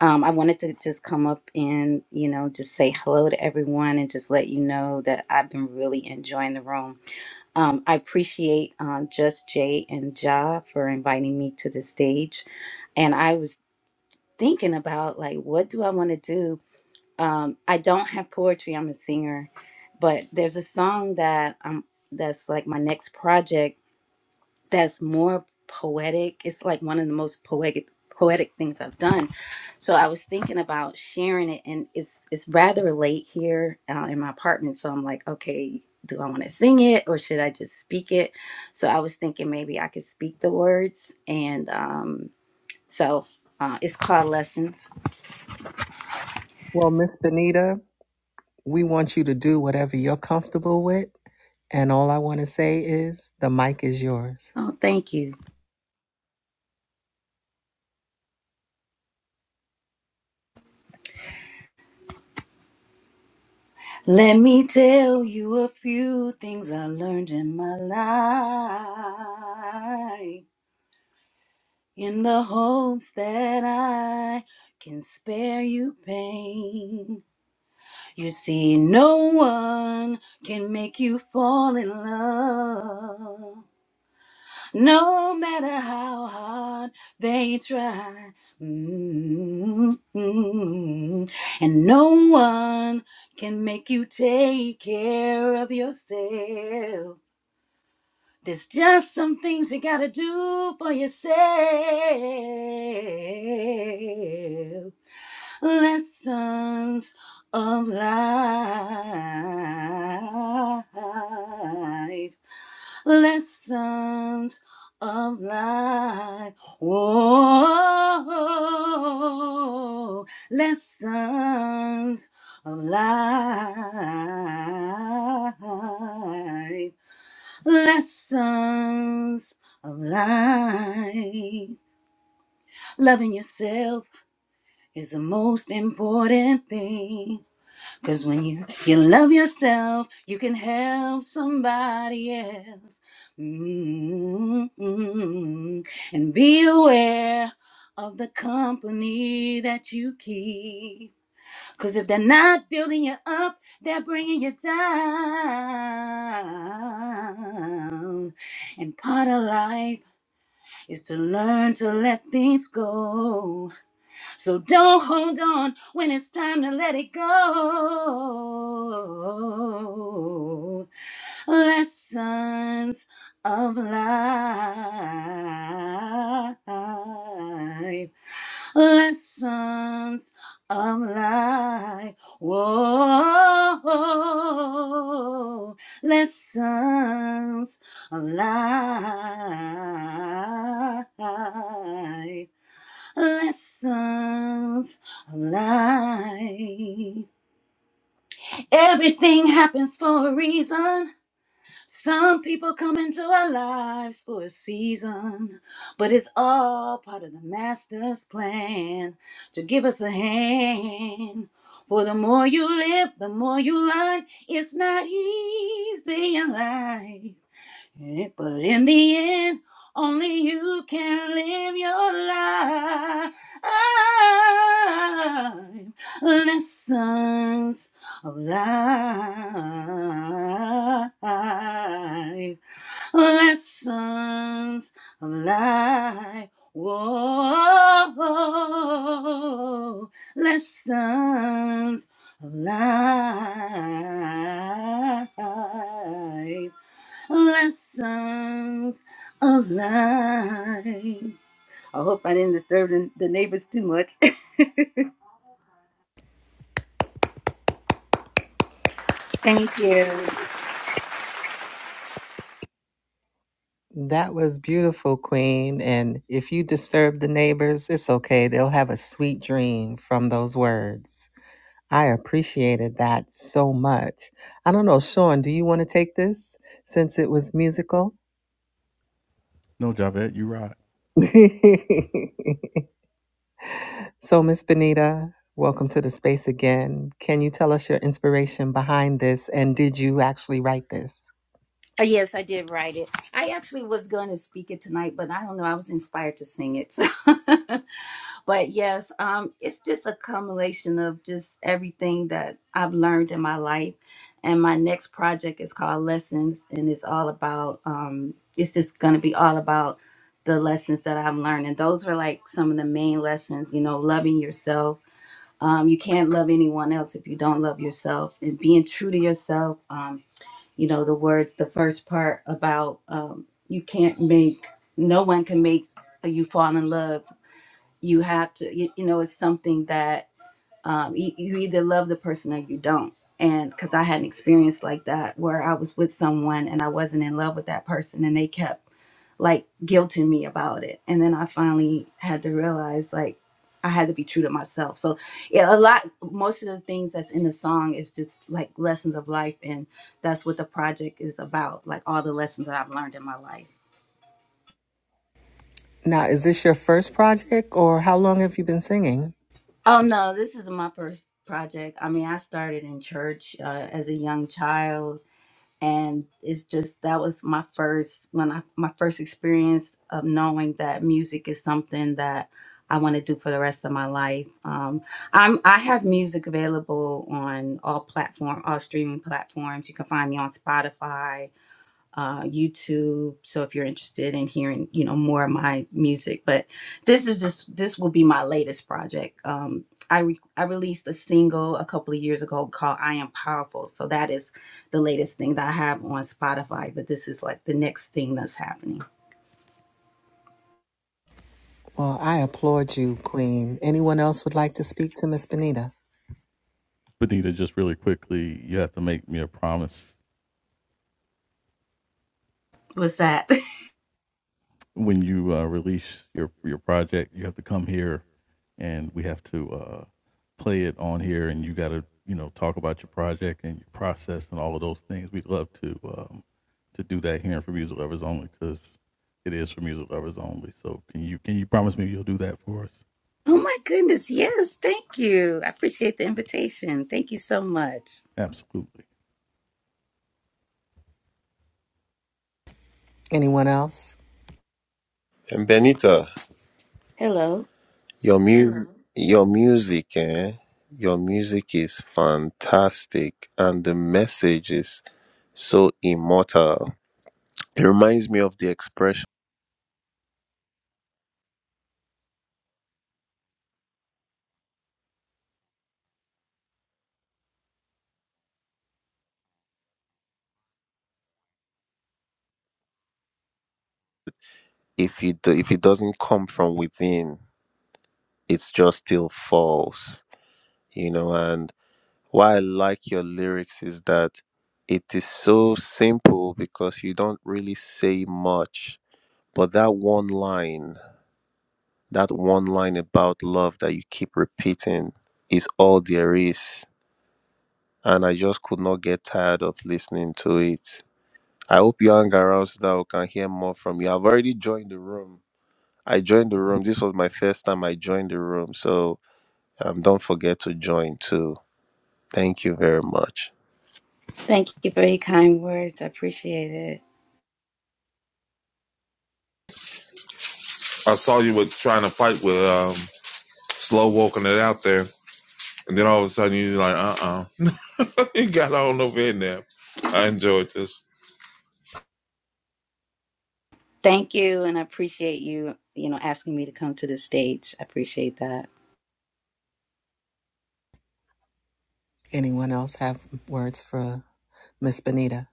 Um, I wanted to just come up and you know just say hello to everyone and just let you know that I've been really enjoying the room. Um, I appreciate um, just Jay and Ja for inviting me to the stage, and I was thinking about like what do I want to do um, I don't have poetry. I'm a singer, but there's a song that um that's like my next project that's more poetic. It's like one of the most poetic poetic things I've done. So I was thinking about sharing it, and it's it's rather late here uh, in my apartment. So I'm like, okay, do I want to sing it or should I just speak it? So I was thinking maybe I could speak the words, and um, so uh, it's called Lessons. Well, Miss Benita, We want you to do whatever you're comfortable with. And all I want to say is the mic is yours. Oh, thank you. Let me tell you a few things I learned in my life in the hopes that I can spare you pain. You see, no one can make you fall in love no matter how hard they try. Mm. And no one can make you take care of yourself. There's just some things you gotta do for yourself. Lessons of life. Lessons of life. Whoa. Lessons of life lessons of life. Loving yourself is the most important thing. Cause when you, you love yourself, you can help somebody else. mm And be aware of the company that you keep. Because if they're not building you up, they're bringing you down. And part of life is to learn to let things go. So don't hold on when it's time to let it go. Lessons of life lessons of life. Whoa, lessons of life. Lessons of life. Everything happens for a reason. Some people come into our lives for a season, but it's all part of the master's plan to give us a hand. For the more you live, the more you learn. It's not easy in life. Okay, But in the end, only you can live your life. Lessons of life. Lessons of life. Whoa. Lessons of life lessons of life. I hope I didn't disturb the, the neighbors too much. Thank you. That was beautiful, Queen. And if you disturb the neighbors, it's okay. They'll have a sweet dream from those words. I appreciated that so much. I don't know, Sean, do you want to take this since it was musical? so, Miss Benita, welcome to the space again. Can you tell us your inspiration behind this? And did you actually write this? Oh, yes, I did write it. I actually was going to speak it tonight, but I don't know. I was inspired to sing it. but yes, um, it's just a culmination of just everything that I've learned in my life. And my next project is called Lessons, and it's all about, um, it's just going to be all about the lessons that I've learned. And those are like some of the main lessons, you know, loving yourself. Um, you can't love anyone else if you don't love yourself and being true to yourself. Um, you know the words the first part about um, you can't make no one can make you fall in love you have to you, you know it's something that um, you, you either love the person or you don't. And because I had an experience like that where I was with someone and I wasn't in love with that person and they kept like guilting me about it. And then I finally had to realize like I had to be true to myself. So yeah, a lot, most of the things that's in the song is just like lessons of life. And that's what the project is about, like all the lessons that I've learned in my life. Now, is this your first project or how long have you been singing? Oh no, this is my first project. I mean, I started in church uh, as a young child and it's just that was my first when I my first experience of knowing that music is something that I want to do for the rest of my life. Um, I'm I have music available on all platform all streaming platforms. You can find me on Spotify uh, YouTube. So if you're interested in hearing, you know, more of my music, but this is just this will be my latest project. Um, I re- I released a single a couple of years ago called "I Am Powerful," so that is the latest thing that I have on Spotify. But this is like the next thing that's happening. Well, I applaud you, Queen. Anyone else would like to speak to Miss Benita? Was that? Oh my goodness! Yes, thank you. I appreciate the invitation. Thank you so much. Anyone else? And Benita, Hello. your music your music, eh? Your music is fantastic and the message is so immortal. It reminds me of the expression. if it do- if it doesn't come from within, it's just still false, you know. And why I like your lyrics is that it is so simple because you don't really say much, but that one line, that one line about love that you keep repeating, is all there is. And I just could not get tired of listening to it. I hope you hang around so that we can hear more from you. I've already joined the room. I joined the room. This was my first time I joined the room. So um, don't forget to join too. Thank you very much. Thank you for your kind words. I appreciate it. I saw you were trying to fight with um, Slow walking it out there. And then all of a sudden you're like, uh uh you got all over in there. I enjoyed this. Thank you, and I appreciate you, you know, asking me to come to the stage. I appreciate that. Anyone else have words for Miss Benita?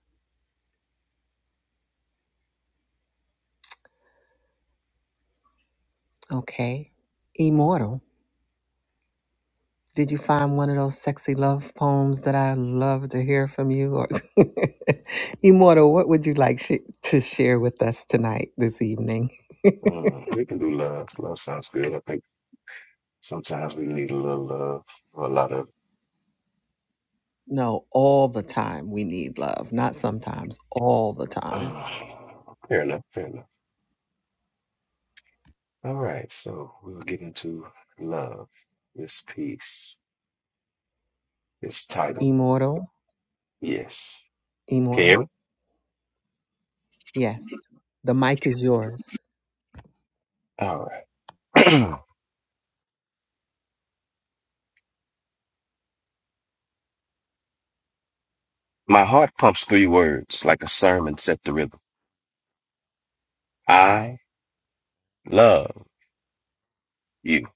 Okay. Immortal. Did you find one of those sexy love poems that I love to hear from you? Or Immortal, what would you like sh- to share with us tonight, this evening? Mm, we can do love. Love sounds good. I think sometimes we need a little love or a lot of. No, all the time we need love, not sometimes, all the time. Mm. fair enough. Fair enough. All right. So we'll get into love. This piece, this title. Immortal, Yes. Can you immortal. hear me? Yes, the mic is yours. All right. My heart pumps three words like a sermon set to rhythm. I love you.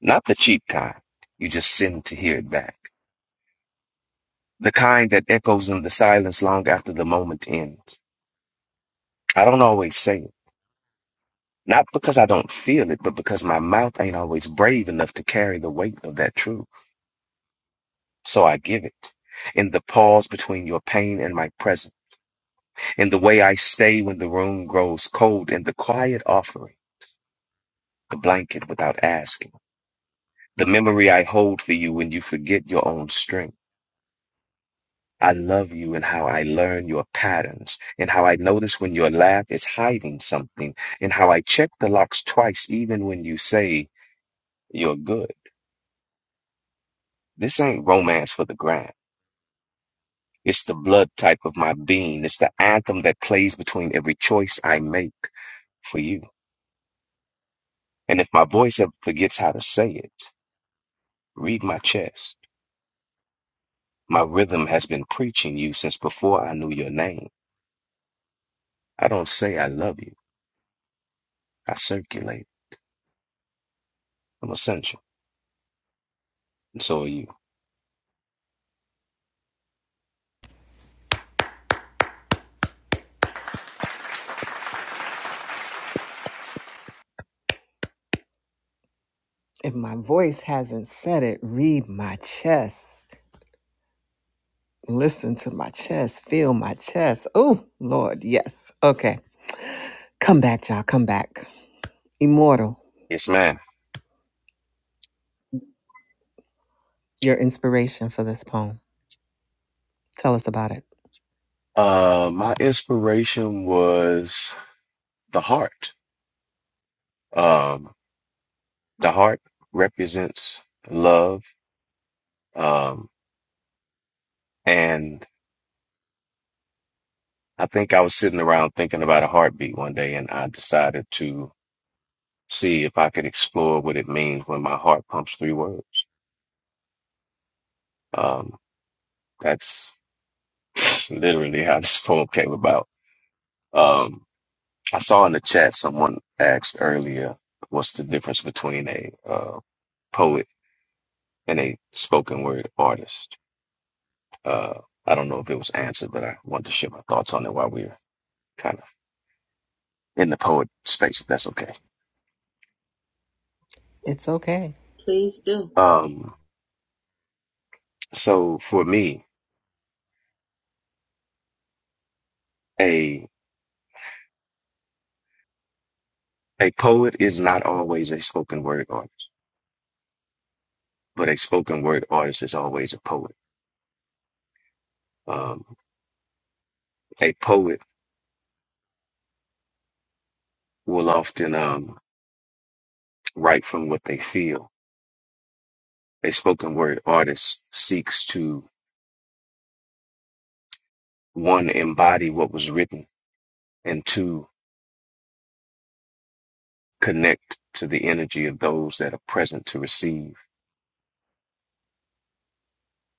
Not the cheap kind. You just send to hear it back. The kind that echoes in the silence long after the moment ends. I don't always say it. Not because I don't feel it, but because my mouth ain't always brave enough to carry the weight of that truth. So I give it. In the pause between your pain and my present. In the way I stay when the room grows cold. In the quiet offering. The blanket without asking The memory I hold for you when you forget your own strength. I love you and how I learn your patterns and how I notice when your laugh is hiding something and how I check the locks twice even when you say you're good. This ain't romance for the gram. It's the blood type of my being. It's the anthem that plays between every choice I make for you. And if my voice ever forgets how to say it, read my chest. My rhythm has been preaching you since before I knew your name. I don't say I love you. I circulate. I'm essential. And so are you. If my voice hasn't said it, read my chest. Listen to my chest. Feel my chest. Oh, Lord, yes. Okay. Come back, y'all. Come back. Immortal, Yes, ma'am. your inspiration for this poem. Tell us about it. Uh, my inspiration was the heart. Um, the heart represents love. Um, and I think I was sitting around thinking about a heartbeat one day and I decided to see if I could explore what it means when my heart pumps three words. Um, that's literally how this poem came about. Um, I saw in the chat someone asked earlier, what's the difference between a uh, poet and a spoken word artist? Uh, I don't know if it was answered, but I wanted to share my thoughts on it while we are kind of in the poet space. If that's okay. It's okay. Um, so for me, a a poet is not always a spoken word artist, but a spoken word artist is always a poet. Um, a poet will often um, write from what they feel. A spoken word artist seeks to one, embody what was written, and two, connect to the energy of those that are present to receive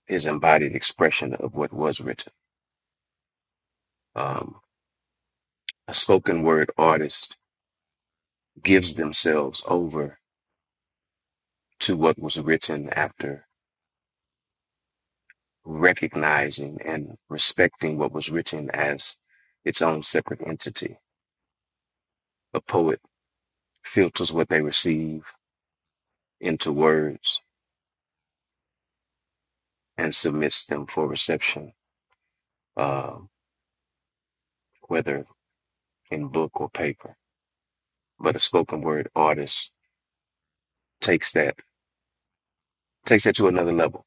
his embodied expression of what was written. Um, a spoken word artist gives themselves over to what was written after recognizing and respecting what was written as its own separate entity. A poet filters what they receive into words and submits them for reception, uh, whether in book or paper. but a spoken word artist takes that takes that to another level.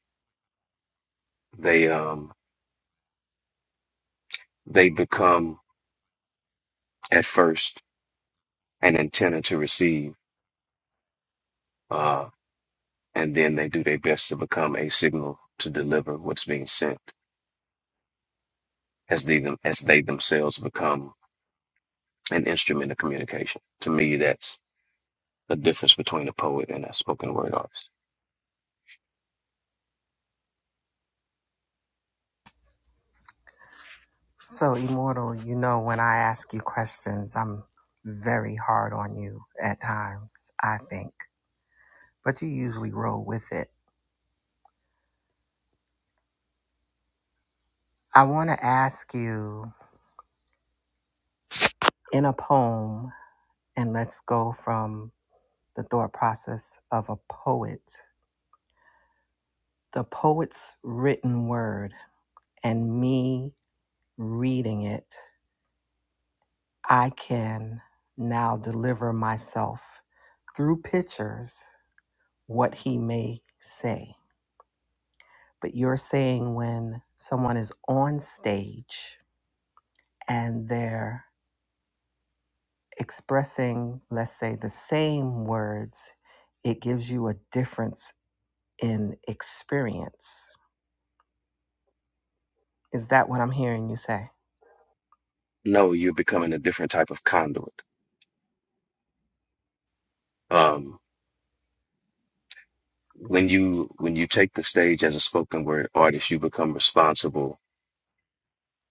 They um they become at first an antenna to receive, uh, and then they do their best to become a signal to deliver what's being sent as they them as they themselves become an instrument of communication. To me, that's the difference between a poet and a spoken word artist. So, Immortal, you know, when I ask you questions, I'm very hard on you at times, I think, but you usually roll with it. I want to ask you in a poem, and let's go from the thought process of a poet, the poet's written word, and me reading it, I can now deliver myself through pictures what he may say. But you're saying when someone is on stage and they're expressing, let's say, the same words, it gives you a difference in experience. Is that what I'm hearing you say? No, you're becoming a different type of conduit. Um, when you when you take the stage as a spoken word artist, you become responsible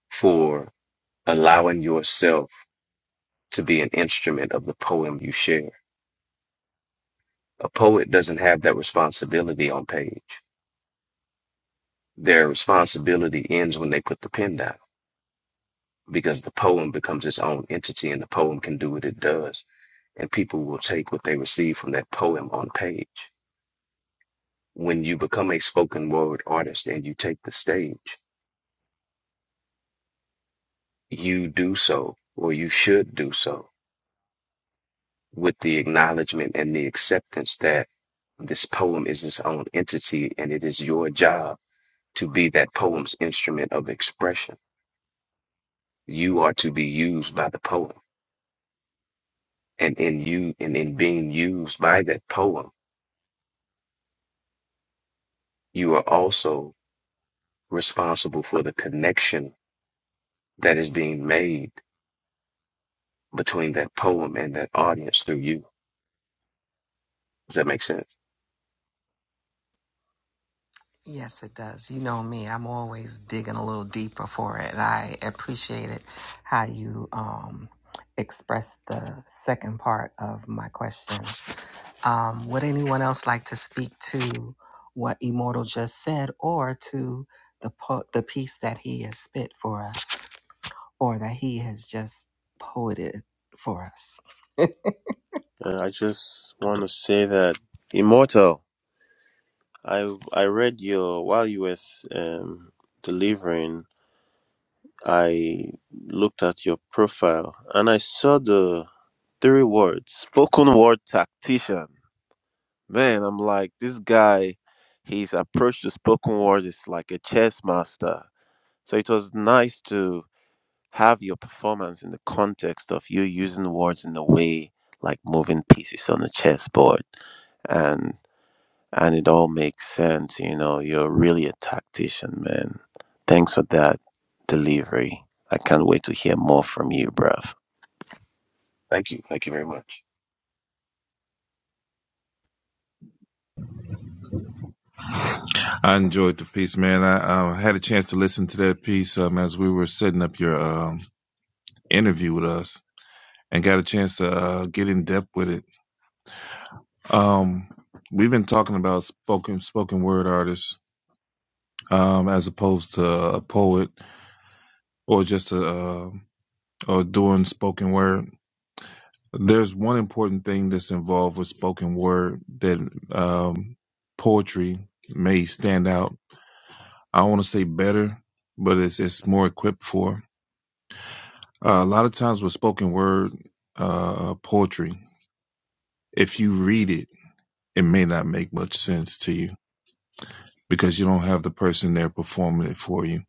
for allowing yourself to be an instrument of the poem you share. A poet doesn't have that responsibility on page. Their responsibility ends when they put the pen down because the poem becomes its own entity and the poem can do what it does. And people will take what they receive from that poem on page. When you become a spoken word artist and you take the stage, you do so, or you should do so, with the acknowledgement and the acceptance that this poem is its own entity and it is your job to be that poem's instrument of expression. You are to be used by the poem. And in you and in being used by that poem, you are also responsible for the connection that is being made between that poem and that audience through you. Does that make sense? Yes, it does. You know me, I'm always digging a little deeper for it. And I appreciate it how you um, expressed the second part of my question Um, would anyone else like to speak to what Immortal just said or to the, po- the piece that he has spit for us or that he has just poeted for us? And I just want to say that Immortal, I I read your while you were um, delivering, I looked at your profile and I saw the three words spoken word tactician. Man, I'm like this guy. His approach to spoken word is like a chess master. So it was nice to have your performance in the context of you using words in a way like moving pieces on a chessboard and and it all makes sense you know you're really a tactician man thanks for that delivery i can't wait to hear more from you bruv Thank you. Thank you very much. I enjoyed the piece, man. I uh, had a chance to listen to that piece um, as we were setting up your um, interview with us and got a chance to uh, get in depth with it. Um, we've been talking about spoken spoken word artists um, as opposed to a poet or just a, uh, or doing spoken word. There's one important thing that's involved with spoken word that um, poetry may stand out. I want to say better, but it's it's more equipped for. Uh, a lot of times with spoken word uh, poetry, if you read it, it may not make much sense to you because you don't have the person there performing it for you.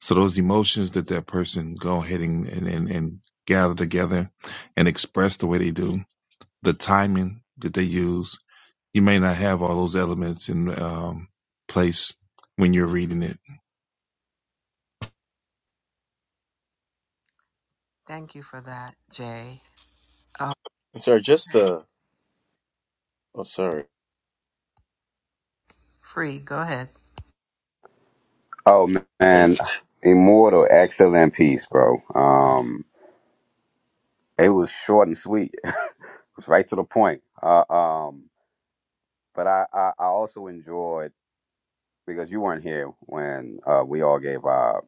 So those emotions that that person go ahead and and, and, and gather together and express the way they do, the timing that they use you may not have all those elements in um, place when you're reading it. Thank you for that, Jay. Uh, sorry just the oh sorry free, go ahead. Oh i, man, immortal, excellent piece, bro. Um, it was short and sweet. it was right to the point. Uh, um, but I, I, I also enjoyed because you weren't here when uh, we all gave our,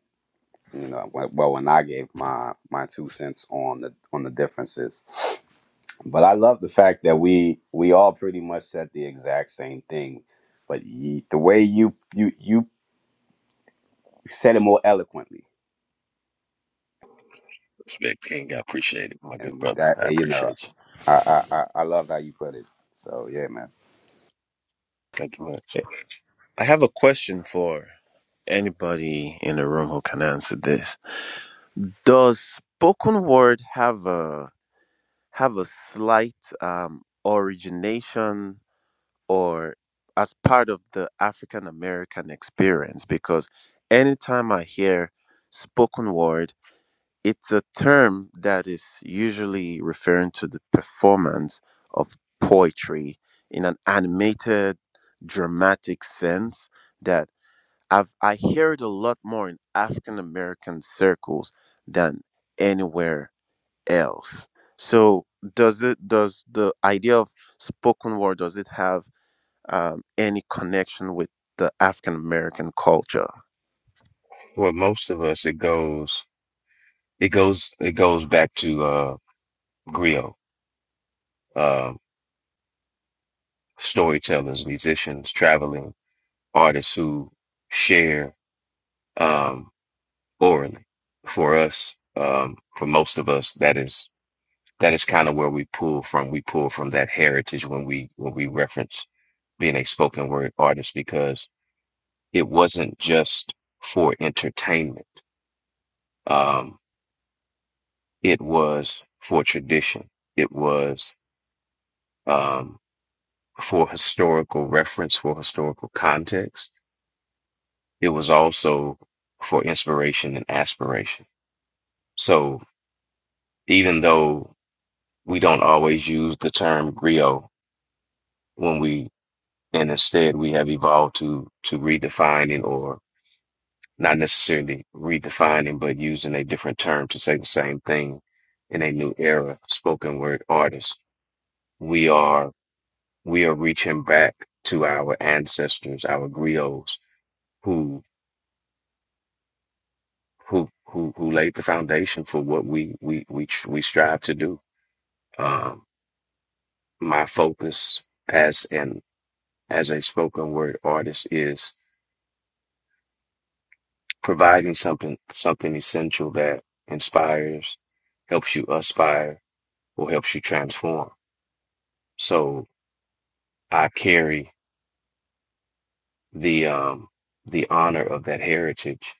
you know, when, well, when I gave my my two cents on the on the differences. But I love the fact that we we all pretty much said the exact same thing, but ye, the way you you you said it more eloquently, Respect King, I appreciate it, my good and brother. that I you know. appreciate you. I, I, I, I love how you put it. So yeah, Thank you much. I have a question for anybody in the room who can answer this does spoken word have a have a slight um origination or as part of the African American experience because anytime I hear spoken word, it's a term that is usually referring to the performance of poetry in an animated, dramatic sense that I've, I hear it a lot more in African American circles than anywhere else. So does it does the idea of spoken word does it have um, any connection with the African American culture. For most of us it goes It goes it goes back to uh griot, uh, storytellers, musicians, traveling artists who share um orally. For us, um, for most of us, that is that is kind of where we pull from. We pull from that heritage when we when we reference being a spoken word artist because it wasn't just for entertainment. Um, it was for tradition. It was um, for historical reference, for historical context. It was also for inspiration and aspiration. So even though we don't always use the term griot when we, and instead we have evolved to, to redefining or not necessarily redefining, but using a different term to say the same thing in a new era, spoken word artist. We are, we are reaching back to our ancestors, our griots who. who who who laid the foundation for what we we we tr- we strive to do. Um, my focus as an as a spoken word artist is providing something something essential that inspires, helps you aspire, or helps you transform. So I carry the um the honor of that heritage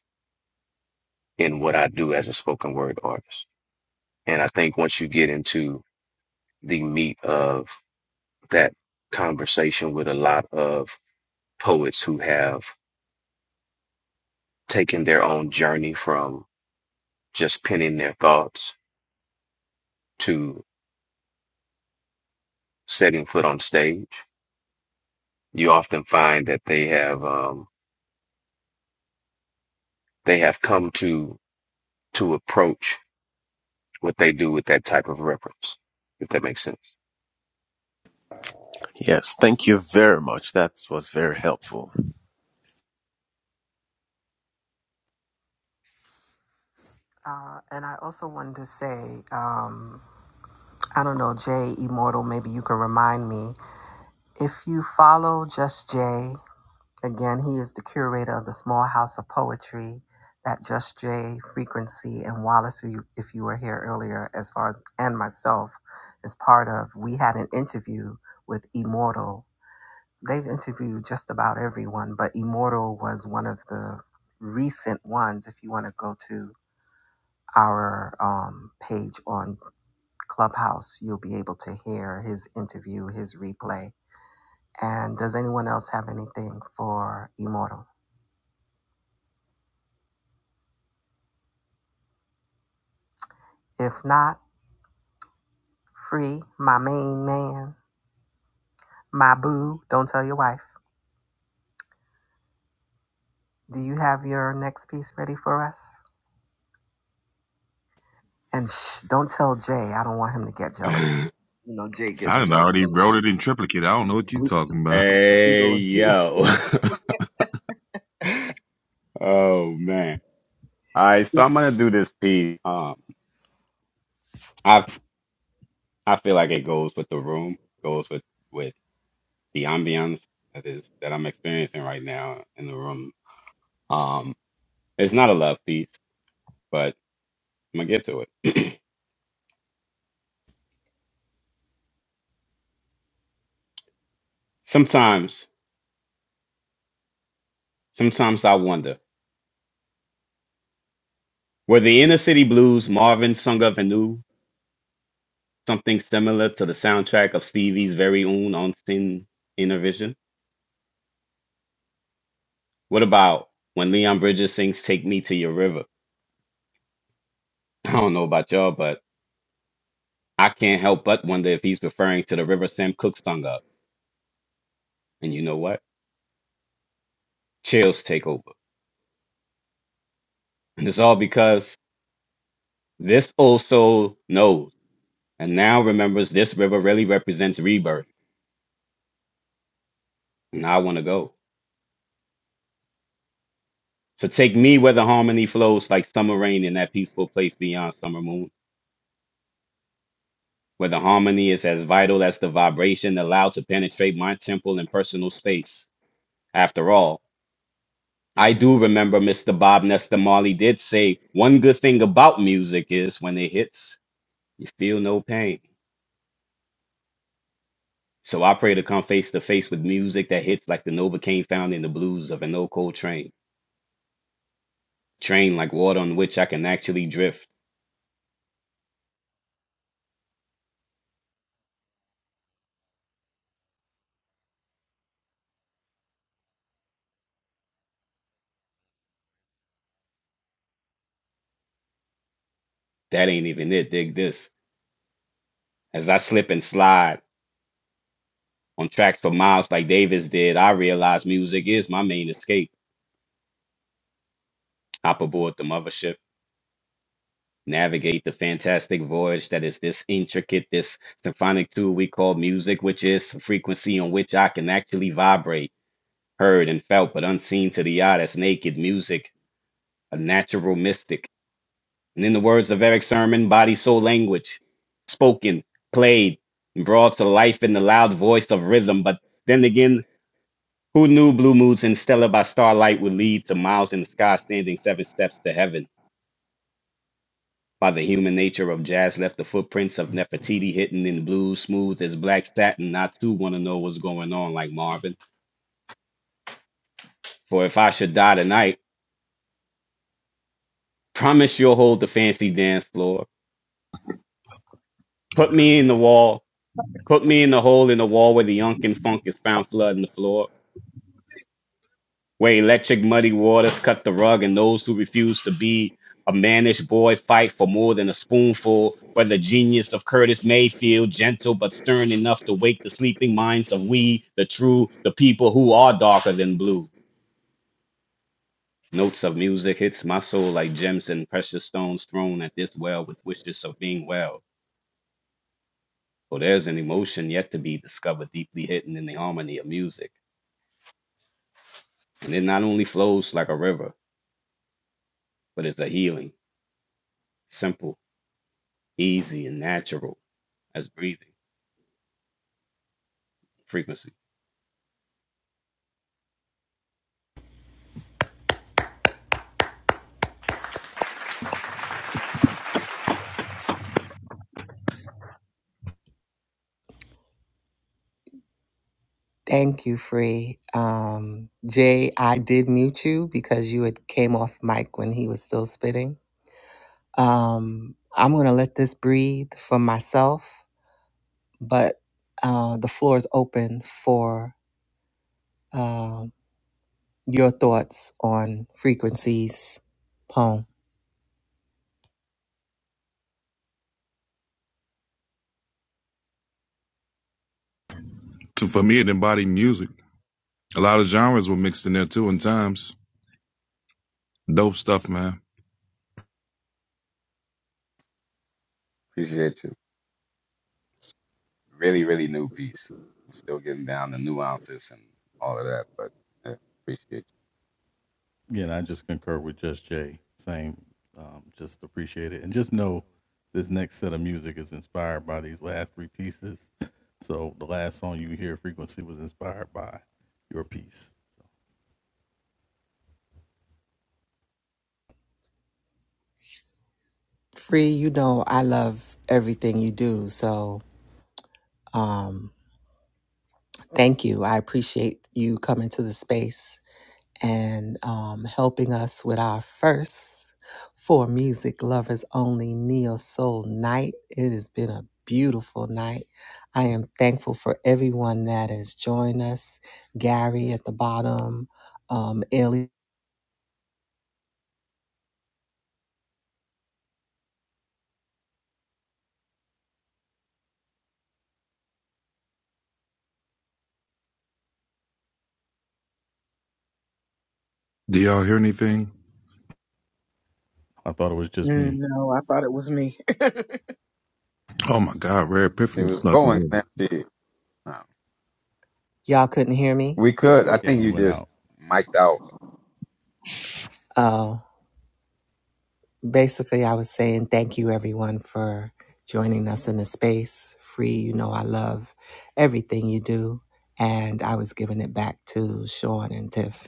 in what I do as a spoken word artist. And I think once you get into the meat of that conversation with a lot of poets who have taken their own journey from just penning their thoughts to setting foot on stage. You often find that they have um, they have come to to approach what they do with that type of reference, if that makes sense. Yes, thank you very much. That was very helpful. Uh, and I also wanted to say, um, I don't know, Jay Immortal, maybe you can remind me. If you follow Just Jay Again, he is the curator of the Small House of Poetry, that Just Jay, Frequency, and Wallace, who you, if you were here earlier, as far as and myself, is part of. We had an interview with Immortal. They've interviewed just about everyone, but Immortal was one of the recent ones. If you want to go to our um, page on Clubhouse, you'll be able to hear his interview, his replay. And does anyone else have anything for Immortal? If not, Free, my main man, my boo. Don't tell your wife. Do you have your next piece ready for us? And shh, don't tell Jay. I don't want him to get jealous. man. You know, Jay I gets done jealous already a wrote it in triplicate. I don't know what you're lot. We, talking about. we Hey go. yo. Oh man. All right, so Yep. I'm gonna do this piece. Um I I feel like it goes with the room, goes with with the ambiance that is that I'm experiencing right now in the room. Um it's not a love piece, but I'm gonna get to it. sometimes, sometimes I wonder, were the inner city blues Marvin sung of anew? something similar to the soundtrack of Stevie's very own on Sin Inner Vision? What about when Leon Bridges sings Take Me to Your River? I don't know about y'all, but I can't help but wonder if he's referring to the river Sam Cooke sung up. And you know what? Chills take over. And it's all because this old soul knows and now remembers this river really represents rebirth. And I want to go. So take me where the harmony flows like summer rain in that peaceful place beyond summer moon. where the harmony is as vital as the vibration allowed to penetrate my temple and personal space. After all, I do remember Mr. Bob Nestor Marley did say one good thing about music is when it hits, you feel no pain. So I pray to come face to face with music that hits like the Novocaine found in the blues of an old cold train. Train like water on which I can actually drift. That ain't even it, dig this. As I slip and slide on tracks for miles like Davis did, I realize music is my main escape. hop aboard the mothership, navigate the fantastic voyage that is this intricate, this symphonic tool we call music, which is the frequency on which I can actually vibrate, heard and felt, but unseen to the eye. That's naked music, a natural mystic. And in the words of Eric Sermon, body, soul, language, spoken, played, and brought to life in the loud voice of rhythm. But then again, who knew Blue Moods and Stella by Starlight would lead to Miles in the Sky standing seven steps to heaven? By the human nature of jazz left the footprints of Nefertiti hidden in blue, smooth as black satin. I too want to know what's going on, like Marvin. For if I should die tonight, promise you'll hold the fancy dance floor. Put me in the wall. Put me in the hole in the wall where the unkin funk is found flooding the floor. where electric muddy waters cut the rug and those who refuse to be a mannish boy fight for more than a spoonful, where the genius of Curtis Mayfield, gentle but stern enough to wake the sleeping minds of we, the true, the people who are darker than blue. Notes of music hits my soul like gems and precious stones thrown at this well with wishes of being well. For there's an emotion yet to be discovered deeply hidden in the harmony of music. And it not only flows like a river, but is a healing, simple, easy, and natural as breathing frequency. Thank you, Free. Um, Jay, I did mute you because you had came off mic when he was still spitting. Um, I'm gonna let this breathe for myself, but uh, the floor is open for. um. your thoughts on frequencies poem. So for me, it embodied music. A lot of genres were mixed in there too, in times. Dope stuff, man. Appreciate you. Really, really new piece. Still getting down the nuances and all of that, but yeah, appreciate Free, you know I love everything you do, so um thank you. I appreciate you coming to the space and um helping us with our first for music lovers only Neo Soul night. It has been a beautiful night. I am thankful for everyone that has joined us. Gary at the bottom, um Ellie. Do y'all hear anything? Mm, No, I thought it was me. Oh my God, Rare you. She Epiphany was fucking going, and here. then she, um, Y'all couldn't hear me? we could. I think you just mic'd out. Oh, basically, I was saying thank you, everyone, for joining us in the space. Free, you know, I love everything you do. And I was giving it back to Sean and Tiff.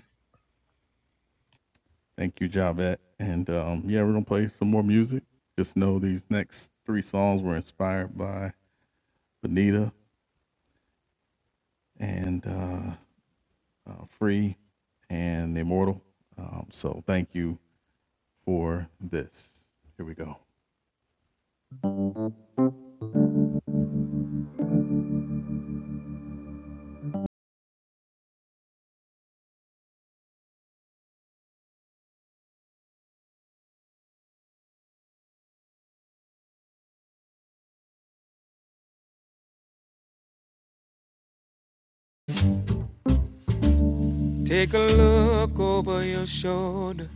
Take a look over your shoulder.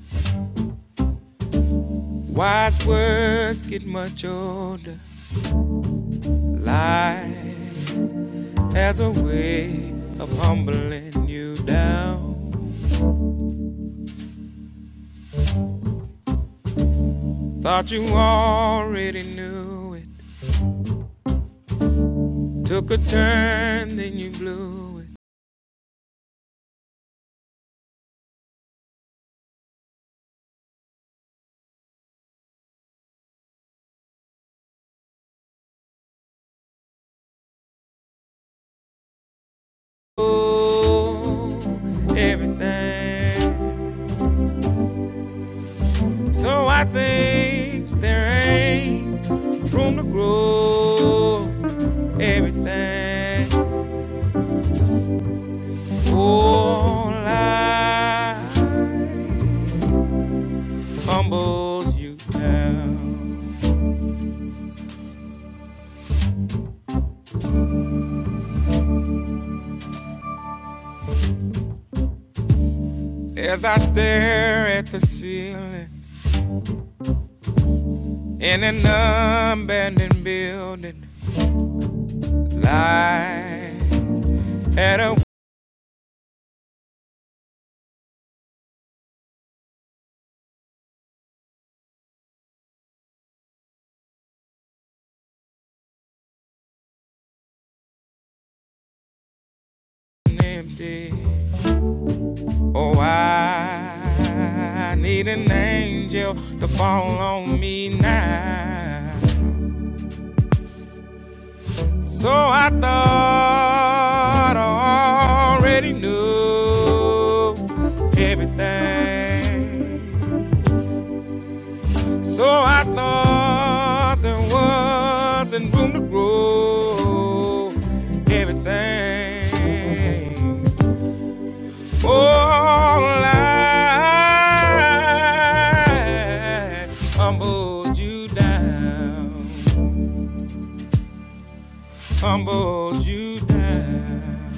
Wise words get much older. Life as a way of humbling you down. Thought you already knew it. Took a turn, then you blew it. Oh, everything. So I think there ain't room to grow. Everything. Oh, life humbles you down. As I stare at the ceiling in an abandoned building, light at a window empty. Oh, I need an angel to fall on me now. So I thought I already knew everything. So I thought there wasn't room to grow everything. All I humbled you down, humbled you down.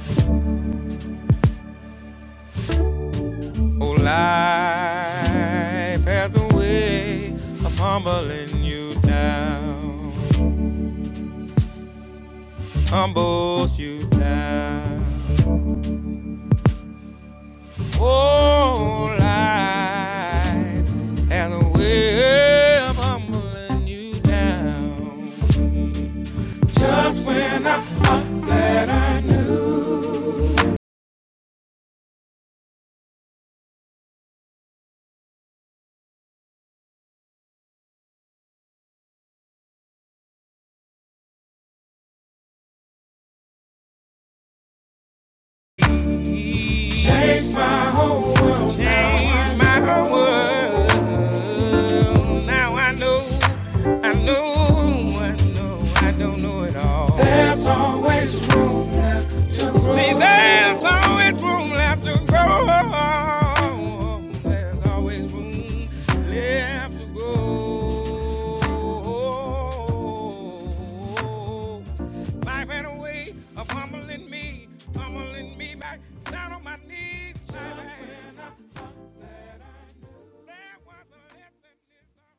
Oh, life has a way of humbling you down, humbles you down. Oh, life has a way of humbling you down. Just when I thought that I knew, changed my whole world. Changed my whole world. Now I know, I know, I know, I don't know it all. There's always room left to grow. See, there's always room left to grow. there's always room left to grow. Life had a way of humbling me, humbling me back down on my knees. Just when I thought that I knew there was a lesson inside.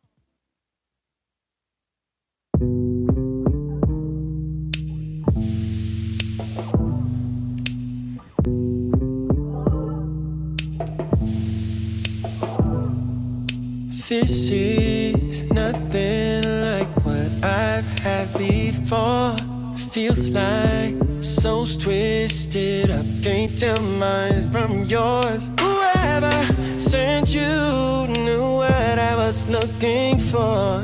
This is nothing like what I've had before. Feels like souls twisted up. Can't tell mine from yours. Whoever sent you knew what I was looking for.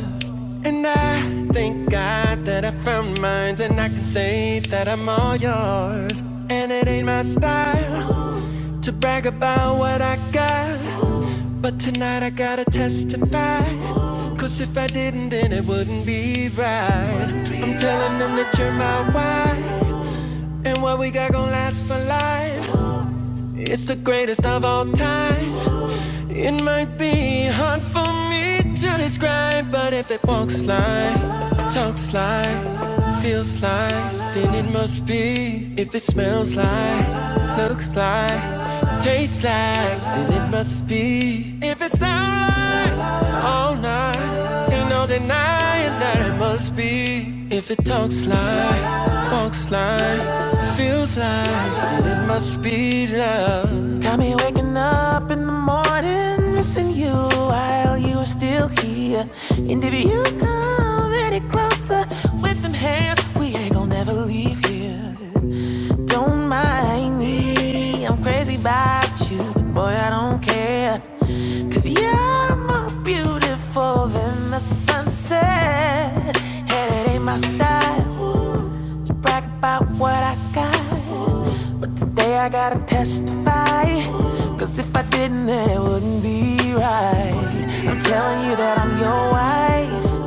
And I thank God that I found mines, and I can say that I'm all yours. And it ain't my style to brag about what I got. But tonight I gotta testify. Cause if I didn't, then it wouldn't be right. I'm telling them that you're my wife. And what we got gon' last for life. It's the greatest of all time. It might be hard for me to describe, but if it walks like, talks like, feels like, then it must be. If it smells like, looks like, tastes like, then it must be. If it sounds like, all night, ain't no denying that it must be. If it talks like, walks like, feels like, then it must be love. Waking up in the morning, missing you while you are still here. And if you come any closer with them hands, we ain't gonna never leave here. Don't mind me, I'm crazy about you, and boy, I don't care. Cause you're more beautiful than the sunset. And it ain't my style to brag about what I got. But today I gotta testify, 'cause if I didn't, then it wouldn't be right. I'm telling you that I'm your wife.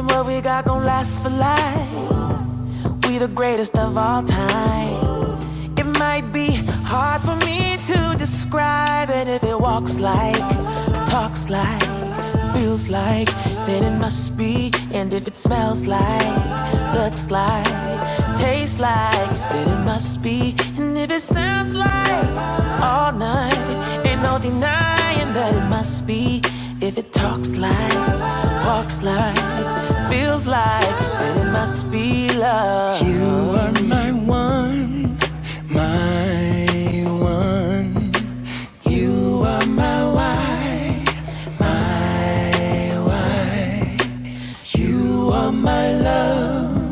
and What we got gon' last for life. You're the greatest of all time. It might be hard for me to describe it if it walks like, talks like, feels like, then it must be. And if it smells like, looks like, tastes like, then it must be. And if it sounds like all night, ain't no denying that it must be. If it talks like, walks like, feels like, then it must be love. You are my one. My one, you are my why, my why. You are my love,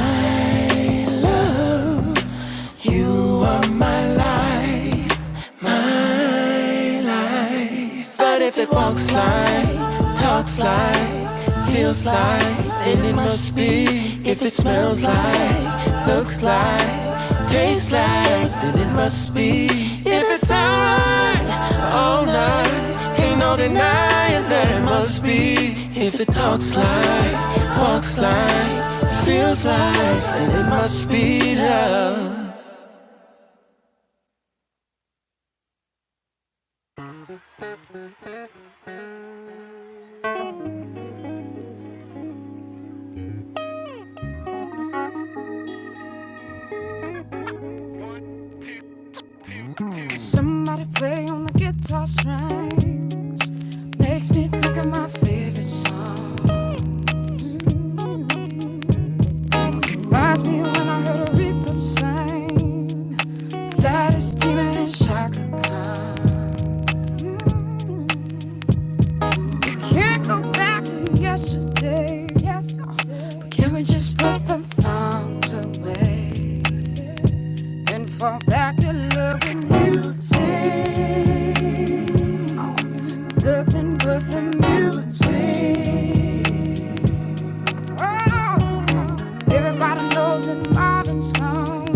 my love. You are my light, my But if it walks like, talks like, feels like, then it must be. If it smells like, looks like, tastes like, then it must be. If it's alright, all night, ain't no denying that it must be. If it talks like, walks like, feels like, then it must be love. Somebody play on the guitar string. Me thinking about Reminds me when I heard Aretha sing. That is Tina and Shaka Khan. Can't go back to yesterday. But can we just put the thongs away and fall back to loving music? Nothing but the music. Oh, Everybody knows that Marvin's gone.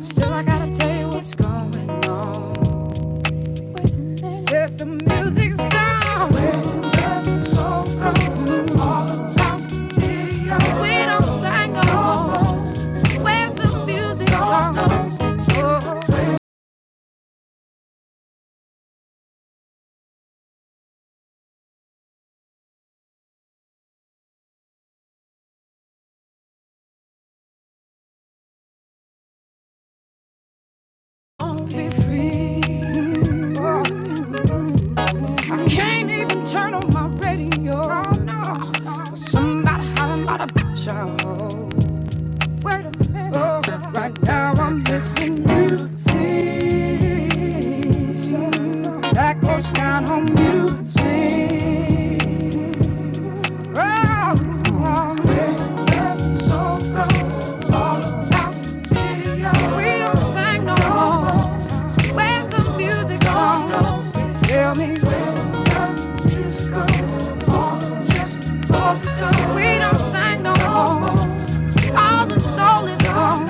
Still, I gotta tell you what's going on. Said the music's down. When We don't sing no more. the music gone? Oh, won't be free. Oh. I can't even turn on my radio. No. no. Somebody hollering about a bitch. Oh, right now I'm missing music. That goes down on music. Oh, yeah. So goes all about video. We don't sing no more. Where's the music gone? Tell me where the music goes. We don't sing no more. All the soul is gone.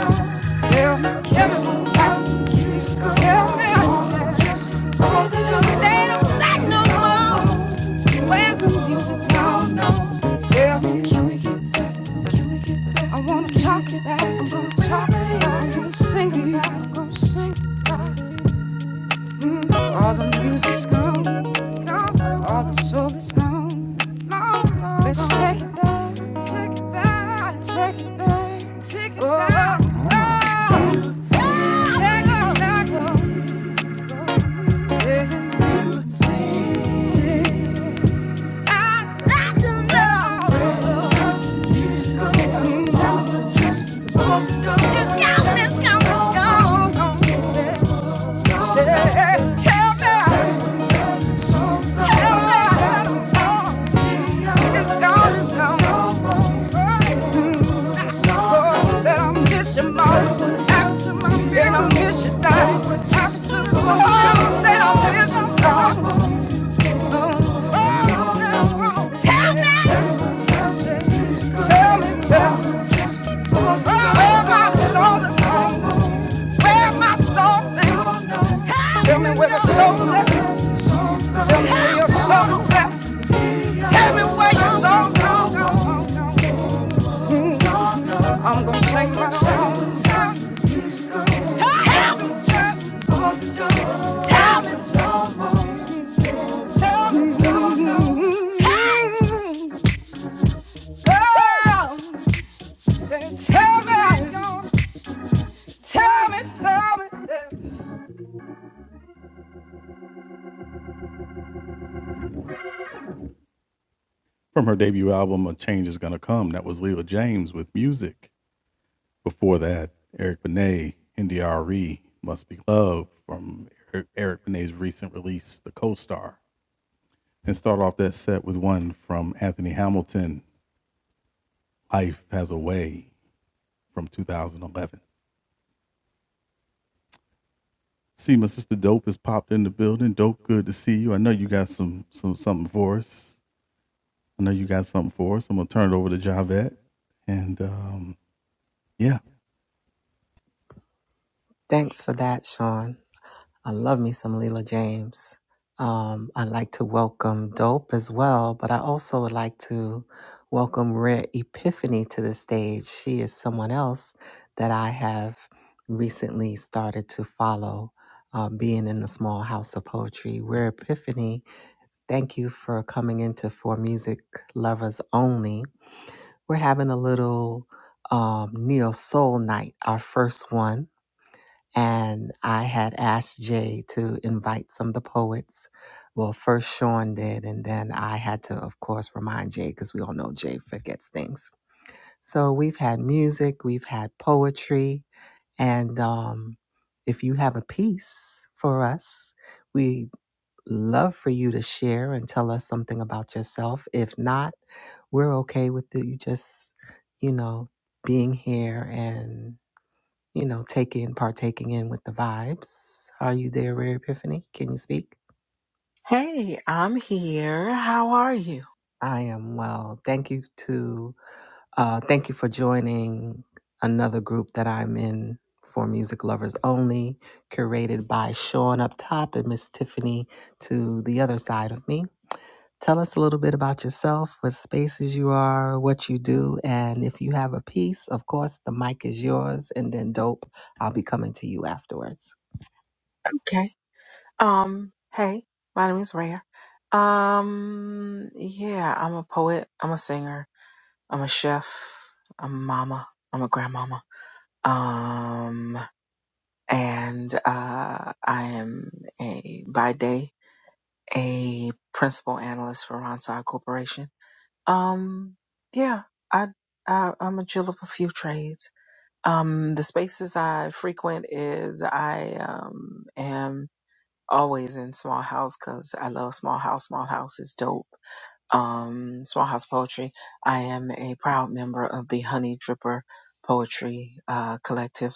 Tell me, Kevin, tell me, they no Tell me, can we get back? I wanna talk it back. I'm gonna talk it back. I'm gonna sing it back. I'm gonna sing it back. All the music's gone. All the soul is gone. Let's take it back. Take it back. Take it back. Take it back. Oh. Music. Take it back. Oh. Let the music. I like to know. Music. has gone. It's gone. it gone. I Said I miss you, God. Tell me where the soul left. Tell me where your soul left. Tell me where your soul gone. I'm gonna sing my song. Thanks for that, Sean. I love me some Leela James. Um, I'd like to welcome Dope as well, but I also would like to welcome Rare Epiphany to the stage. She is someone else that I have recently started to follow, uh, being in the small house of poetry. Rare Epiphany, thank you for coming into For Music Lovers Only. We're having a little um, neo soul night, our first one and I had asked Jay to invite some of the poets. Well, first Sean did, and then I had to, of course, remind Jay because we all know Jay forgets things. So we've had music, we've had poetry, and um, if you have a piece for us, we love for you to share and tell us something about yourself. If not, we're okay with you just, you know, being here and you know, taking, partaking in with the vibes. Are you there, Rare Epiphany? Can you speak? Hey, I'm here. How are you? I am well. Thank you to, uh, thank you for joining another group that I'm in for music lovers only, curated by Sean up top and Miss Tiffany to the other side of me. Tell us a little bit about yourself, what spaces you are, what you do, and if you have a piece, of course, the mic is yours. And then, dope, I'll be coming to you afterwards. Okay. Um, hey, my name is Rare. Um, yeah, I'm a poet, I'm a singer, I'm a chef, I'm a mama, I'm a grandmama. Um, and uh I am a by day a principal analyst for Ronside Corporation. Um, yeah, I, I I'm a jill of a few trades. Um, the spaces I frequent is I um, am always in small house because I love small house. Small house is dope. Um, small house poetry. I am a proud member of the Honey Dripper Poetry uh, Collective.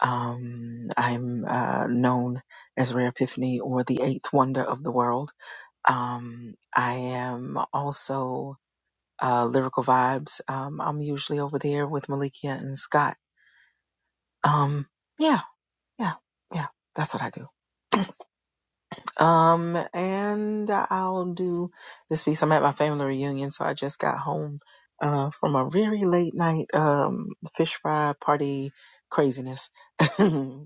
Um, I'm uh, known as Rare Epiphany or the Eighth Wonder of the World. Um, I am also uh, Lyrical Vibes. Um, I'm usually over there with Malikia and Scott. Um, yeah Yeah, yeah, that's what I do. Um, and I'll do this piece. I'm at my family reunion, so I just got home uh from a very late night um fish fry party craziness.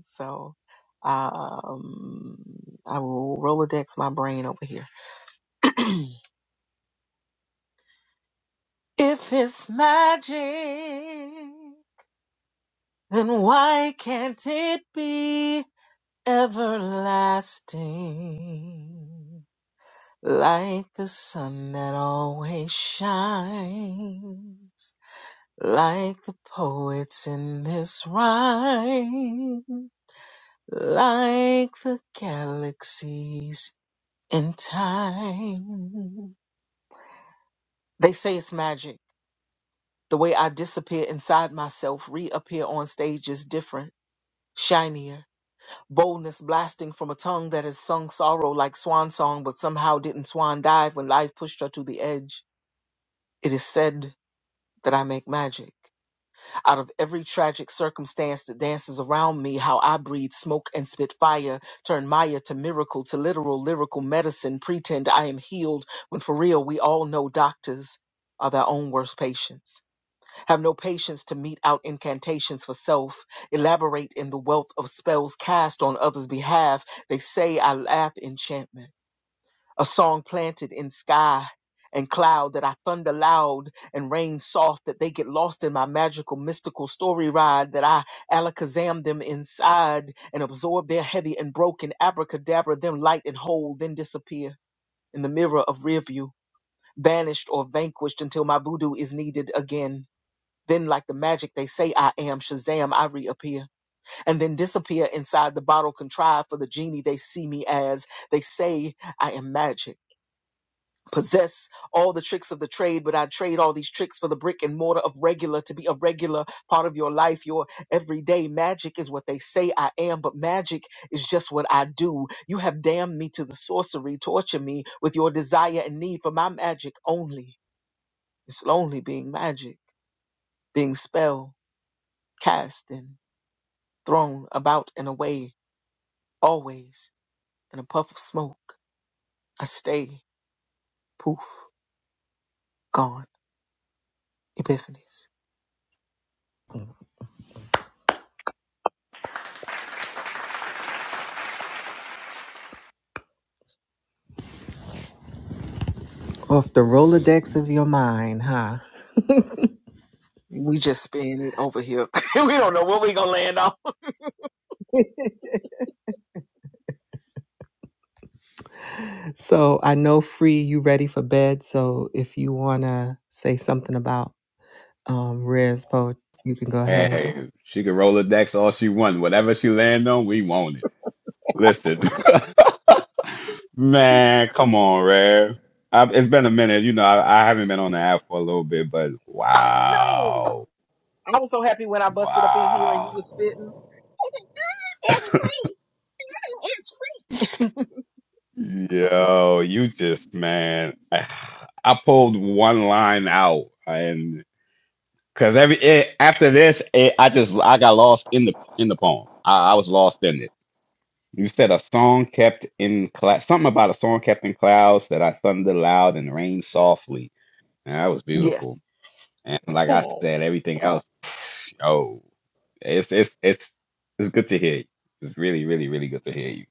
so um I will Rolodex my brain over here. if it's magic, then why can't it be everlasting? like a sun that always shines, like a poet's in his rhyme, like the galaxies in time. They say it's magic. The way I disappear inside myself, reappear on stage is different, shinier. Boldness blasting from a tongue that has sung sorrow like swan song, but somehow didn't swan dive when life pushed her to the edge. It is said that I make magic. Out of every tragic circumstance that dances around me, how I breathe smoke and spit fire, turn Maya to miracle, to literal lyrical medicine, pretend I am healed when for real we all know doctors are their own worst patients. Have no patience to mete out incantations for self, elaborate in the wealth of spells cast on others' behalf. They say I laugh enchantment a song planted in sky and cloud that I thunder loud and rain soft that they get lost in my magical mystical story ride that I alakazam them inside and absorb their heavy and broken abracadabra them light and whole then disappear in the mirror of rear view banished or vanquished until my voodoo is needed again then like the magic they say I am Shazam I reappear and then disappear inside the bottle contrived for the genie they see me as they say I am magic possess all the tricks of the trade, but I trade all these tricks for the brick and mortar of regular to be a regular part of your life, your everyday magic is what they say I am, but magic is just what I do. You have damned me to the sorcery, torture me with your desire and need for my magic only. It's lonely being magic, being spell cast and thrown about and away, always in a puff of smoke. I stay, poof, gone, epiphanies. Off the Rolodex of your mind, huh? We just spin it over here. we don't know what we gonna land on. so I know free you ready for bed. So if you wanna say something about um Rare's poet, you can go ahead. Hey, she could roll the decks all she wants. Whatever she land on, we want it. Listen, man, come on, rare. I, it's been a minute. You know, I, I haven't been on the app for a little bit, but I know. wow, I was so happy when I busted up in here and you wow. was spitting. I said, It's free. It's free. Yo, you just man, I, I pulled one line out, and because every it, after this, it, I just I got lost in the in the poem. I, I was lost in it. You said a song kept in cloud, something about a song kept in clouds that I thunder loud and rain softly. And that was Yes. beautiful. And like I Oh, said, everything else, yo, it's it's it's it's good to hear you. It's really really really good to hear you.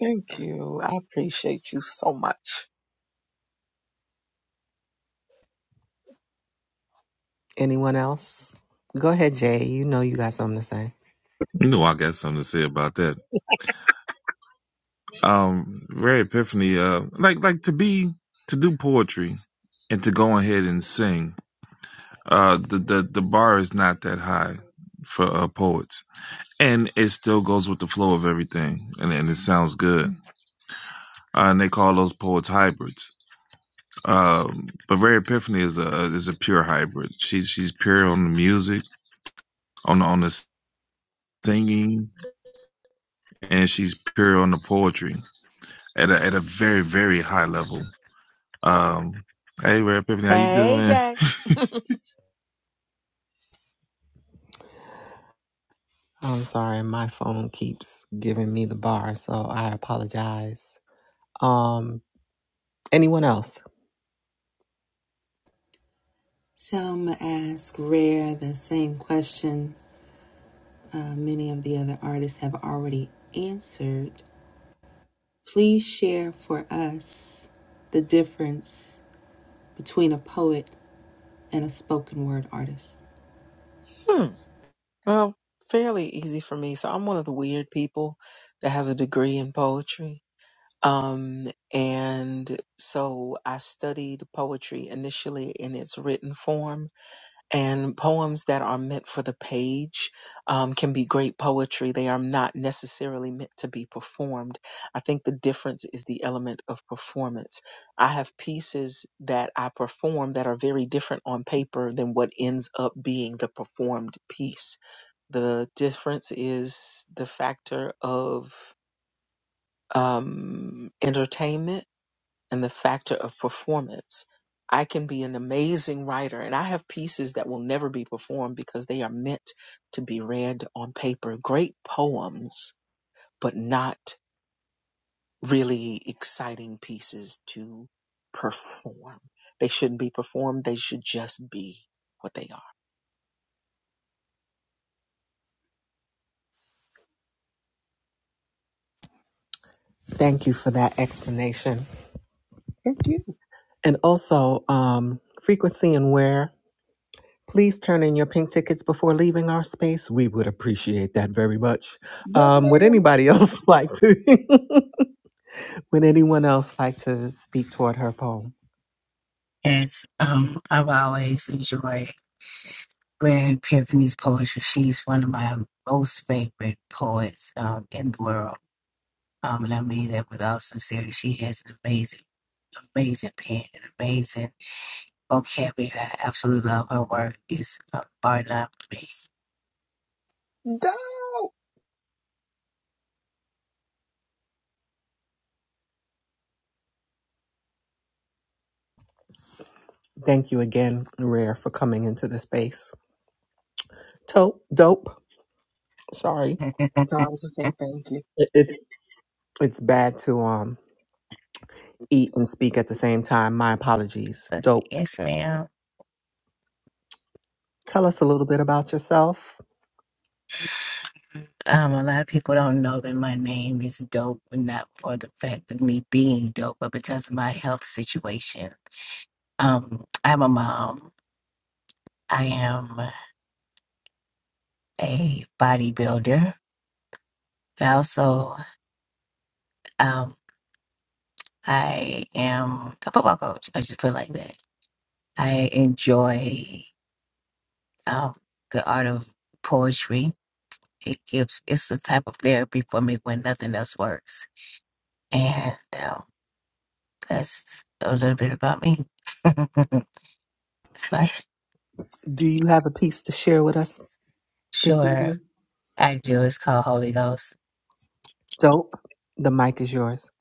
thank you. I appreciate you so much. Anyone else? Go ahead, Jay. You know you got something to say. You know I got something to say about that. Um, Rare Epiphany, uh, like like to be to do poetry and to go ahead and sing. Uh, the, the the bar is not that high for uh, poets, and it still goes with the flow of everything, and, and it sounds good. Uh, and they call those poets hybrids. Um, but Rare Epiphany is a uh, is a pure hybrid. She's she's pure on the music, on on the singing, and she's pure on the poetry at a, at a very very high level. Um, hey, Rare Pippin, how you Hey, doing? Jay. I'm sorry, my phone keeps giving me the bar, so I apologize. Um, anyone else? Hmm. Well, fairly easy for me. So I'm one of the weird people that has a degree in poetry. Um, and so I studied poetry initially in its written form and poems that are meant for the page um, can be great poetry. They are not necessarily meant to be performed. I think the difference is the element of performance. I have pieces that I perform that are very different on paper than what ends up being the performed piece. The difference is the factor of um, entertainment and the factor of performance. I can be an amazing writer, and I have pieces that will never be performed because they are meant to be read on paper. Great poems, but not really exciting pieces to perform. They shouldn't be performed, they should just be what they are. Thank you for that explanation. Thank you. And also, um, frequency and where. Please turn in your pink tickets before leaving our space. We would appreciate that very much. Yes, Um, would ma'am. anybody else like to? would anyone else like to speak toward her poem? Go. Thank you again, Rare, for coming into the space. Tope, dope. Sorry, No, I was just saying thank you. it, it, it's bad to um eat and speak at the same time. My apologies. Dope. Tell us a little bit about yourself. Do you have a piece to share with us this evening? Don't. The mic is yours.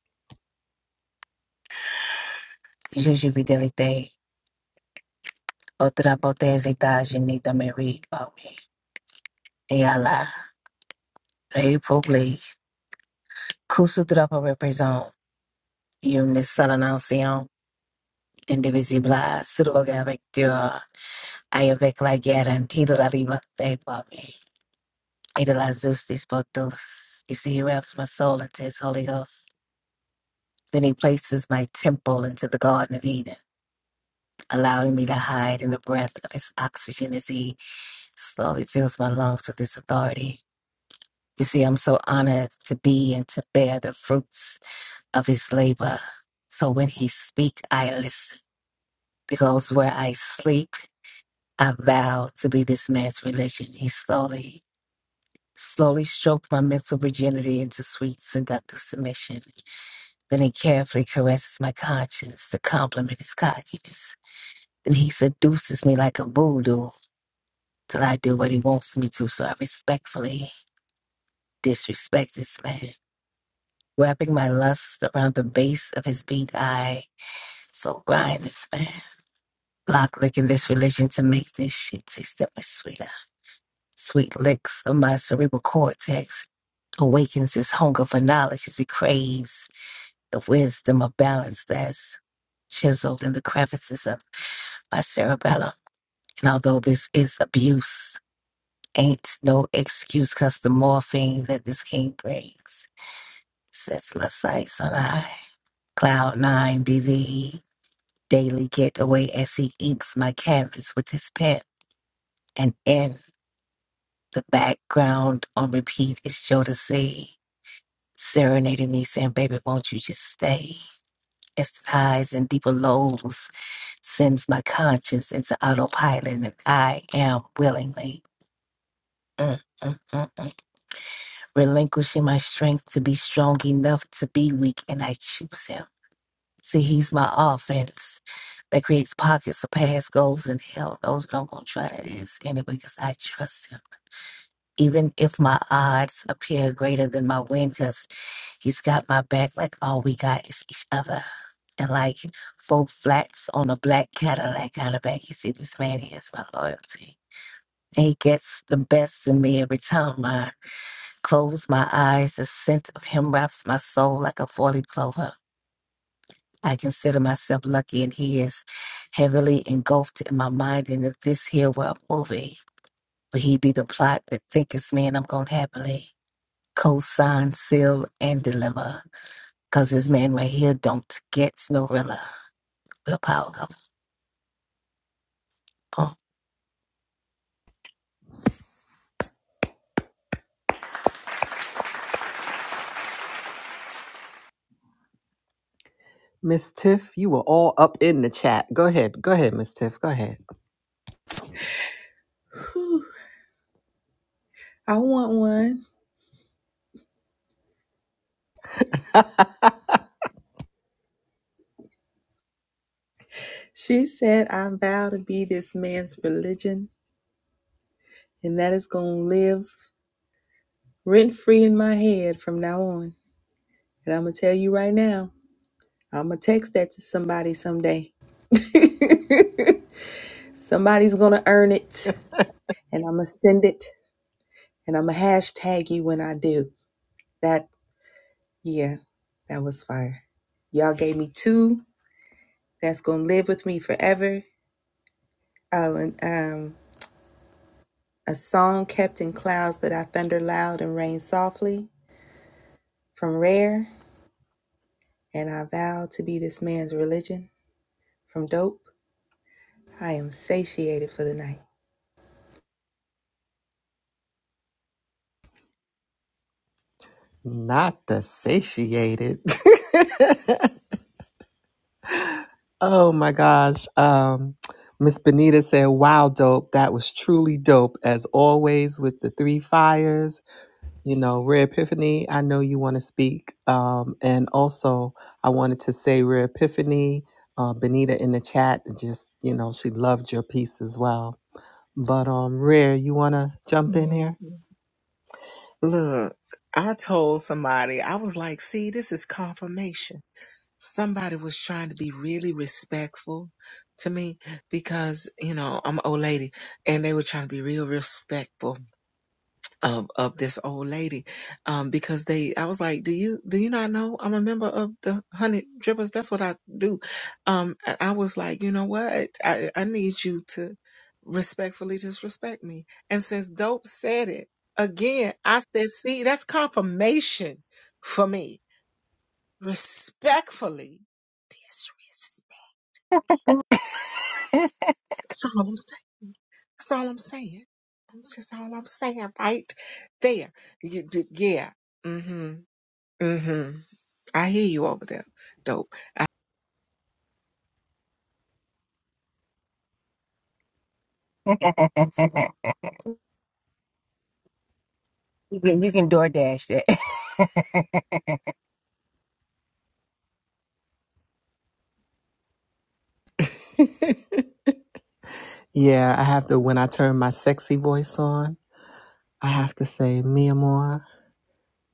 Miss Tiff, you were all up in the chat. Go ahead. Go ahead, Miss Tiff. Go ahead. Not the satiated. oh my gosh. Um Miss Benita said, Wow, dope. That was truly dope, as always, with the three fires. You know, Rare Epiphany, I know you want to speak. Um, and also, I wanted to say, Rare Epiphany, uh, Benita in the chat, just, you know, she loved your piece as well. But um, Rare, you want to jump in here? Mhm. Look, I told somebody, I was like, see, this is confirmation. somebody was trying to be really respectful to me because you know I'm an old lady, and they were trying to be real respectful of of this old lady um, because they I was like, do you do you not know I'm a member of the Honey Drippers? That's what I do. Um, I I was like, you know what? I I need you to respectfully disrespect me, and since Dope said it again, I said, see, that's confirmation for me Respectfully disrespect. That's all I'm saying. That's all I'm saying. That's just all I'm saying right there. You, you- yeah. Mm-hmm. Mm-hmm. I hear you over there, Yeah, I have to, when I turn my sexy voice on, I have to say, Mia Moore.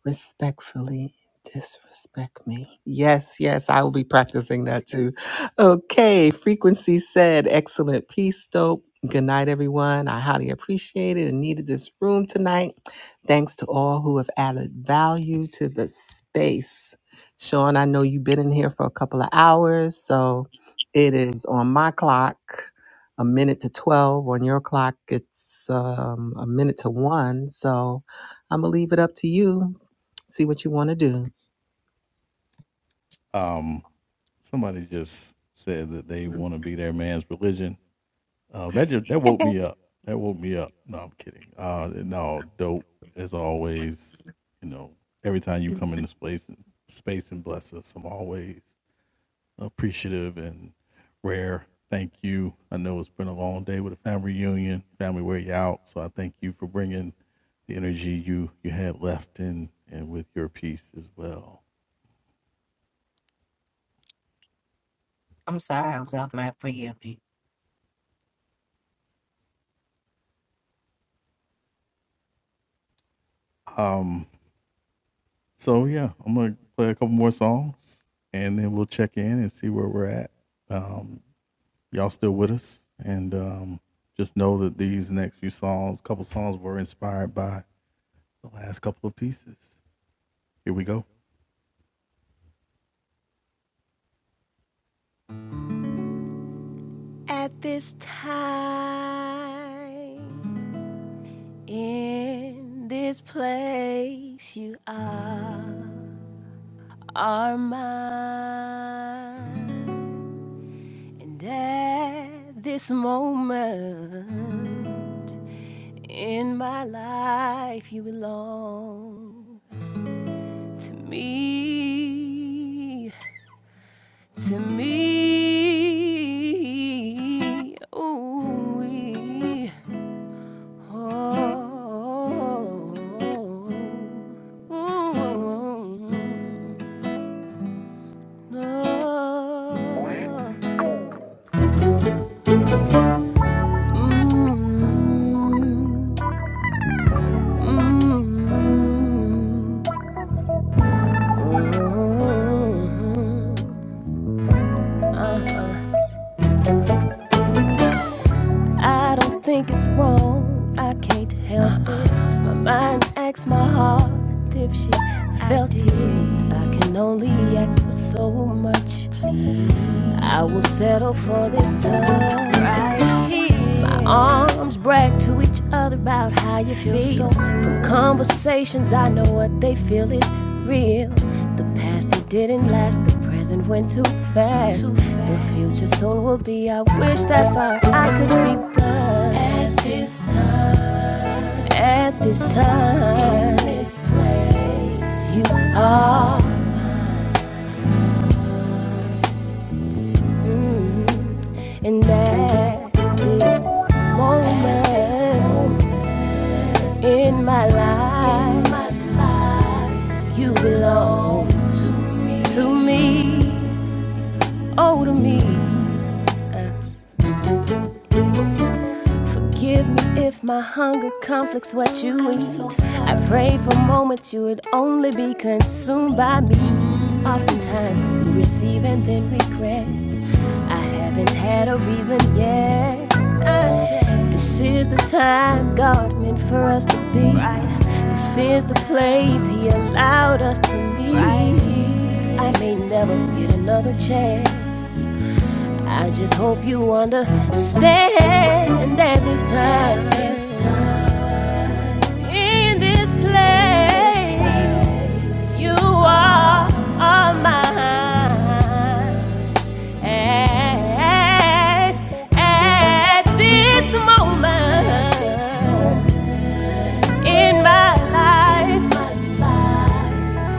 respectfully disrespect me. Yes, yes, I will be practicing that too. Okay, frequency said, excellent peace, dope. Good night, everyone. I highly appreciated and needed this room tonight. Thanks to all who have added value to the space. Sean, I know you've been in here for a couple of hours, so it is on my clock a minute to 12. On your clock, it's um, a minute to one. So I'm gonna leave it up to you see what you want to do. At this time, in this place, you are, are mine. And at this moment in my life, you belong to me, to me. ooh oh, Oh, oh, oh, mm, mm. Mhm. Uh-huh. I don't think it's wrong. I can't help uh-uh. it. My mind asks my heart if she felt I it. I can only ask for so much. I will settle for this touch right here. My arms brag to each other about how you feel. So From conversations, I know what they feel is real. The past that didn't last, the present went too fast. too fast. The future soon will be. I wish that far I could see, but at this time, at this time, in this place, you are. mm-hmm. And that is moment in my life. You belong to me. to me, Oh, to me. Uh. Forgive me if my hunger conflicts what you eat. I pray for moments you would only be consumed by me. Oftentimes we receive and then regret. I haven't had a reason yet. This is the time God meant for us to be. This is the place He allowed us to meet. I may never get another chance. I just hope you understand that this time, this time in this place, you are, are mine. At, at this moment, in my life.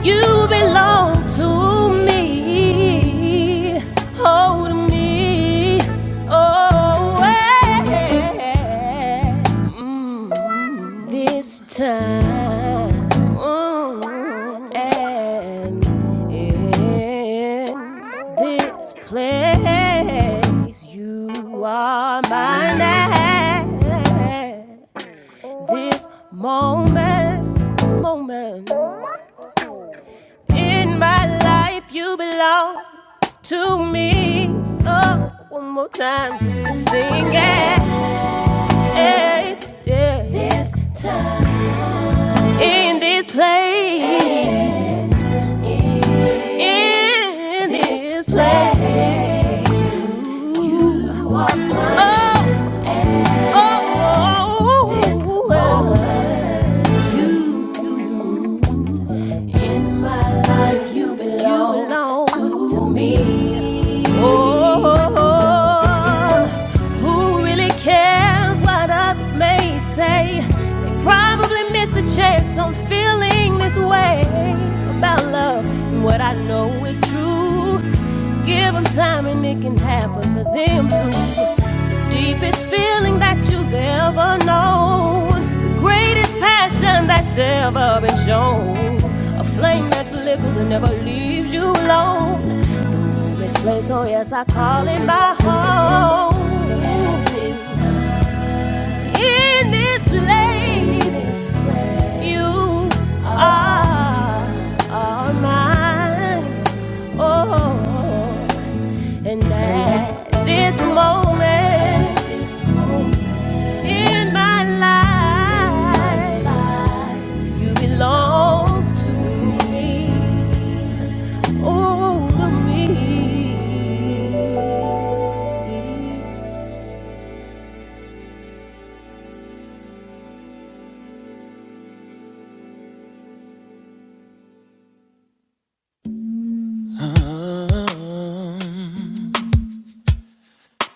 You belong to me. Hold me. Oh, yeah. Mm, this time. Mm, and in this place, you are mine this moment, moment in my life. You belong to me. Oh, one more time, sing it. Hey, Yeah. This time in this place, in this place, you are mine. Oh, oh, oh, this moment, you. In my life, you belong, you belong to, to me. Oh, oh, oh, oh. Who really cares what others may say? They probably missed the chance on feeling this way about love and what I know is true. Give them time and it can happen for them too. The deepest feeling that you've ever known, the greatest passion that's ever been shown, a flame that flickers and never leaves you alone. This place, oh yes, I call it my home. At this time, in this place, in this place, you are, are mine. Oh. And at this moment at this moment in my life, life you belong to me, oh, to me. Um,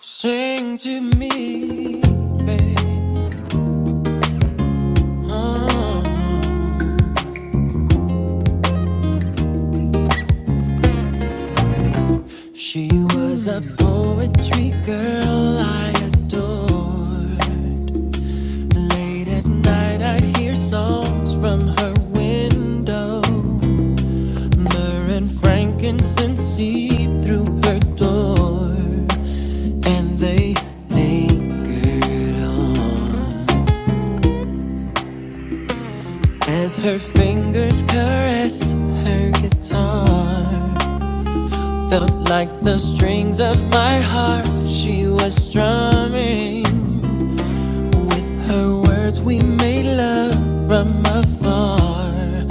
Sing to me, babe. Uh, she was a poetry girl I adored. Late at night, I hear songs from her window. Myrrh and frankincense seep through her door, and they lingered on as her fingers caressed her guitar. Felt like the strings of my heart she was strumming. With her words, we made love from afar.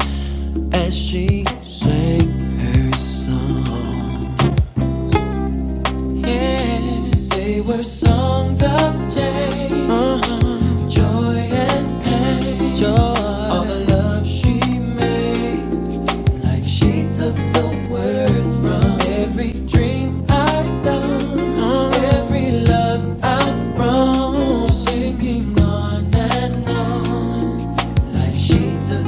as she sang her song. Yeah, They were songs of Jay, uh-huh, joy and pain. joy. All the love she made, like she took the words from every dream I've done, uh-huh. every love I've grown, singing on and on. And she took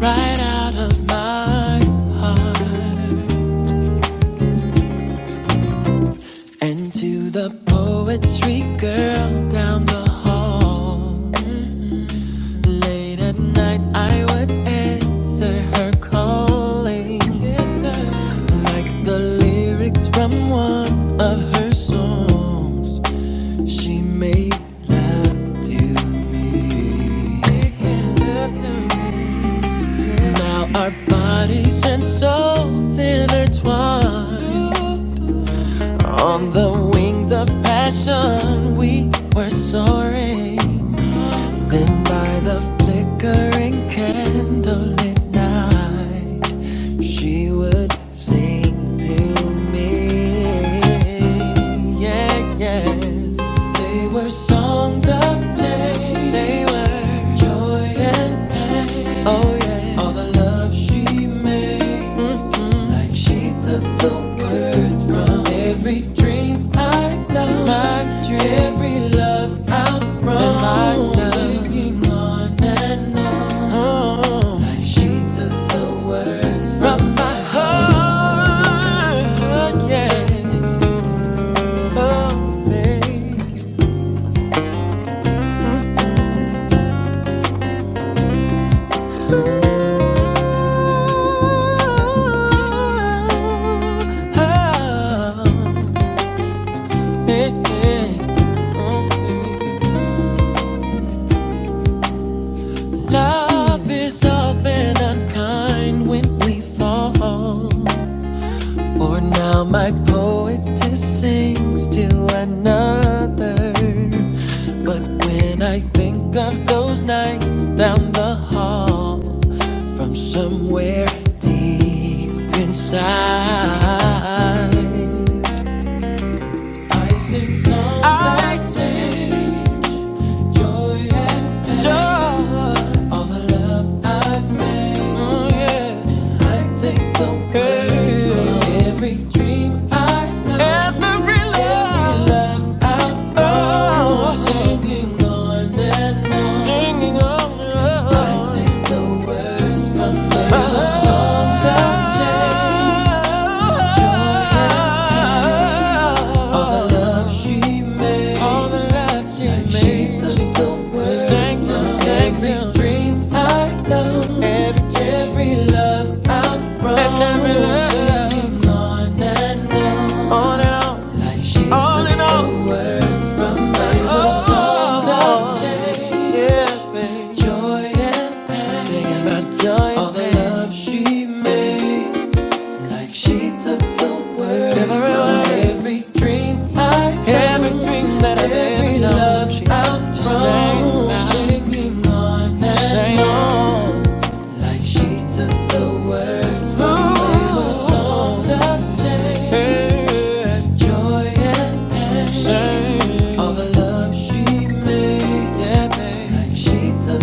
Right out of my And to the poetry girl down the hall. Late at night, I would answer her calling. Yes, Like the lyrics from one of her songs, she made love to me. Now our bodies and souls intertwine. On the wings of passion, we were soaring. Then, by the flickering candlelit night, she would sing to me. Yeah, yeah. They were songs of day. They were joy and pain. Oh yeah. All the love she made. Mhm. Like she took the words from every dream I know. My dream. Every love out from and Singing on and on. Oh. Like she took the words from my heart. Yeah. Oh, babe. Love is often unkind when we fall. For now, my poetess sings to another. But when I think of those nights down the hall, from somewhere deep inside. I sing songs, I sing joy. Every dream I know. every love, oh, singing of love, touching joy. All the love she made, all the love she made. She took the words, sang to, sang to. Every dream I know, every every love I wrote, and every love. Singing on and on. on and on, Like she on took and on. over joy and pain. Singing about joy and All and the love she made. She took every dream I Every had. every dream that I've Every love she out just sang Singing on and on. on. Like she took the words from the those I've hey, Joy and pain. sang. All the love she made. she Took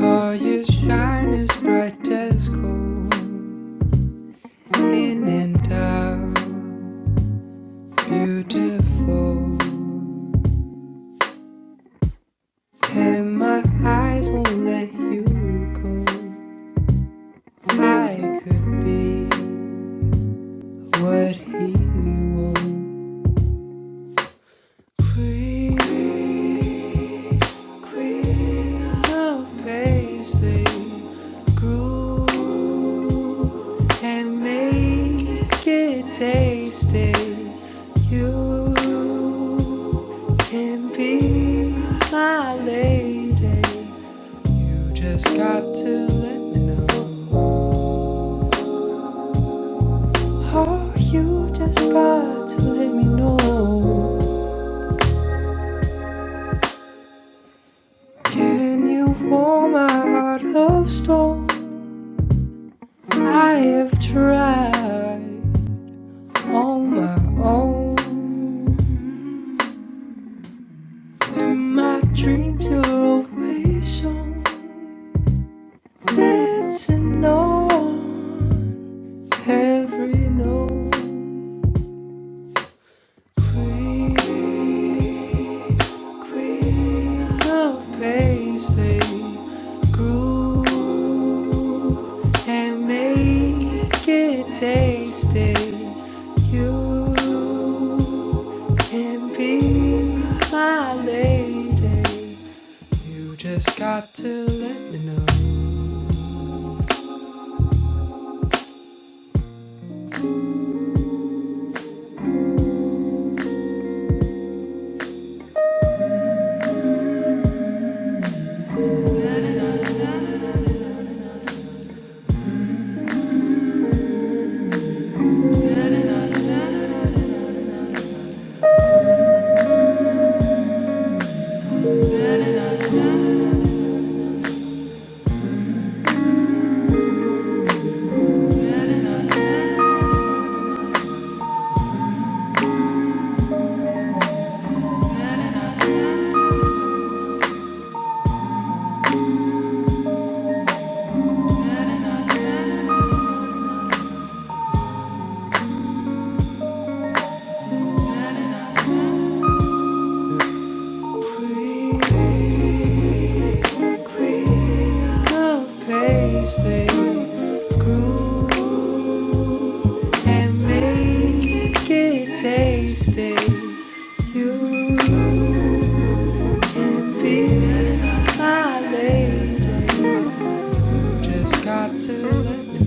Oh, you shine as bright as gold, in and out, beautiful. And my eyes won't let you go. I could be what he wants. Queen, queen of paisley, groove and make it tasty. You can be my lady. You just got to let me know. Oh, you just got to let me know. Can you warm my heart of stone? I have tried on my own, and my dreams are always on Dancing on every note. Queen, queen of pains, they groove and make it tasty. You. Can be my lady. You just got to let me know. Love tasty and make it tasty. You be my lady. You just got to let me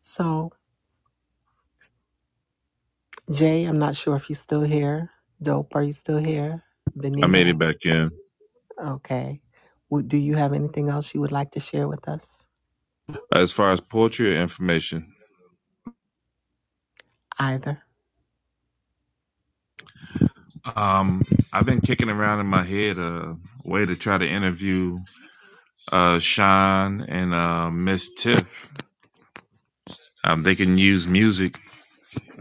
So, Jay, I'm not sure if you're still here. Dope, are you still here? I Benita, made it back in. okay. Would- Do you have anything else you would like to share with us? As far as poetry or information, Either. um, I've been kicking around in my head a way to try to interview uh Sean and uh Miss Tiff. Um, they can use music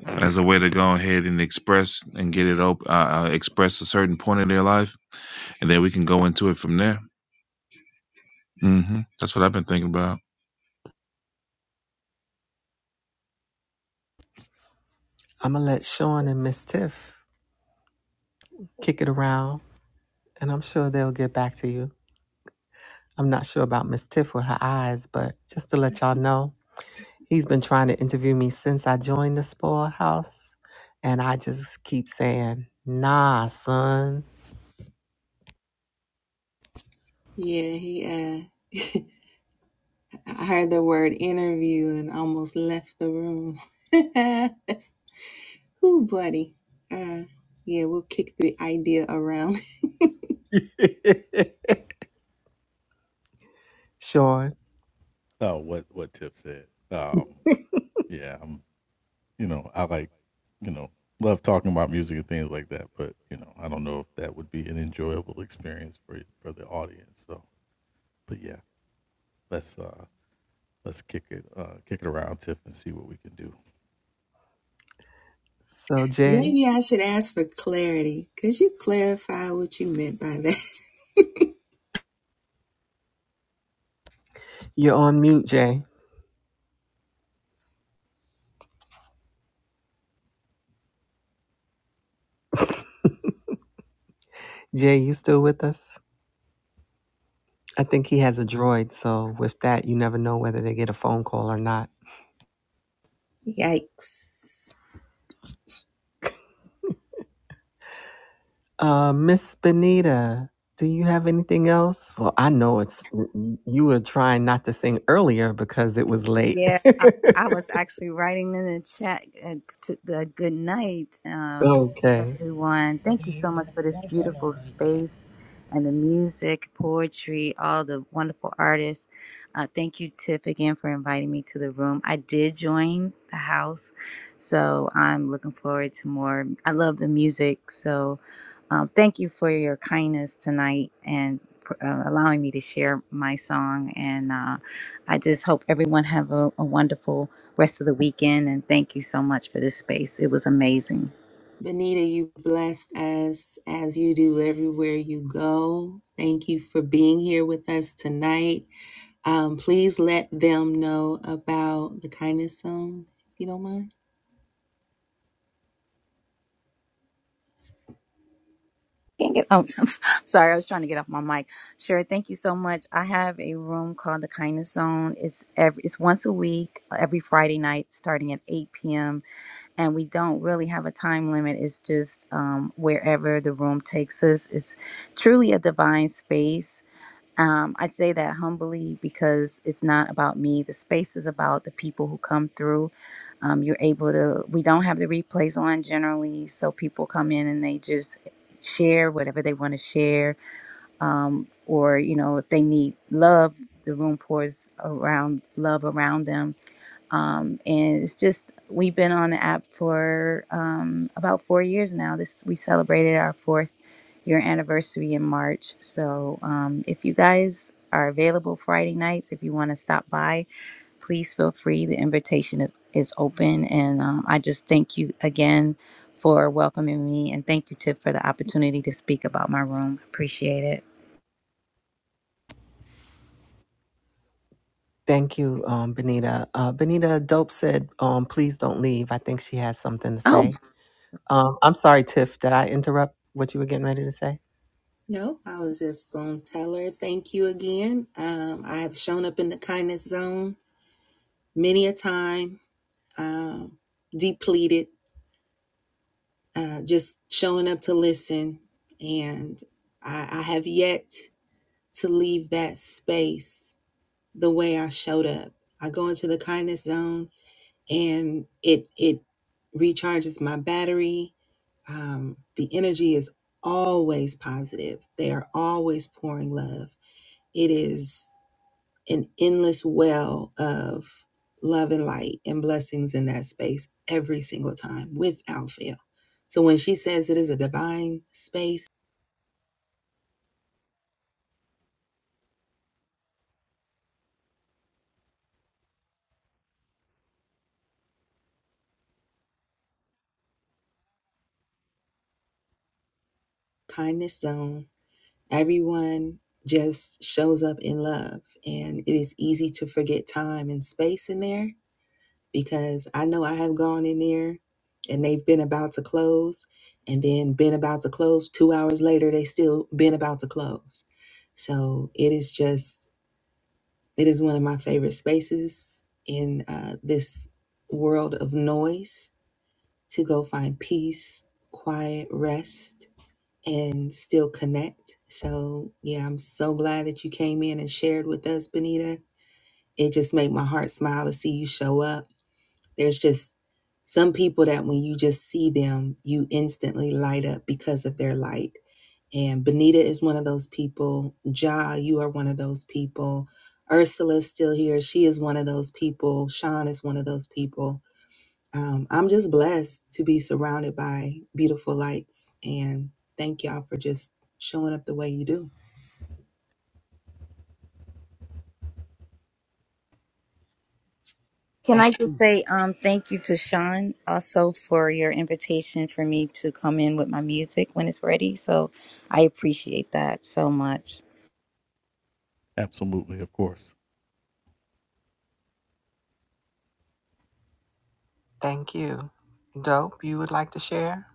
as a way to go ahead and express and get it open. uh, uh, express a certain point of their life, and then we can go into it from there. hmm That's what I've been thinking about. I'm going to let Sean and Miss Tiff kick it around, and I'm sure they'll get back to you. I'm not sure about Miss Tiff with her eyes, but just to let y'all know, he's been trying to interview me since I joined the Spoil House, and I just keep saying, nah, son. Sean. So Jay, you're on mute, Jay. Jay, you still with us? I think he has a droid, so with that, you never know whether they get a phone call or not. Uh, Miss Benita, do you have anything else? Well, I know it's y- you were trying not to sing earlier because it was late. Yeah, I, I was actually writing in the chat uh, to the good night um, to okay. everyone. Thank you so much for this beautiful space and the music, poetry, all the wonderful artists. Uh, thank you, Tiff, again for inviting me to the room. I did join the house, so I'm looking forward to more. I love the music, so um, thank you for your kindness tonight and for, uh, allowing me to share my song and. Uh, I just hope everyone have a, a wonderful rest of the weekend and thank you so much for this space. It was amazing. Can't get oh sorry, I was trying to get off my mic. Sure, thank you so much. I have a room called the Kindness Zone. It's every it's once a week, every Friday night, starting at eight PM. And we don't really have a time limit. It's just um, wherever the room takes us. It's truly a divine space Um, I say that humbly because it's not about me. The space is about the people who come through. Um, you're able to, we don't have the replays on generally, so people come in and they just share whatever they want to share. Um, or, you know, if they need love, the room pours around love around them um, and it's just we've been on the app for um, about four years now. This we celebrated our fourth year anniversary in March. So um, if you guys are available Friday nights, if you want to stop by, please feel free. The invitation is, is open, and um, I just thank you again for welcoming me, and thank you Tip for the opportunity to speak about my room. Appreciate it. Thank you, um, Benita. Uh, Benita Dope said, um, please don't leave. I think she has something to Oh. say. Um, I'm sorry, Tiff, did I interrupt what you were getting ready to say? Can Thank, I just say um, thank you to Sean also for your invitation for me to come in with my music when it's ready. So I appreciate that so much. thank you. Dope, you would like to share?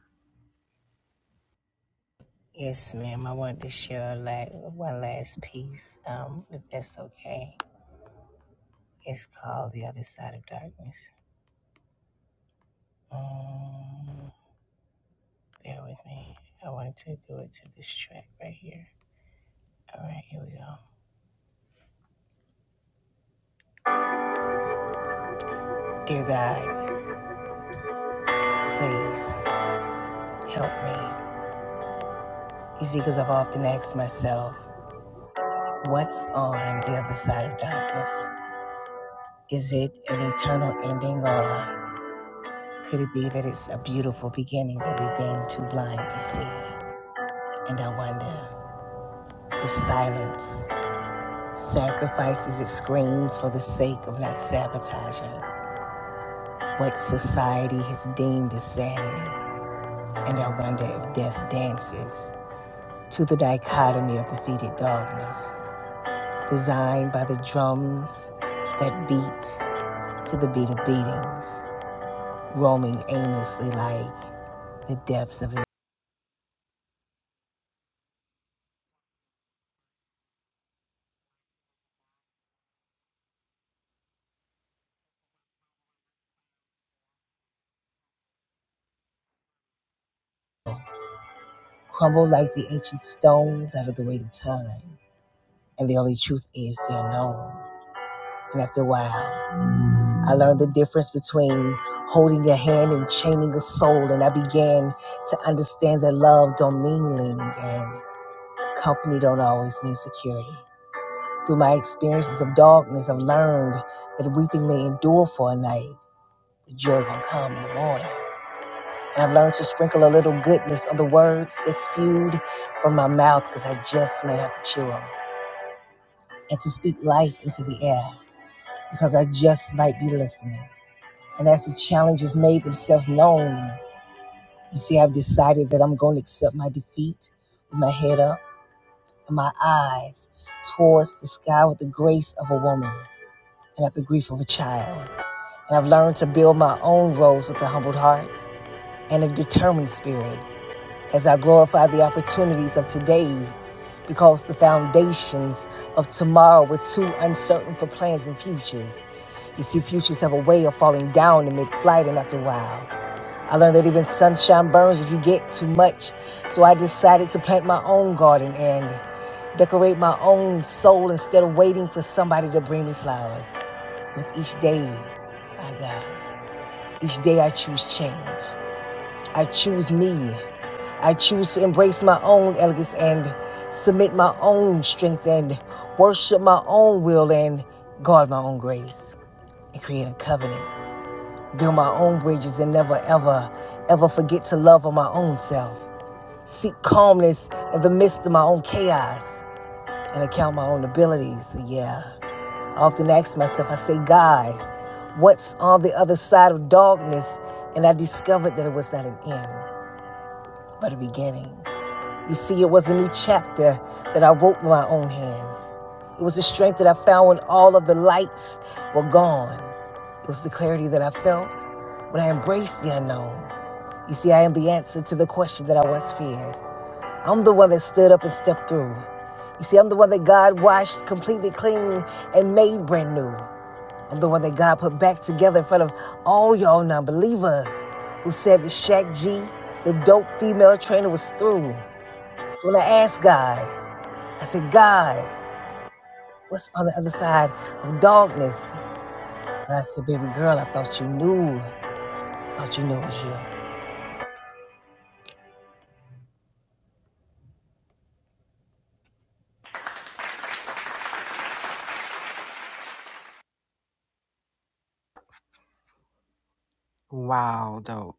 Wow, dope.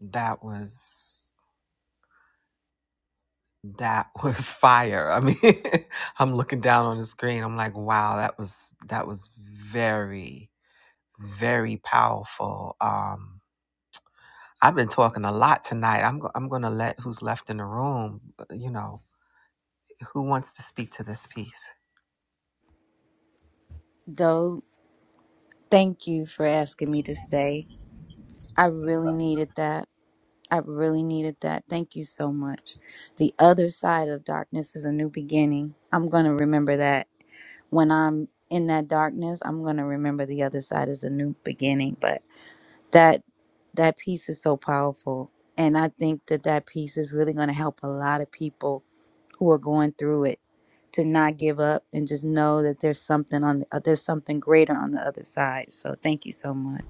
That was that was fire. I mean, I'm looking down on the screen. I'm like, wow, that was that was very very powerful. Um I've been talking a lot tonight. I'm go- I'm going to let who's left in the room, uh, you know, who wants to speak to this piece. Though, thank you for asking me to stay. I really needed that. I really needed that. Thank you so much. The other side of darkness is a new beginning. I'm going to remember that. When I'm in that darkness, I'm going to remember the other side is a new beginning. But that that piece is so powerful and i think that that piece is really going to help a lot of people who are going through it to not give up and just know that there's something on the, uh, there's something greater on the other side so thank you so much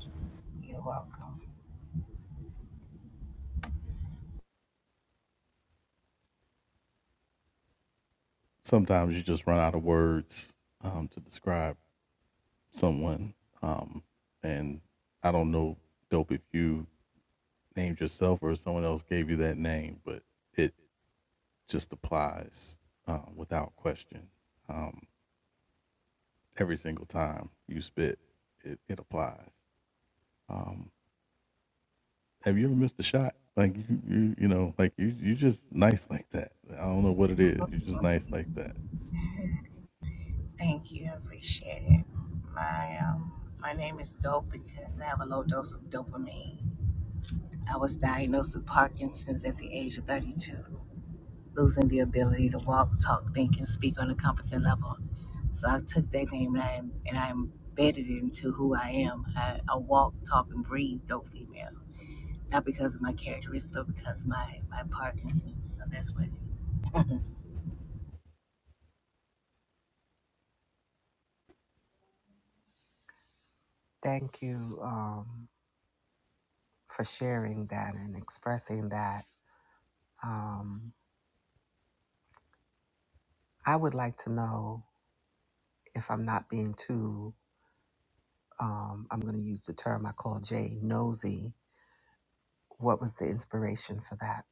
Thank you um, for sharing that and expressing that. Um, I would like to know if I'm not being too, um, I'm going to use the term I call Jay nosy. What was the inspiration for that?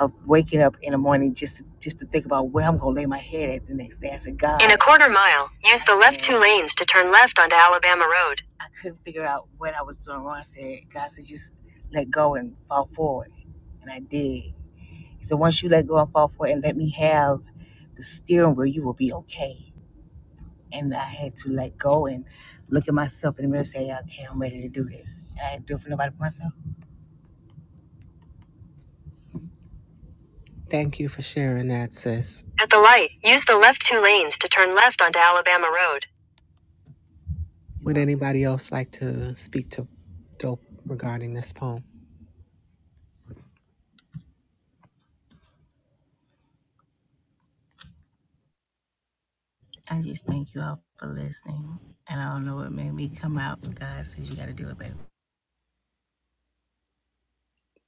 of waking up in the morning just to, just to think about where I'm gonna lay my head at the next day. I said, God. In a quarter mile, use the left two lanes to turn left onto Alabama Road. Thank you for sharing that, sis. At the light, use the left two lanes to turn left onto Alabama Road. Would anybody else like to speak to Dope regarding this poem?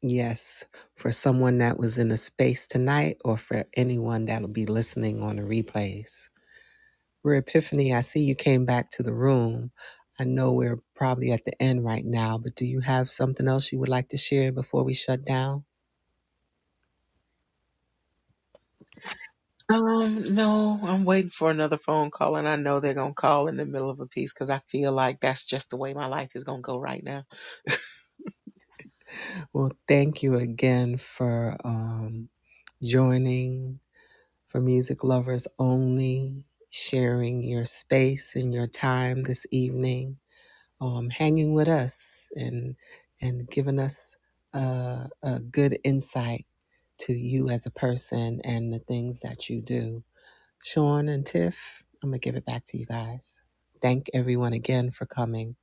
Yes, for someone that was in a space tonight or for anyone that'll be listening on the replays. We're Epiphany, I see you came back to the room. I know we're probably at the end right now, but do you have something else you would like to share before we shut down? Um, no, I'm waiting for another phone call, and I know they're gonna call in the middle of a piece because I feel like that's just the way my life is gonna go right now. Well, thank you again for um, joining for Music Lovers Only, sharing your space and your time this evening. um, hanging with us and and giving us a, a good insight to you as a person and the things that you do. Sean and Tiff, I'm gonna give it back to you guys. Thank everyone again for coming.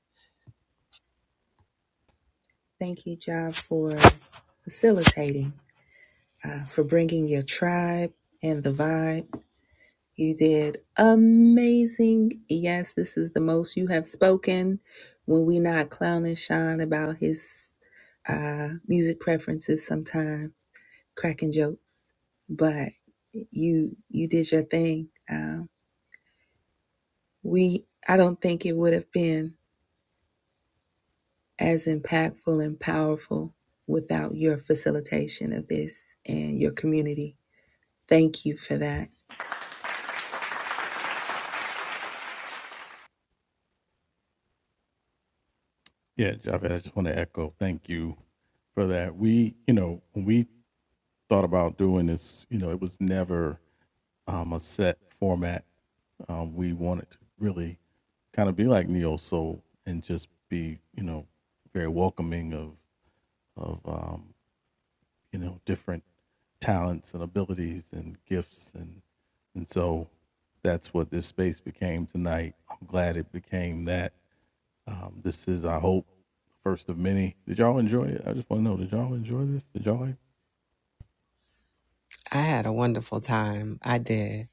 I had a wonderful time. I did.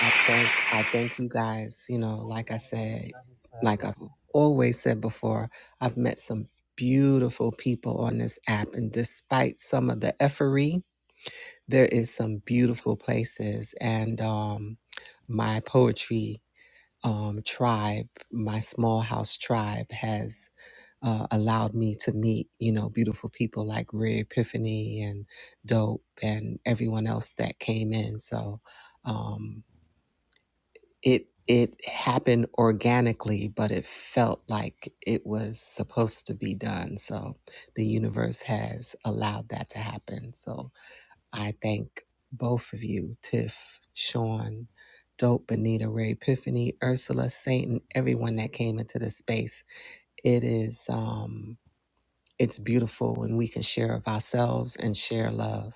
I thank I thank you guys. You know, like I said, like I've always said before, I've met some beautiful people on this app, and despite some of the effery there is some beautiful places and um, my poetry um, tribe my small house tribe has uh, allowed me to meet you know beautiful people like Rare epiphany and dope and everyone else that came in so um, it it happened organically but it felt like it was supposed to be done so the universe has allowed that to happen so I thank both of you, Tiff, Sean, Dope, Benita, Ray Epiphany, Ursula, Satan, everyone that came into the space. It is um it's beautiful when we can share of ourselves and share love.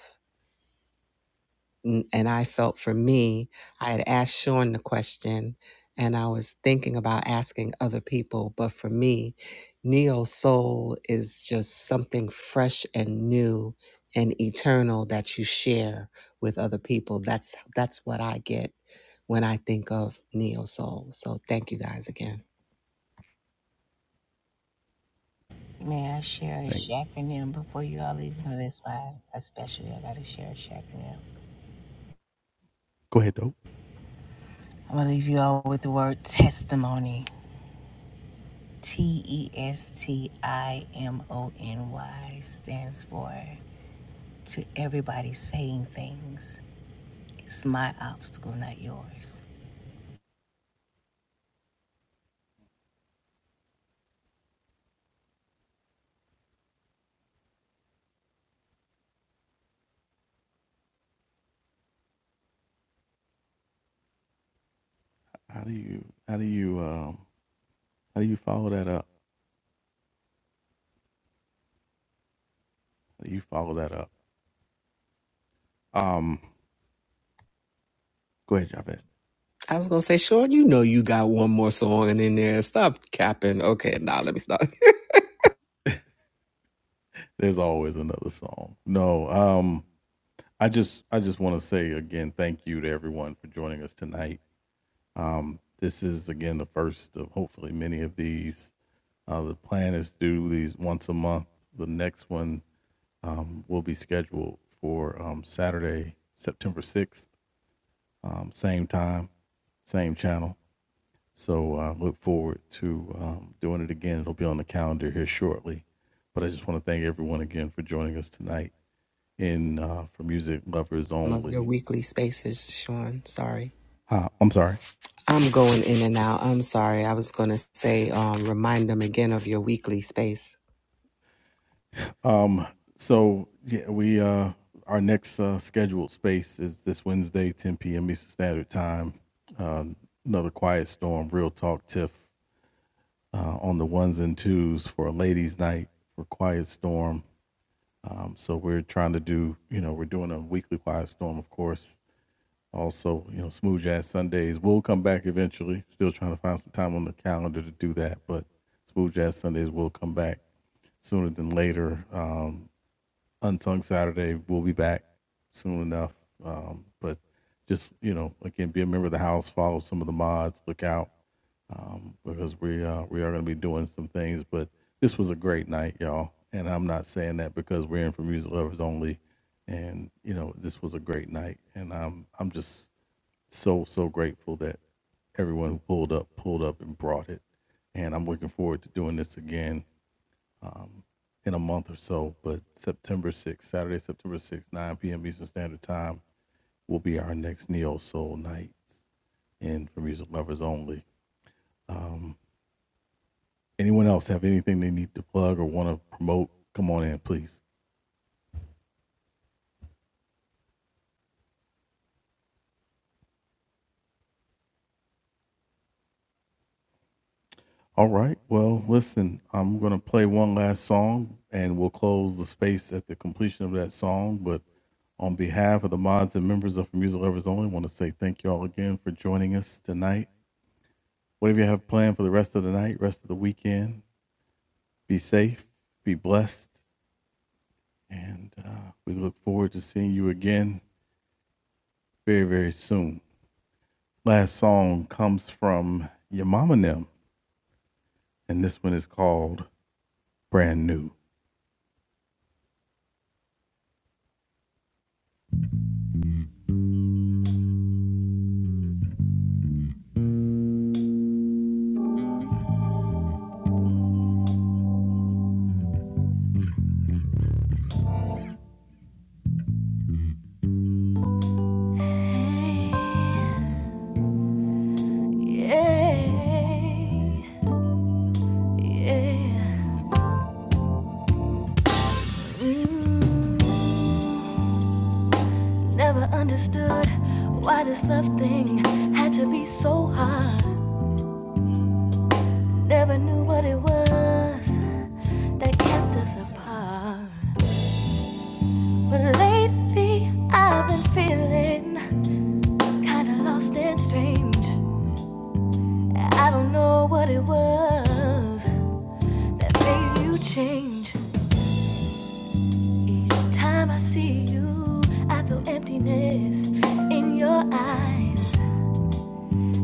N- And I felt for me, I had asked Sean the question and I was thinking about asking other people. But for me, Neo Soul is just something fresh and new and eternal that you share with other people. That's that's what I get when I think of Neo Soul. So thank you guys again. I was gonna say, Sean, you know you got one more song in there. Stop capping. Okay, now nah, let me stop. Some of your weekly spaces, Sean. Sorry. I'm going in and out. I'm sorry. I was going to say, um, remind them again of your weekly space. know. Yeah, yeah. Mm, Never understood why this love thing had to be so hard. Never knew what it was that kept us apart. But lately I've been feeling kinda lost and strange. I don't know what it was that made you change. Each time I see you, I feel emptiness in your eyes.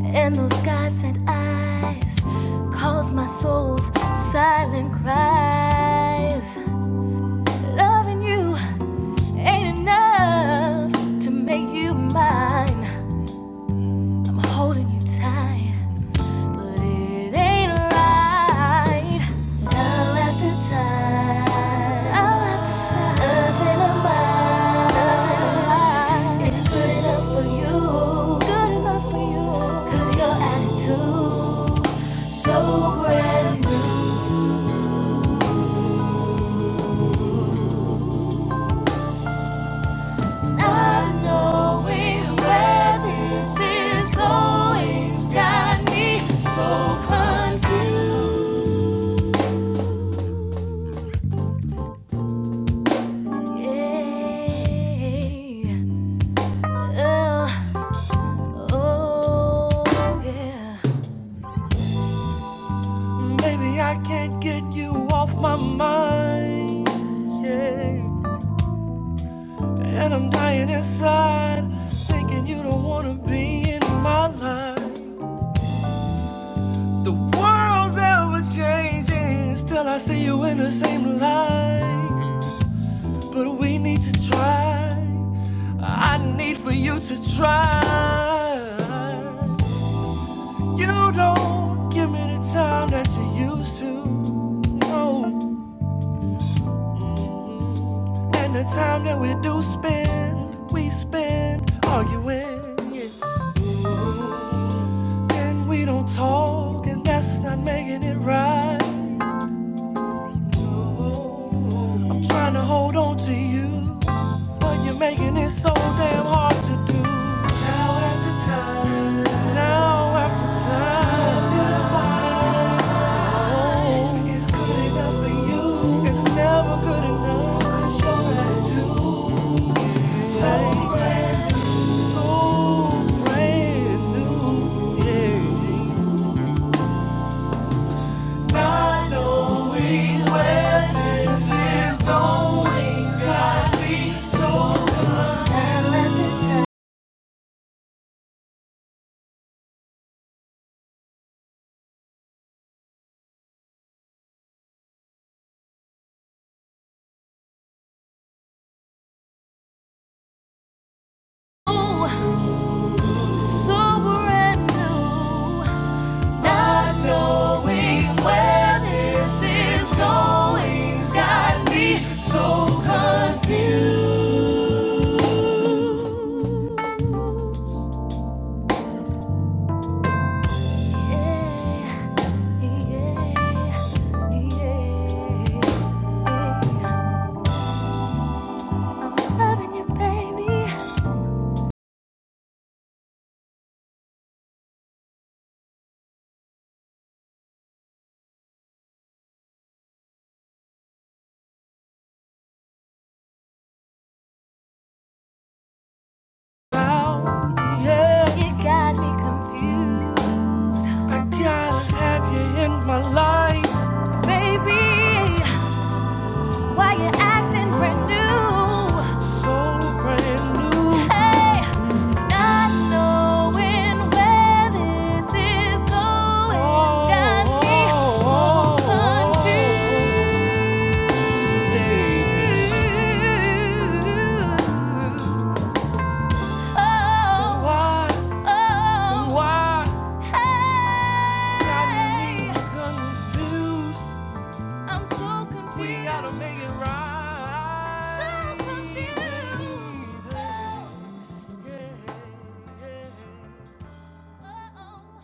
And those God sent eyes cause my soul's silent cries. Loving you. Ain't enough to make you mine. I'm holding you tight, but it ain't right. Now after time, time after time, nothing of mine, nothing of mine is good enough for you, good enough for you. 'Cause your attitude's so brand new. Not knowing where this is going's got me so confused. Yeah. Oh, oh, yeah. Baby, I can't get you off my mind. Yeah. And I'm dying inside, thinking you don't wanna be in my life. The world's ever changing, still I see you in the same light. But we need to try. I need for you to try. You don't give me the time that you used to. No. And the time that we do spend, we spend arguing. Yeah. And we don't talk, and that's not making it right. I'm trying to hold on to you, but you're making it so damn hard to do. Now after time, now after time, oh, it's good enough for you. It's never good enough. 'cause you're brand too. so brand new, so brand new, yeah. Not knowing where so Not knowing where this is going's got me so confused. Yeah, yeah, yeah. I'm loving you, baby. Girl, you got me confused. I gotta have you in my life. Baby, why you acting brand new? So brand new. Hey, not knowing where this is going. Oh, got me oh, oh, oh, oh, confused. Why, oh, why hey, I'm so We gotta confused, make it so right. Oh, oh, oh.